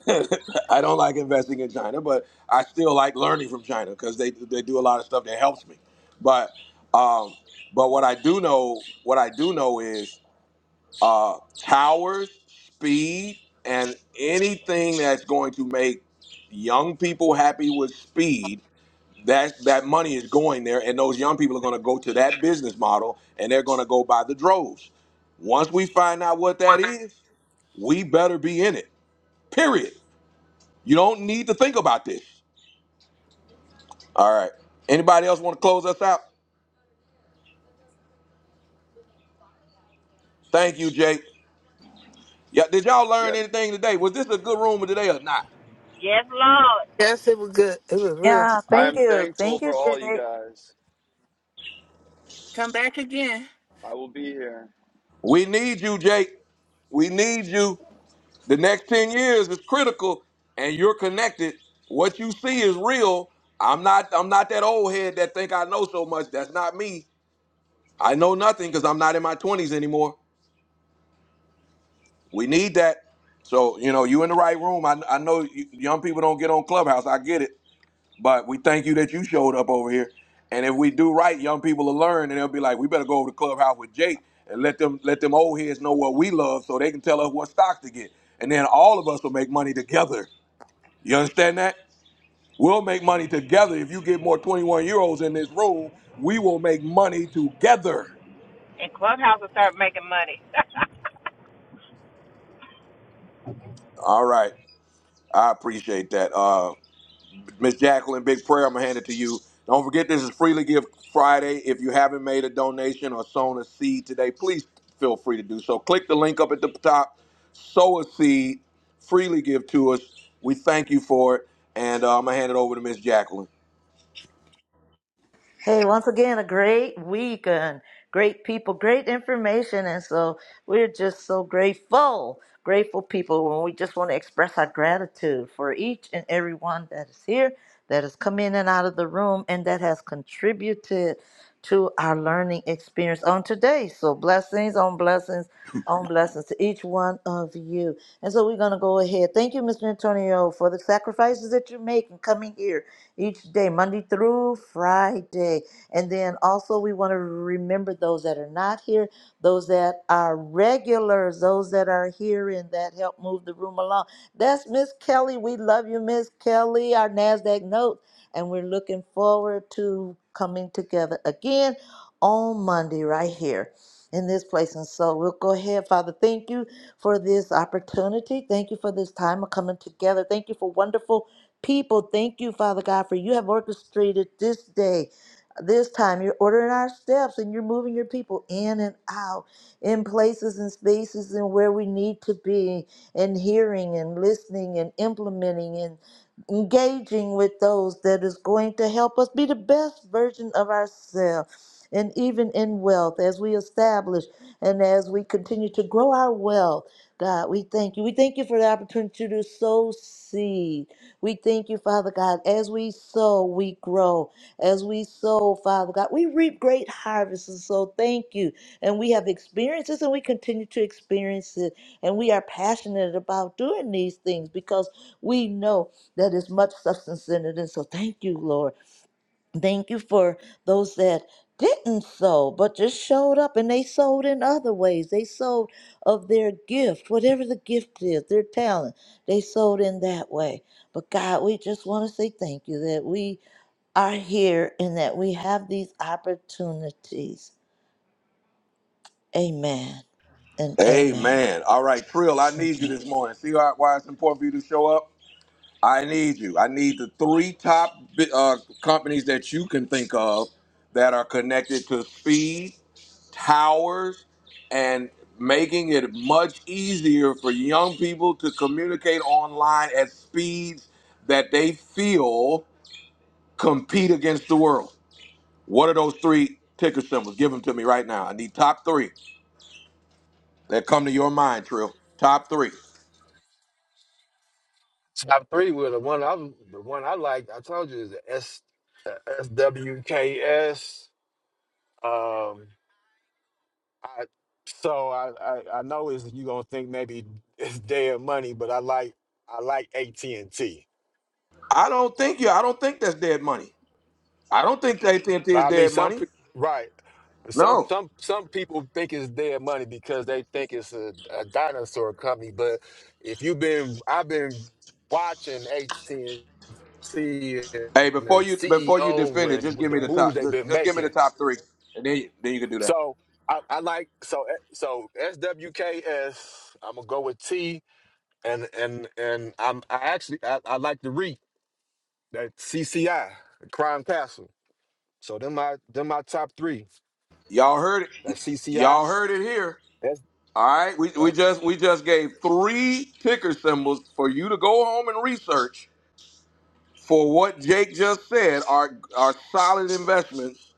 Speaker 1: I don't like investing in China, but I still like learning from China because they they do a lot of stuff that helps me. But um, but what I do know, what I do know is uh, towers, speed, and anything that's going to make young people happy with speed. That that money is going there, and those young people are going to go to that business model, and they're going to go by the droves. Once we find out what that is, we better be in it. Period. You don't need to think about this. All right. Anybody else want to close us out? Thank you, Jake. Yeah, did y'all learn
Speaker 5: Yeah,
Speaker 1: anything today? Was this a good room today or not?
Speaker 7: Yes, Lord.
Speaker 14: Yes, it was good. It was real.
Speaker 2: Yeah,
Speaker 5: I
Speaker 2: thank
Speaker 5: am
Speaker 2: you,
Speaker 5: thankful
Speaker 2: thank
Speaker 5: for
Speaker 2: you,
Speaker 5: all you
Speaker 2: Jay.
Speaker 5: guys.
Speaker 14: Come back again.
Speaker 5: I will be here.
Speaker 1: We need you, Jake. We need you. The next 10 years is critical and you're connected. What you see is real. I'm not I'm not that old head that think I know so much. That's not me. I know nothing because I'm not in my 20s anymore. We need that. So, you know, you in the right room. I, I know you, young people don't get on Clubhouse. I get it. But we thank you that you showed up over here. And if we do right, young people will learn and they'll be like, we better go over to Clubhouse with Jake and let them let them old heads know what we love so they can tell us what stocks to get. And then all of us will make money together. You understand that? We'll make money together. If you get more 21 year olds in this room, we will make money together.
Speaker 7: And Clubhouse will start making money.
Speaker 1: All right. I appreciate that. Uh, Miss Jacqueline, big prayer. I'm gonna hand it to you. Don't forget this is Freely Give Friday. If you haven't made a donation or sown a seed today, please feel free to do so. Click the link up at the top, sow a seed, freely give to us. We thank you for it, and uh, I'm gonna hand it over to Miss Jacqueline.
Speaker 2: Hey, once again, a great week and great people, great information. And so we're just so grateful, grateful people. And we just want to express our gratitude for each and every one that is here, that has come in and out of the room, and that has contributed to our learning experience on today. So blessings on blessings on blessings to each one of you. And so we're going to go ahead. Thank you, Mr. Antonio, for the sacrifices that you're making coming here each day, Monday through Friday. And then also, we want to remember those that are not here, those that are regulars, those that are here and that help move the room along. That's Miss Kelly. We love you, Miss Kelly, our NASDAQ note. And we're looking forward to coming together again on Monday, right here in this place. And so we'll go ahead, Father. Thank you for this opportunity. Thank you for this time of coming together. Thank you for wonderful people. Thank you, Father God, for you have orchestrated this day. This time you're ordering our steps and you're moving your people in and out in places and spaces and where we need to be and hearing and listening and implementing and engaging with those that is going to help us be the best version of ourselves. And even in wealth, as we establish and as we continue to grow our wealth, God, we thank you. We thank you for the opportunity to sow seed. We thank you, Father God. As we sow, we grow. As we sow, Father God, we reap great harvests. And so thank you. And we have experiences and we continue to experience it. And we are passionate about doing these things because we know that is much substance in it. And so thank you, Lord. Thank you for those that didn't sow, but just showed up and they sold in other ways. They sold of their gift, whatever the gift is, their talent. They sold in that way. But God, we just want to say thank you that we are here and that we have these opportunities. Amen and amen.
Speaker 1: Amen. All right, Trill, I need you
Speaker 2: amen.
Speaker 1: this morning. See how, why it's important for you to show up? I need you. I need the three top bi- uh, companies that you can think of that are connected to speed. towers and making it much easier for young people to communicate online at speeds that they feel compete against the world. What are those three ticker symbols? Give them to me right now. I need top three that come to your mind, Trill. Top three.
Speaker 3: Top three wheel. the One I the one I like. I told you is the S uh, SWKS. Um, I so I, I I know is you gonna think maybe it's dead money, but I like I like AT and T.
Speaker 1: I don't think you. I don't think that's dead money. I don't think AT&T
Speaker 3: But
Speaker 1: is
Speaker 3: I mean
Speaker 1: dead
Speaker 3: some
Speaker 1: money.
Speaker 3: pe- right. Some
Speaker 1: No.
Speaker 3: some some people think it's dead money because they think it's a, a dinosaur company. But if you've been, I've been watching AT and T and
Speaker 1: Hey, before
Speaker 3: the
Speaker 1: you before you defend
Speaker 3: CEO
Speaker 1: it, just
Speaker 3: and
Speaker 1: give
Speaker 3: the
Speaker 1: me the top.
Speaker 3: moves they've
Speaker 1: Just,
Speaker 3: been
Speaker 1: just give me the
Speaker 3: making.
Speaker 1: top three, and then you, then you can do that.
Speaker 3: So I, I like so eh, so SWKS. I'm gonna go with T and and and I'm I actually I, I like the REIT that CCI Crime Castle. So them my them my top three.
Speaker 1: Y'all heard it.
Speaker 3: That CCI.
Speaker 1: Y'all heard it here.
Speaker 3: That's
Speaker 1: All right. We,
Speaker 3: uh,
Speaker 1: we just we just gave three ticker symbols for you to go home and research for what Jake just said are are solid investments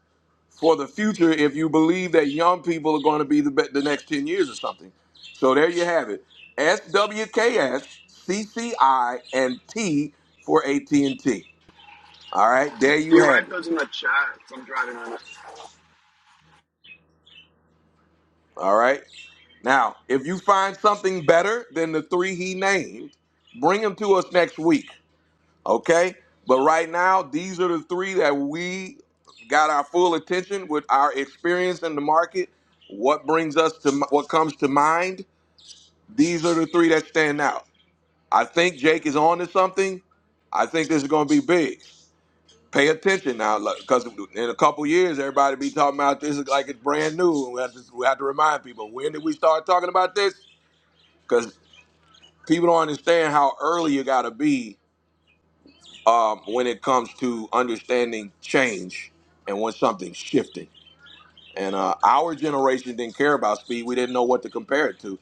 Speaker 1: for the future if you believe that young people are going to be the be- the next 10 years or something. So there you have it. SWKS, CCI and T for AT&T. All right? There
Speaker 5: Do
Speaker 1: you
Speaker 5: you
Speaker 1: have
Speaker 5: write
Speaker 1: it.
Speaker 5: those in the chat? 'Cause I'm driving on it.
Speaker 1: All right? Now, if you find something better than the three he named, bring them to us next week, okay? But right now, these are the three that we got our full attention with our experience in the market. What brings us to what comes to mind? These are the three that stand out. I think Jake is on to something. I think this is going to be big. Pay attention now, because in a couple years, everybody be talking about this like it's brand new. We have to, we have to remind people when did we start talking about this? people don't understand how early you got to be um, when it comes to understanding change and when something's shifting. And uh, our generation didn't care about speed; we didn't know what to compare it to.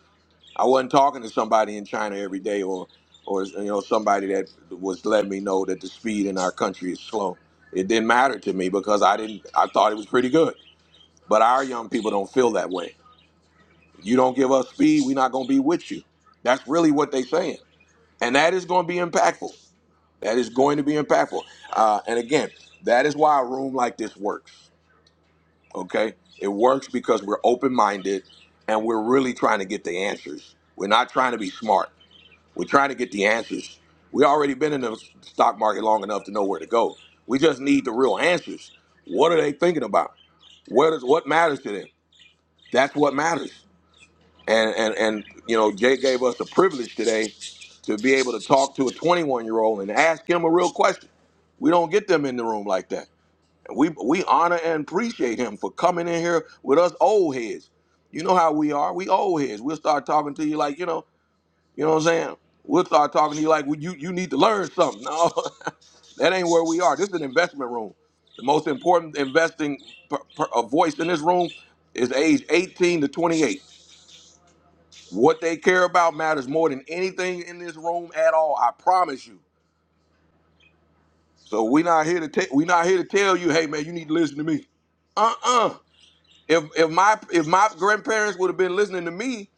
Speaker 1: I wasn't talking to somebody in China every day, or or you know somebody that was letting me know that the speed in our country is slow. It didn't matter to me because I didn't. I thought it was pretty good. But our young people don't feel that way. You don't give us speed, we're not going to be with you. That's really what they're saying, and that is going to be impactful That is going to be impactful. Uh, and again, that is why a room like this works. Okay? It works because we're open minded and we're really trying to get the answers. We're not trying to be smart. We're trying to get the answers. we already been in the stock market long enough to know where to go. We just need the real answers. What are they thinking about? What is what matters to them? That's what matters and and and you know Jay gave us the privilege today to be able to talk to a 21 year old and ask him a real question. We don't get them in the room like that. And we we honor and appreciate him for coming in here with us old heads. You know how we are. We old heads. We'll start talking to you like you know you know what I'm saying. We'll start talking to you like well, you you need to learn something. No, that ain't where we are. This is an investment room. The most important investing per, per, a voice in this room is age 18 to 28. What they care about matters more than anything in this room at all. I promise you. So we not here to take. We not here to tell you, hey man, you need to listen to me. Uh uh If if my if my grandparents would have been listening to me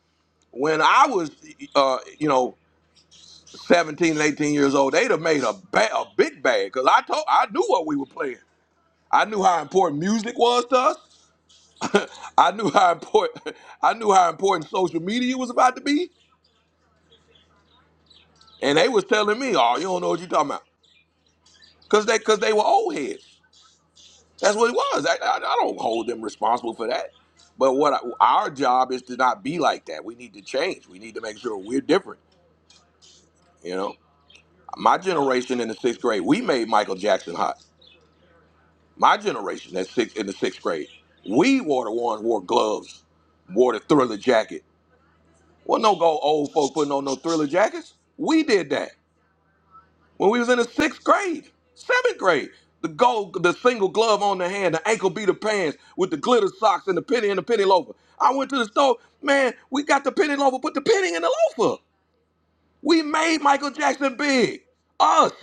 Speaker 1: when I was, uh, you know, 17 and 18 years old, they'd have made a ba- a big bag because I told I knew what we were playing. I knew how important music was to us. I knew how important I knew how important social media was about to be. And they was telling me, "Oh, you don't know what you're talking about." because they because they were old heads. That's what it was. I, I, I don't hold them responsible for that. But what I, our job is to not be like that. We need to change. We need to make sure we're different. You know, my generation in the sixth grade, we made Michael Jackson hot. My generation that's six in the sixth grade, we wore the ones wore gloves, wore the thriller jacket. Well, no go old folk putting on no thriller jackets. We did that. when we was in the sixth grade, seventh grade. The gold, the single glove on the hand, the ankle beater pants with the glitter socks and the penny and the penny loafer. I went to the store, man, we got the penny loafer, put the penny in the loafer. We made Michael Jackson big. Us.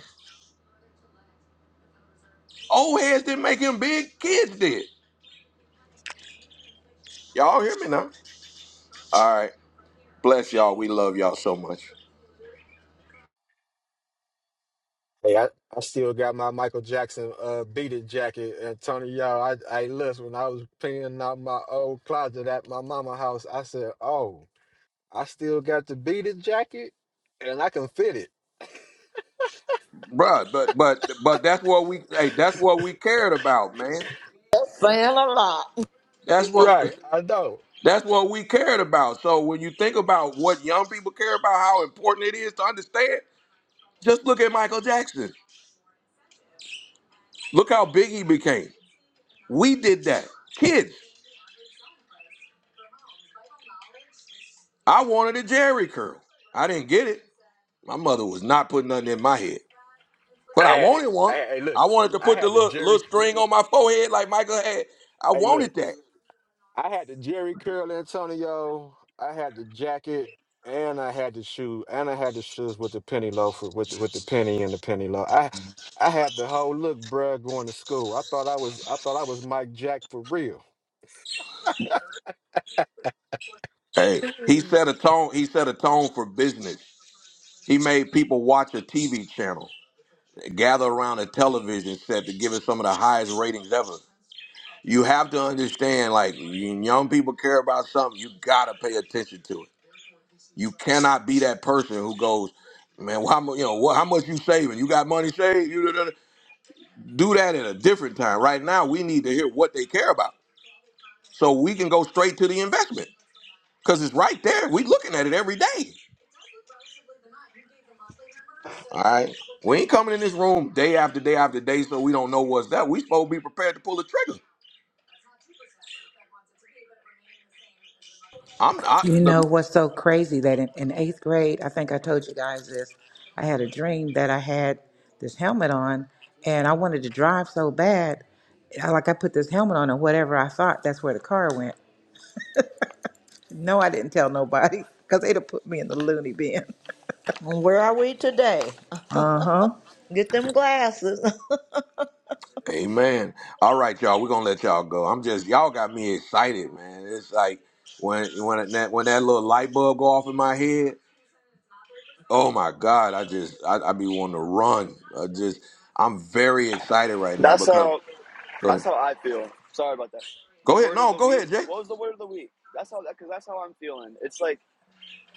Speaker 1: Old heads didn't make him big, kids did. Y'all hear me now? All right. Bless y'all. We love y'all so much.
Speaker 3: hey I, I still got my Michael Jackson uh beat it jacket. And Tony y'all I I listen when I was cleaning out my old closet at my mama house. I said oh I still got the beat it jacket and I can fit it.
Speaker 1: Bruh, but but but that's what we hey, that's what we cared about, man.
Speaker 2: Saying a lot.
Speaker 1: That's what
Speaker 3: Right, I know.
Speaker 1: That's what we cared about. So when you think about what young people care about, how important it is to understand, just look at Michael Jackson. Look how big he became. We did that. Kids, I wanted a Jerry curl. I didn't get it. My mother was not putting nothing in my head.
Speaker 3: I
Speaker 1: But I
Speaker 3: had it.
Speaker 1: wanted
Speaker 3: I
Speaker 1: one.
Speaker 3: hey, look,
Speaker 1: I wanted to
Speaker 3: I
Speaker 1: put the
Speaker 3: had the
Speaker 1: little, little
Speaker 3: Jerry.
Speaker 1: string on my forehead like Michael had. I
Speaker 3: Hey, look,
Speaker 1: wanted that.
Speaker 3: I had the Jerry curl Antonio. I had the jacket, and I had the shoe, and I had the shoes with the penny loafer, with the, with the penny and the penny loaf. I I had the whole look, bruh, going to school. I thought I was I thought I was Mike Jack for real.
Speaker 1: Hey, he set a tone. He set a tone for business. He made people watch a TV channel. gather around a television set to give it some of the highest ratings ever. You have to understand, like when young people care about something, you gotta pay attention to it. You cannot be that person who goes, man, why, mu- you know, what, how much you saving? You got money saved? You da- da- da." do that at a different time. Right now, we need to hear what they care about, so we can go straight to the investment because it's right there. We looking at it every day. All right. We ain't coming in this room day after day after day, so we don't know what's that. We supposed to be prepared to pull the trigger. I'm I,
Speaker 7: You
Speaker 1: the,
Speaker 7: know what's so crazy that in, in eighth grade, I think I told you guys this, I had a dream that I had this helmet on and I wanted to drive so bad. I, like I put this helmet on and whatever I thought, that's where the car went. No, I didn't tell nobody because they'd have put me in the loony bin.
Speaker 2: Where are we today? Get them glasses.
Speaker 1: Amen. All right, y'all. We're gonna let y'all go. I'm just y'all got me excited, man. It's like when when that when that little light bulb go off in my head. Oh my God! I just I, I be wanting to run. I just I'm very excited right now
Speaker 5: That's
Speaker 1: because
Speaker 5: how
Speaker 1: go
Speaker 5: that's
Speaker 1: ahead.
Speaker 5: how I feel. Sorry about that. The
Speaker 1: Go ahead.
Speaker 5: word of
Speaker 1: No,
Speaker 5: the
Speaker 1: go
Speaker 5: week.
Speaker 1: ahead, Jay.
Speaker 5: What was the word of the week? That's how because that's how I'm feeling. It's like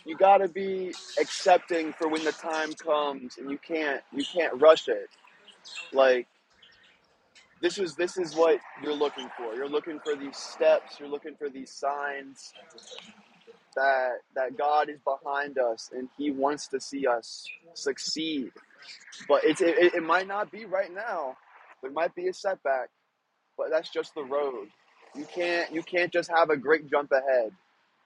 Speaker 5: you gotta be accepting for when the time comes, and you can't you can't rush it. Like this is this is what you're looking for. You're looking for these steps. You're looking for these signs that that God is behind us and He wants to see us succeed. But it's it, it might not be right now. There might be a setback, but that's just the road. You can't you can't just have a great jump ahead.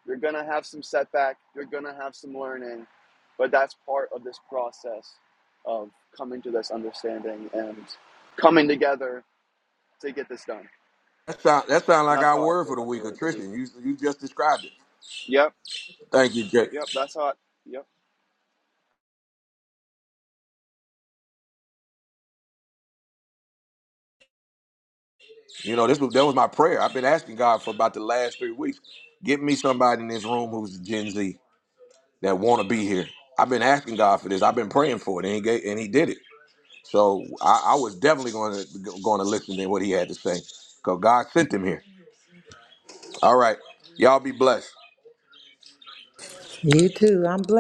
Speaker 5: You're gonna have some setback. You're gonna have some learning, but that's part of this process of coming to this understanding and coming together to get this done.
Speaker 1: That sound that sound
Speaker 5: And
Speaker 1: like
Speaker 5: that's
Speaker 1: our
Speaker 5: how I
Speaker 1: word
Speaker 5: feel
Speaker 1: for the
Speaker 5: about the
Speaker 1: week,
Speaker 5: word of the week.
Speaker 1: attrition. You you just described it.
Speaker 5: Yep,
Speaker 1: Thank you, Jay.
Speaker 5: yep, that's how I, yep.
Speaker 1: You know, this was that was my prayer. I've been asking God for about the last three weeks. Get me somebody in this room who's Gen Z that want to be here. I've been asking God for this. I've been praying for it, and He gave, and He did it. So I, I was definitely going to going to listen to what He had to say because God sent him here. All right, y'all be blessed.
Speaker 7: You too. I'm blessed.